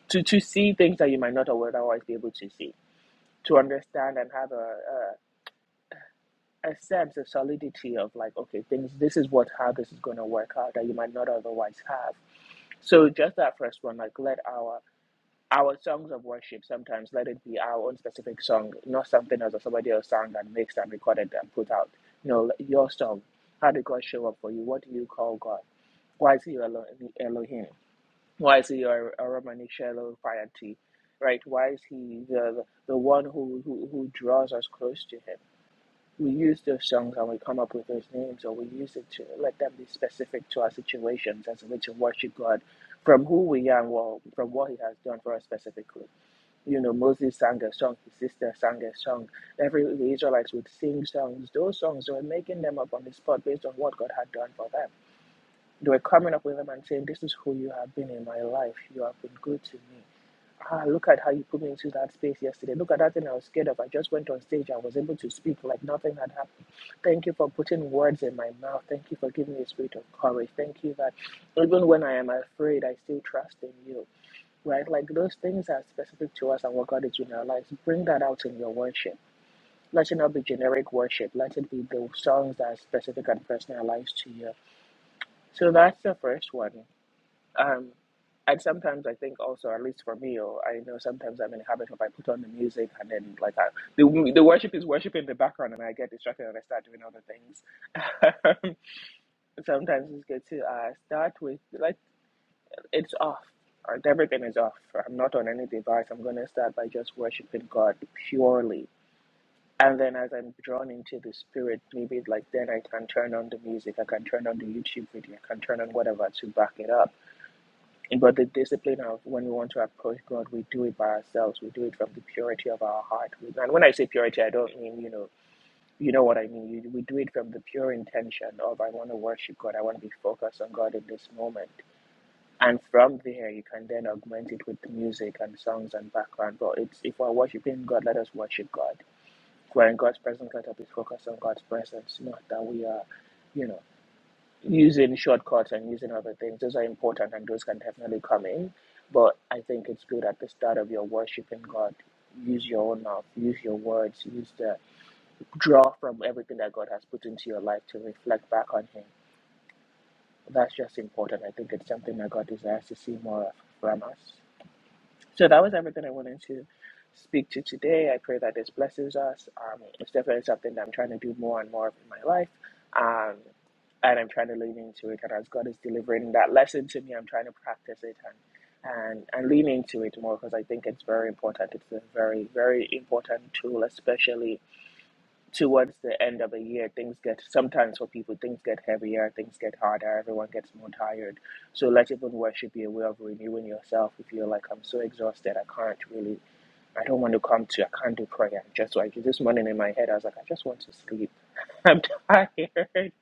Speaker 3: to, to see things that you might not otherwise be able to see, to understand and have a, a, a sense of solidity of like, okay, things, this is what, how this is going to work out that you might not otherwise have so just that first one, like let our our songs of worship sometimes let it be our own specific song, not something else or somebody else sang and mixed and recorded and put out. You know, let- your song. How did God show up for you? What do you call God? Why is he your Elo- Elohim? Why is he your Romani Shelo Right? Why is he the the one who, who who draws us close to him? we use those songs and we come up with those names, or we use it to let them be specific to our situations as a way to worship God from who we are and what, from what He has done for us specifically. You know, Moses sang a song, his sister sang a song, every the Israelites would sing songs. Those songs they were making them up on the spot based on what God had done for them. They were coming up with them and saying, This is who you have been in my life. You have been good to me. Ah, look at how you put me into that space yesterday. Look at that thing I was scared of. I just went on stage. and was able to speak like nothing had happened. Thank you for putting words in my mouth. Thank you for giving me a spirit of courage. Thank you that even when I am afraid, I still trust in you. Right? Like those things are specific to us and what God is doing in our lives. Bring that out in your worship. Let it not be generic worship. Let it be the songs that are specific and personalized to you. So that's the first one. Um, and sometimes I think also, at least for me, or I know sometimes I'm in the habit of I put on the music and then like I, the the worship is worship in the background and I get distracted and I start doing other things. sometimes it's good to uh, start with like it's off. Right, everything is off. I'm not on any device. I'm going to start by just worshiping God purely. And then as I'm drawn into the spirit, maybe like then I can turn on the music, I can turn on the YouTube video, I can turn on whatever to back it up and but the discipline of when we want to approach God, we do it by ourselves. We do it from the purity of our heart. And when I say purity, I don't mean you know you know what I mean. You- We do it from the pure intention of I want to worship God. I want to be focused on God in this moment. And from there, you can then augment it with music and songs and background. But it's if we're worshiping God, let us worship God. If we're in God's presence, let us be focused on God's presence, not that we are. you know using shortcuts and using other things, those are important and those can definitely come in. But I think it's good at the start of your worshiping God. Use your own mouth, use your words, use the draw from everything that God has put into your life to reflect back on Him. That's just important. I think it's something that God desires to see more of from us. So that was everything I wanted to speak to today. I pray that this blesses us. Um, it's definitely something that I'm trying to do more and more of in my life. Um, and I'm trying to lean into it. And as God is delivering that lesson to me, I'm trying to practice it and and, and lean into it more because I think it's very important. It's a very, very important tool, especially towards the end of a year things get sometimes for people things get heavier things get harder everyone gets more tired so let even worship be a way of renewing yourself if you're like i'm so exhausted i can't really i don't want to come to i can't do prayer I'm just like this morning in my head i was like i just want to sleep i'm tired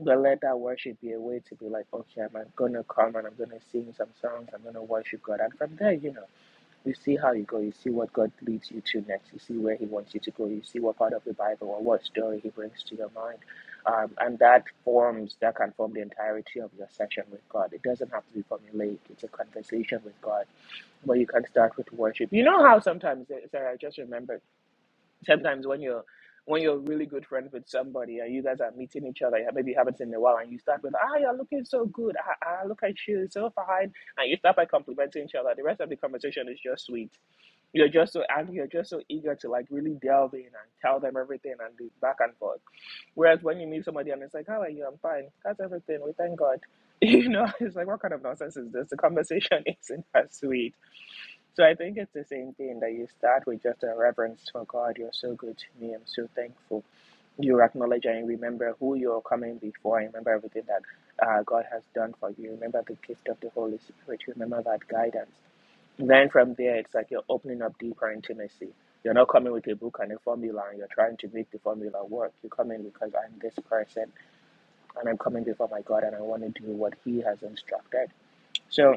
Speaker 3: but let that worship be a way to be like okay i'm gonna come and i'm gonna sing some songs i'm gonna worship god and from there you know you see how you go. You see what God leads you to next. You see where He wants you to go. You see what part of the Bible or what story He brings to your mind, um, and that forms that can form the entirety of your session with God. It doesn't have to be formulaic. It's a conversation with God where you can start with worship. You know how sometimes Sarah I just remembered sometimes when you're when you're really good friends with somebody and you guys are meeting each other, yeah, maybe you haven't seen in a while, and you start with, ah, you're looking so good. Ah, ah, look at you, so fine. And you start by complimenting each other. The rest of the conversation is just sweet. You're just so, and you're just so eager to like really delve in and tell them everything and be back and forth. Whereas when you meet somebody and it's like, how are you? I'm fine. That's everything. We thank God. You know, it's like, what kind of nonsense is this? The conversation isn't as sweet so I think it's the same thing that you start with just a reverence for God. You're so good to me. I'm so thankful. You acknowledge and remember who you're coming before. and Remember everything that uh, God has done for you. Remember the gift of the Holy Spirit. Remember that guidance. Then from there, it's like you're opening up deeper intimacy. You're not coming with a book and a formula and you're trying to make the formula work. You're coming because I'm this person and I'm coming before my God and I want to do what He has instructed. So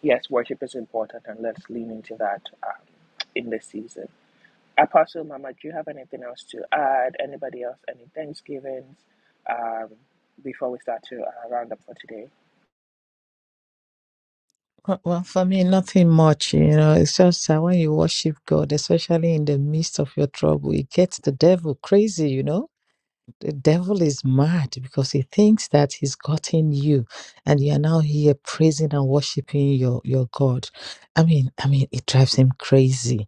Speaker 3: Yes, worship is important, and let's lean into that um, in this season. Apostle Mama, do you have anything else to add? Anybody else? Any Thanksgivings um, before we start to uh, round up for today?
Speaker 1: Uh, Well, for me, nothing much, you know. It's just that when you worship God, especially in the midst of your trouble, it gets the devil crazy, you know. The devil is mad because he thinks that he's gotten you and you are now here praising and worshiping your, your God. I mean, I mean, it drives him crazy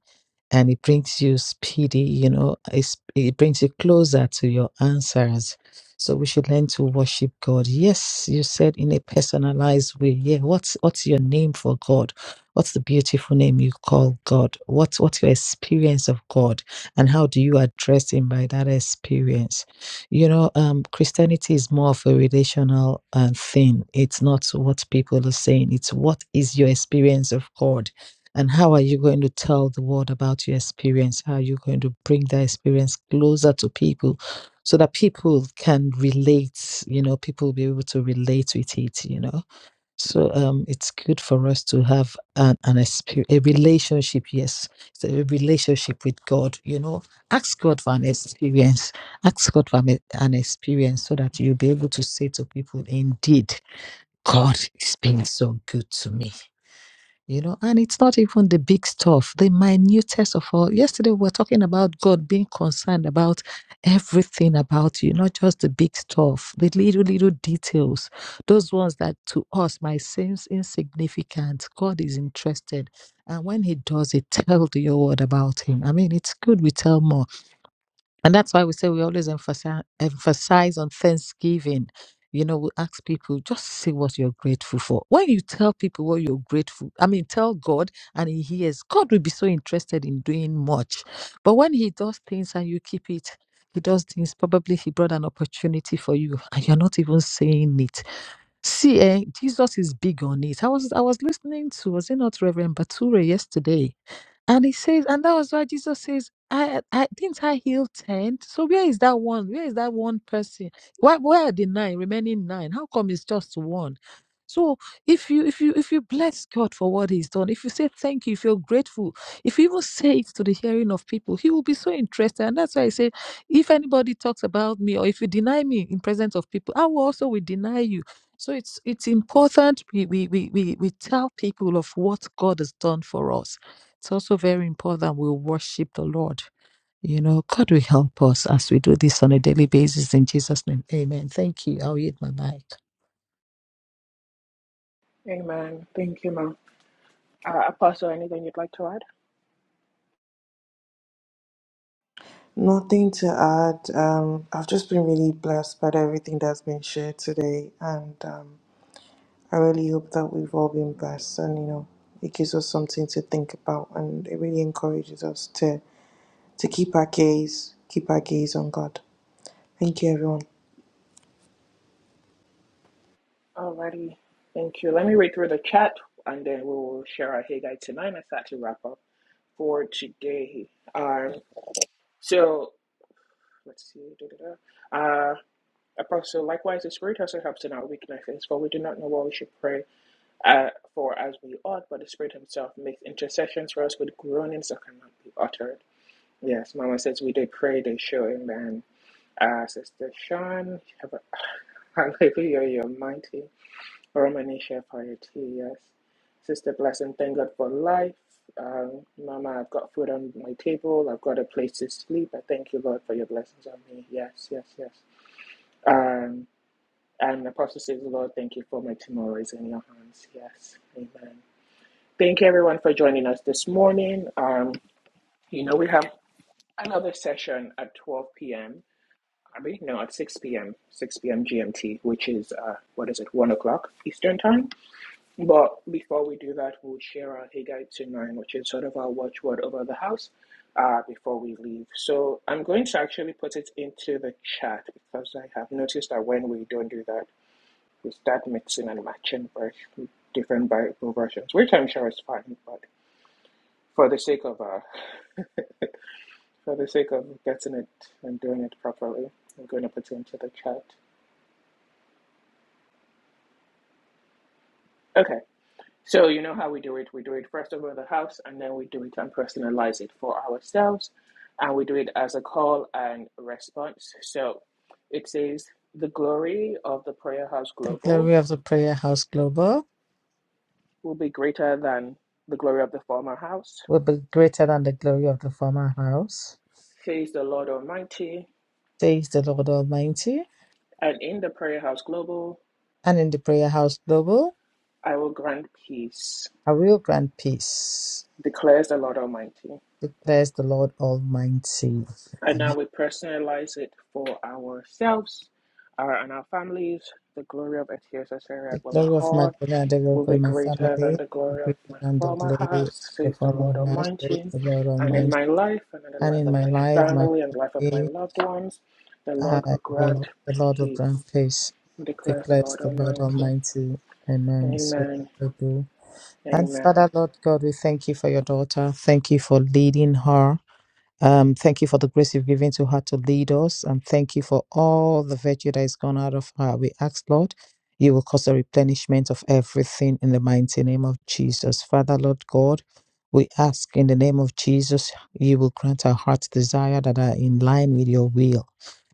Speaker 1: and it brings you speedy, you know, it's, it brings you closer to your answers. So we should learn to worship God. Yes, you said in a personalized way. Yeah, what's what's your name for God? What's the beautiful name you call God? What's what's your experience of God, and how do you address Him by that experience? You know, um, Christianity is more of a relational uh, thing. It's not what people are saying. It's what is your experience of God and how are you going to tell the world about your experience? How are you going to bring that experience closer to people so that people can relate? You know, people will be able to relate with it, you know? So um, it's good for us to have an, an experience, a relationship, yes, it's a relationship with God, you know? Ask God for an experience. Ask God for an an experience so that you'll be able to say to people, indeed, God is being so good to me you know and it's not even the big stuff the minutest of all yesterday we were talking about god being concerned about everything about you not just the big stuff the little little details those ones that to us might seem insignificant god is interested and when he does it tell the whole world about him i mean it's good we tell more and that's why we say we always emphasize, emphasize on Thanksgiving. You know, we ask people just say what you're grateful for. When you tell people what you're grateful, I mean, tell God and He hears. God will be so interested in doing much. But when He does things and you keep it, He does things, probably He brought an opportunity for you and you're not even saying it. See, eh, Jesus is big on it. I was I was listening to, was it not Reverend Bature yesterday? And he says, and that was why Jesus says, I, I didn't I heal ten. So where is that one? Where is that one person? Why where are the nine remaining nine? How come it's just one? So if you if you if you bless God for what He's done, if you say thank you, if you're grateful, if you even say it to the hearing of people, He will be so interested. And that's why I say, if anybody talks about me or if you deny me in presence of people, I will also will deny you. So it's it's important we we we we, we tell people of what God has done for us it's also very important that we worship the Lord. You know, God will help us as we do this on a daily basis in Jesus' name. Amen. Thank you. I'll yield my mic.
Speaker 3: Uh, Apostle, anything you'd like to add?
Speaker 2: Nothing to add. Um, I've just been really blessed by everything that's been shared today. And um, I really hope that we've all been blessed. And, you know, it gives us something to think about. And it really encourages us to, to keep our gaze, keep our gaze on God. Thank you, everyone.
Speaker 3: Alrighty, thank you. Let me read through the chat and then we will share our Hey Guide tonight and start to wrap up for today. Um, so let's see. da, da, da. Uh, Apostle, likewise, the Spirit also helps in our weaknesses, for we do not know what we should pray uh, for as we ought, but the Spirit Himself makes intercessions for us with groanings that cannot be uttered. Yes, Mama says we did pray this show, amen. Uh, Sister Sean, have a, hallelujah, you're mighty. Romani Shepard, yes. Sister Blessing, thank God for life. Um, Mama, I've got food on my table. I've got a place to sleep. I thank you, Lord, for your blessings on me. Yes, yes, yes. Um, and Apostle says, Lord, thank you for my tomorrow is in your hands. Yes, amen. Thank you everyone for joining us this morning. Um, you know, we have another session at 12 p.m. mean, no, at 6 p.m., 6 p.m. GMT, which is, uh, what is it, 1 o'clock Eastern Time. But before we do that, we'll share our Higgite to 9, which is sort of our watchword over the house uh, before we leave. So I'm going to actually put it into the chat because I have noticed that when we don't do that, we start mixing and matching vers- different Bible versions, which I'm sure is fine, but for the sake of uh, for the sake of getting it and doing it properly, I'm going to put it into the chat. Okay. So you know how we do it. We do it first over the house, and then we do it and personalize it for ourselves, and we do it as a call and response. So it says the glory of the prayer house
Speaker 1: The
Speaker 3: global
Speaker 1: glory of the prayer house global
Speaker 3: will be greater than the glory of the former house,
Speaker 1: will be greater than the glory of the former house,
Speaker 3: says the Lord Almighty,
Speaker 1: says the Lord Almighty.
Speaker 3: and in the prayer house global
Speaker 1: And in the prayer house global,
Speaker 3: I will grant peace,
Speaker 1: I will grant peace,
Speaker 3: declares the Lord Almighty.
Speaker 1: declares the Lord Almighty.
Speaker 3: And now
Speaker 1: Amen.
Speaker 3: we personalize it for ourselves uh, and our families. The glory of Etiosa Sarah
Speaker 1: The glory of
Speaker 3: Lahore
Speaker 1: Magdalene and the
Speaker 3: will
Speaker 1: Yoko
Speaker 3: be
Speaker 1: in my family
Speaker 3: greater than the
Speaker 1: will be
Speaker 3: glory of
Speaker 1: greater
Speaker 3: my
Speaker 1: than the
Speaker 3: former
Speaker 1: glory of
Speaker 3: house,
Speaker 1: the
Speaker 3: says the
Speaker 1: former
Speaker 3: Lord
Speaker 1: house, says
Speaker 3: Almighty.
Speaker 1: the Lord
Speaker 3: And in
Speaker 1: Almighty.
Speaker 3: my life, and in the
Speaker 1: and
Speaker 3: life
Speaker 1: in
Speaker 3: of
Speaker 1: my
Speaker 3: my
Speaker 1: life, my
Speaker 3: family, and the life of my
Speaker 1: family,
Speaker 3: loved ones, the
Speaker 1: I
Speaker 3: Lord will grant
Speaker 1: will. The Lord will
Speaker 3: peace,
Speaker 1: grant peace.
Speaker 3: declares the
Speaker 1: Declares
Speaker 3: Lord
Speaker 1: the Lord
Speaker 3: Almighty.
Speaker 1: Almighty. Amen. So
Speaker 3: Amen.
Speaker 1: shall it be. And
Speaker 3: Amen.
Speaker 1: Father, Lord God, we thank you for your daughter. Thank you for leading her. Um, thank you for the grace you've given to her to lead us, and thank you for all the virtue that is gone out of her. We ask, Lord, you will cause a replenishment of everything in the mighty name of Jesus. Father, Lord God, we ask in the name of Jesus, you will grant our heart's desire that are in line with your will.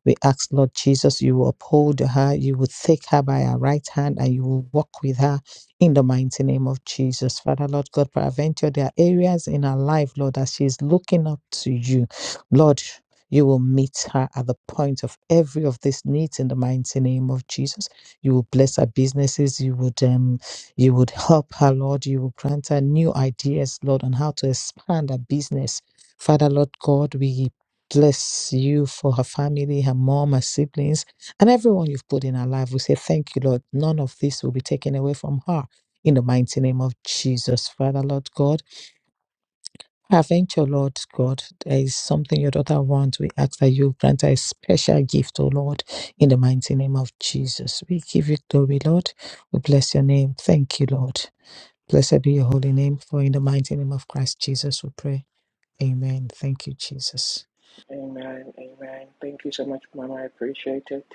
Speaker 1: We ask, Lord Jesus, you will uphold her, you will take her by her right hand, and you will walk with her in the mighty name of Jesus. Father, Lord God, for Adventure, there are areas in her life, Lord, that she's looking up to you. Lord, you will meet her at the point of every of these needs in the mighty name of Jesus. You will bless her businesses. You would um, you would help her, Lord. You will grant her new ideas, Lord, on how to expand her business. Father, Lord God, we bless you for her family, her mom, her siblings, and everyone you've put in her life. We say thank you, Lord. None of this will be taken away from her in the mighty name of Jesus. Father, Lord God, I venture, Lord God. There is something your daughter wants. We ask that you grant her a special gift, O Lord, in the mighty name of Jesus. We give you glory, Lord. We bless your name. Thank you, Lord. Blessed be your holy name, for in the mighty name of Christ Jesus we pray. Amen. Thank you, Jesus.
Speaker 3: Amen. Amen. Thank you so much, Mama. I appreciate it.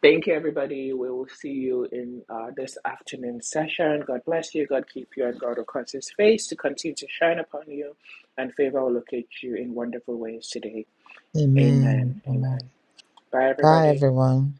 Speaker 3: Thank you, everybody. We will see you in uh, this afternoon session. God bless you. God keep you, and God will cause His face to continue to shine upon you, and favor will locate you in wonderful ways today. Amen.
Speaker 1: Amen. Amen.
Speaker 3: Amen. Bye,
Speaker 1: Bye,
Speaker 3: everybody.
Speaker 1: everyone.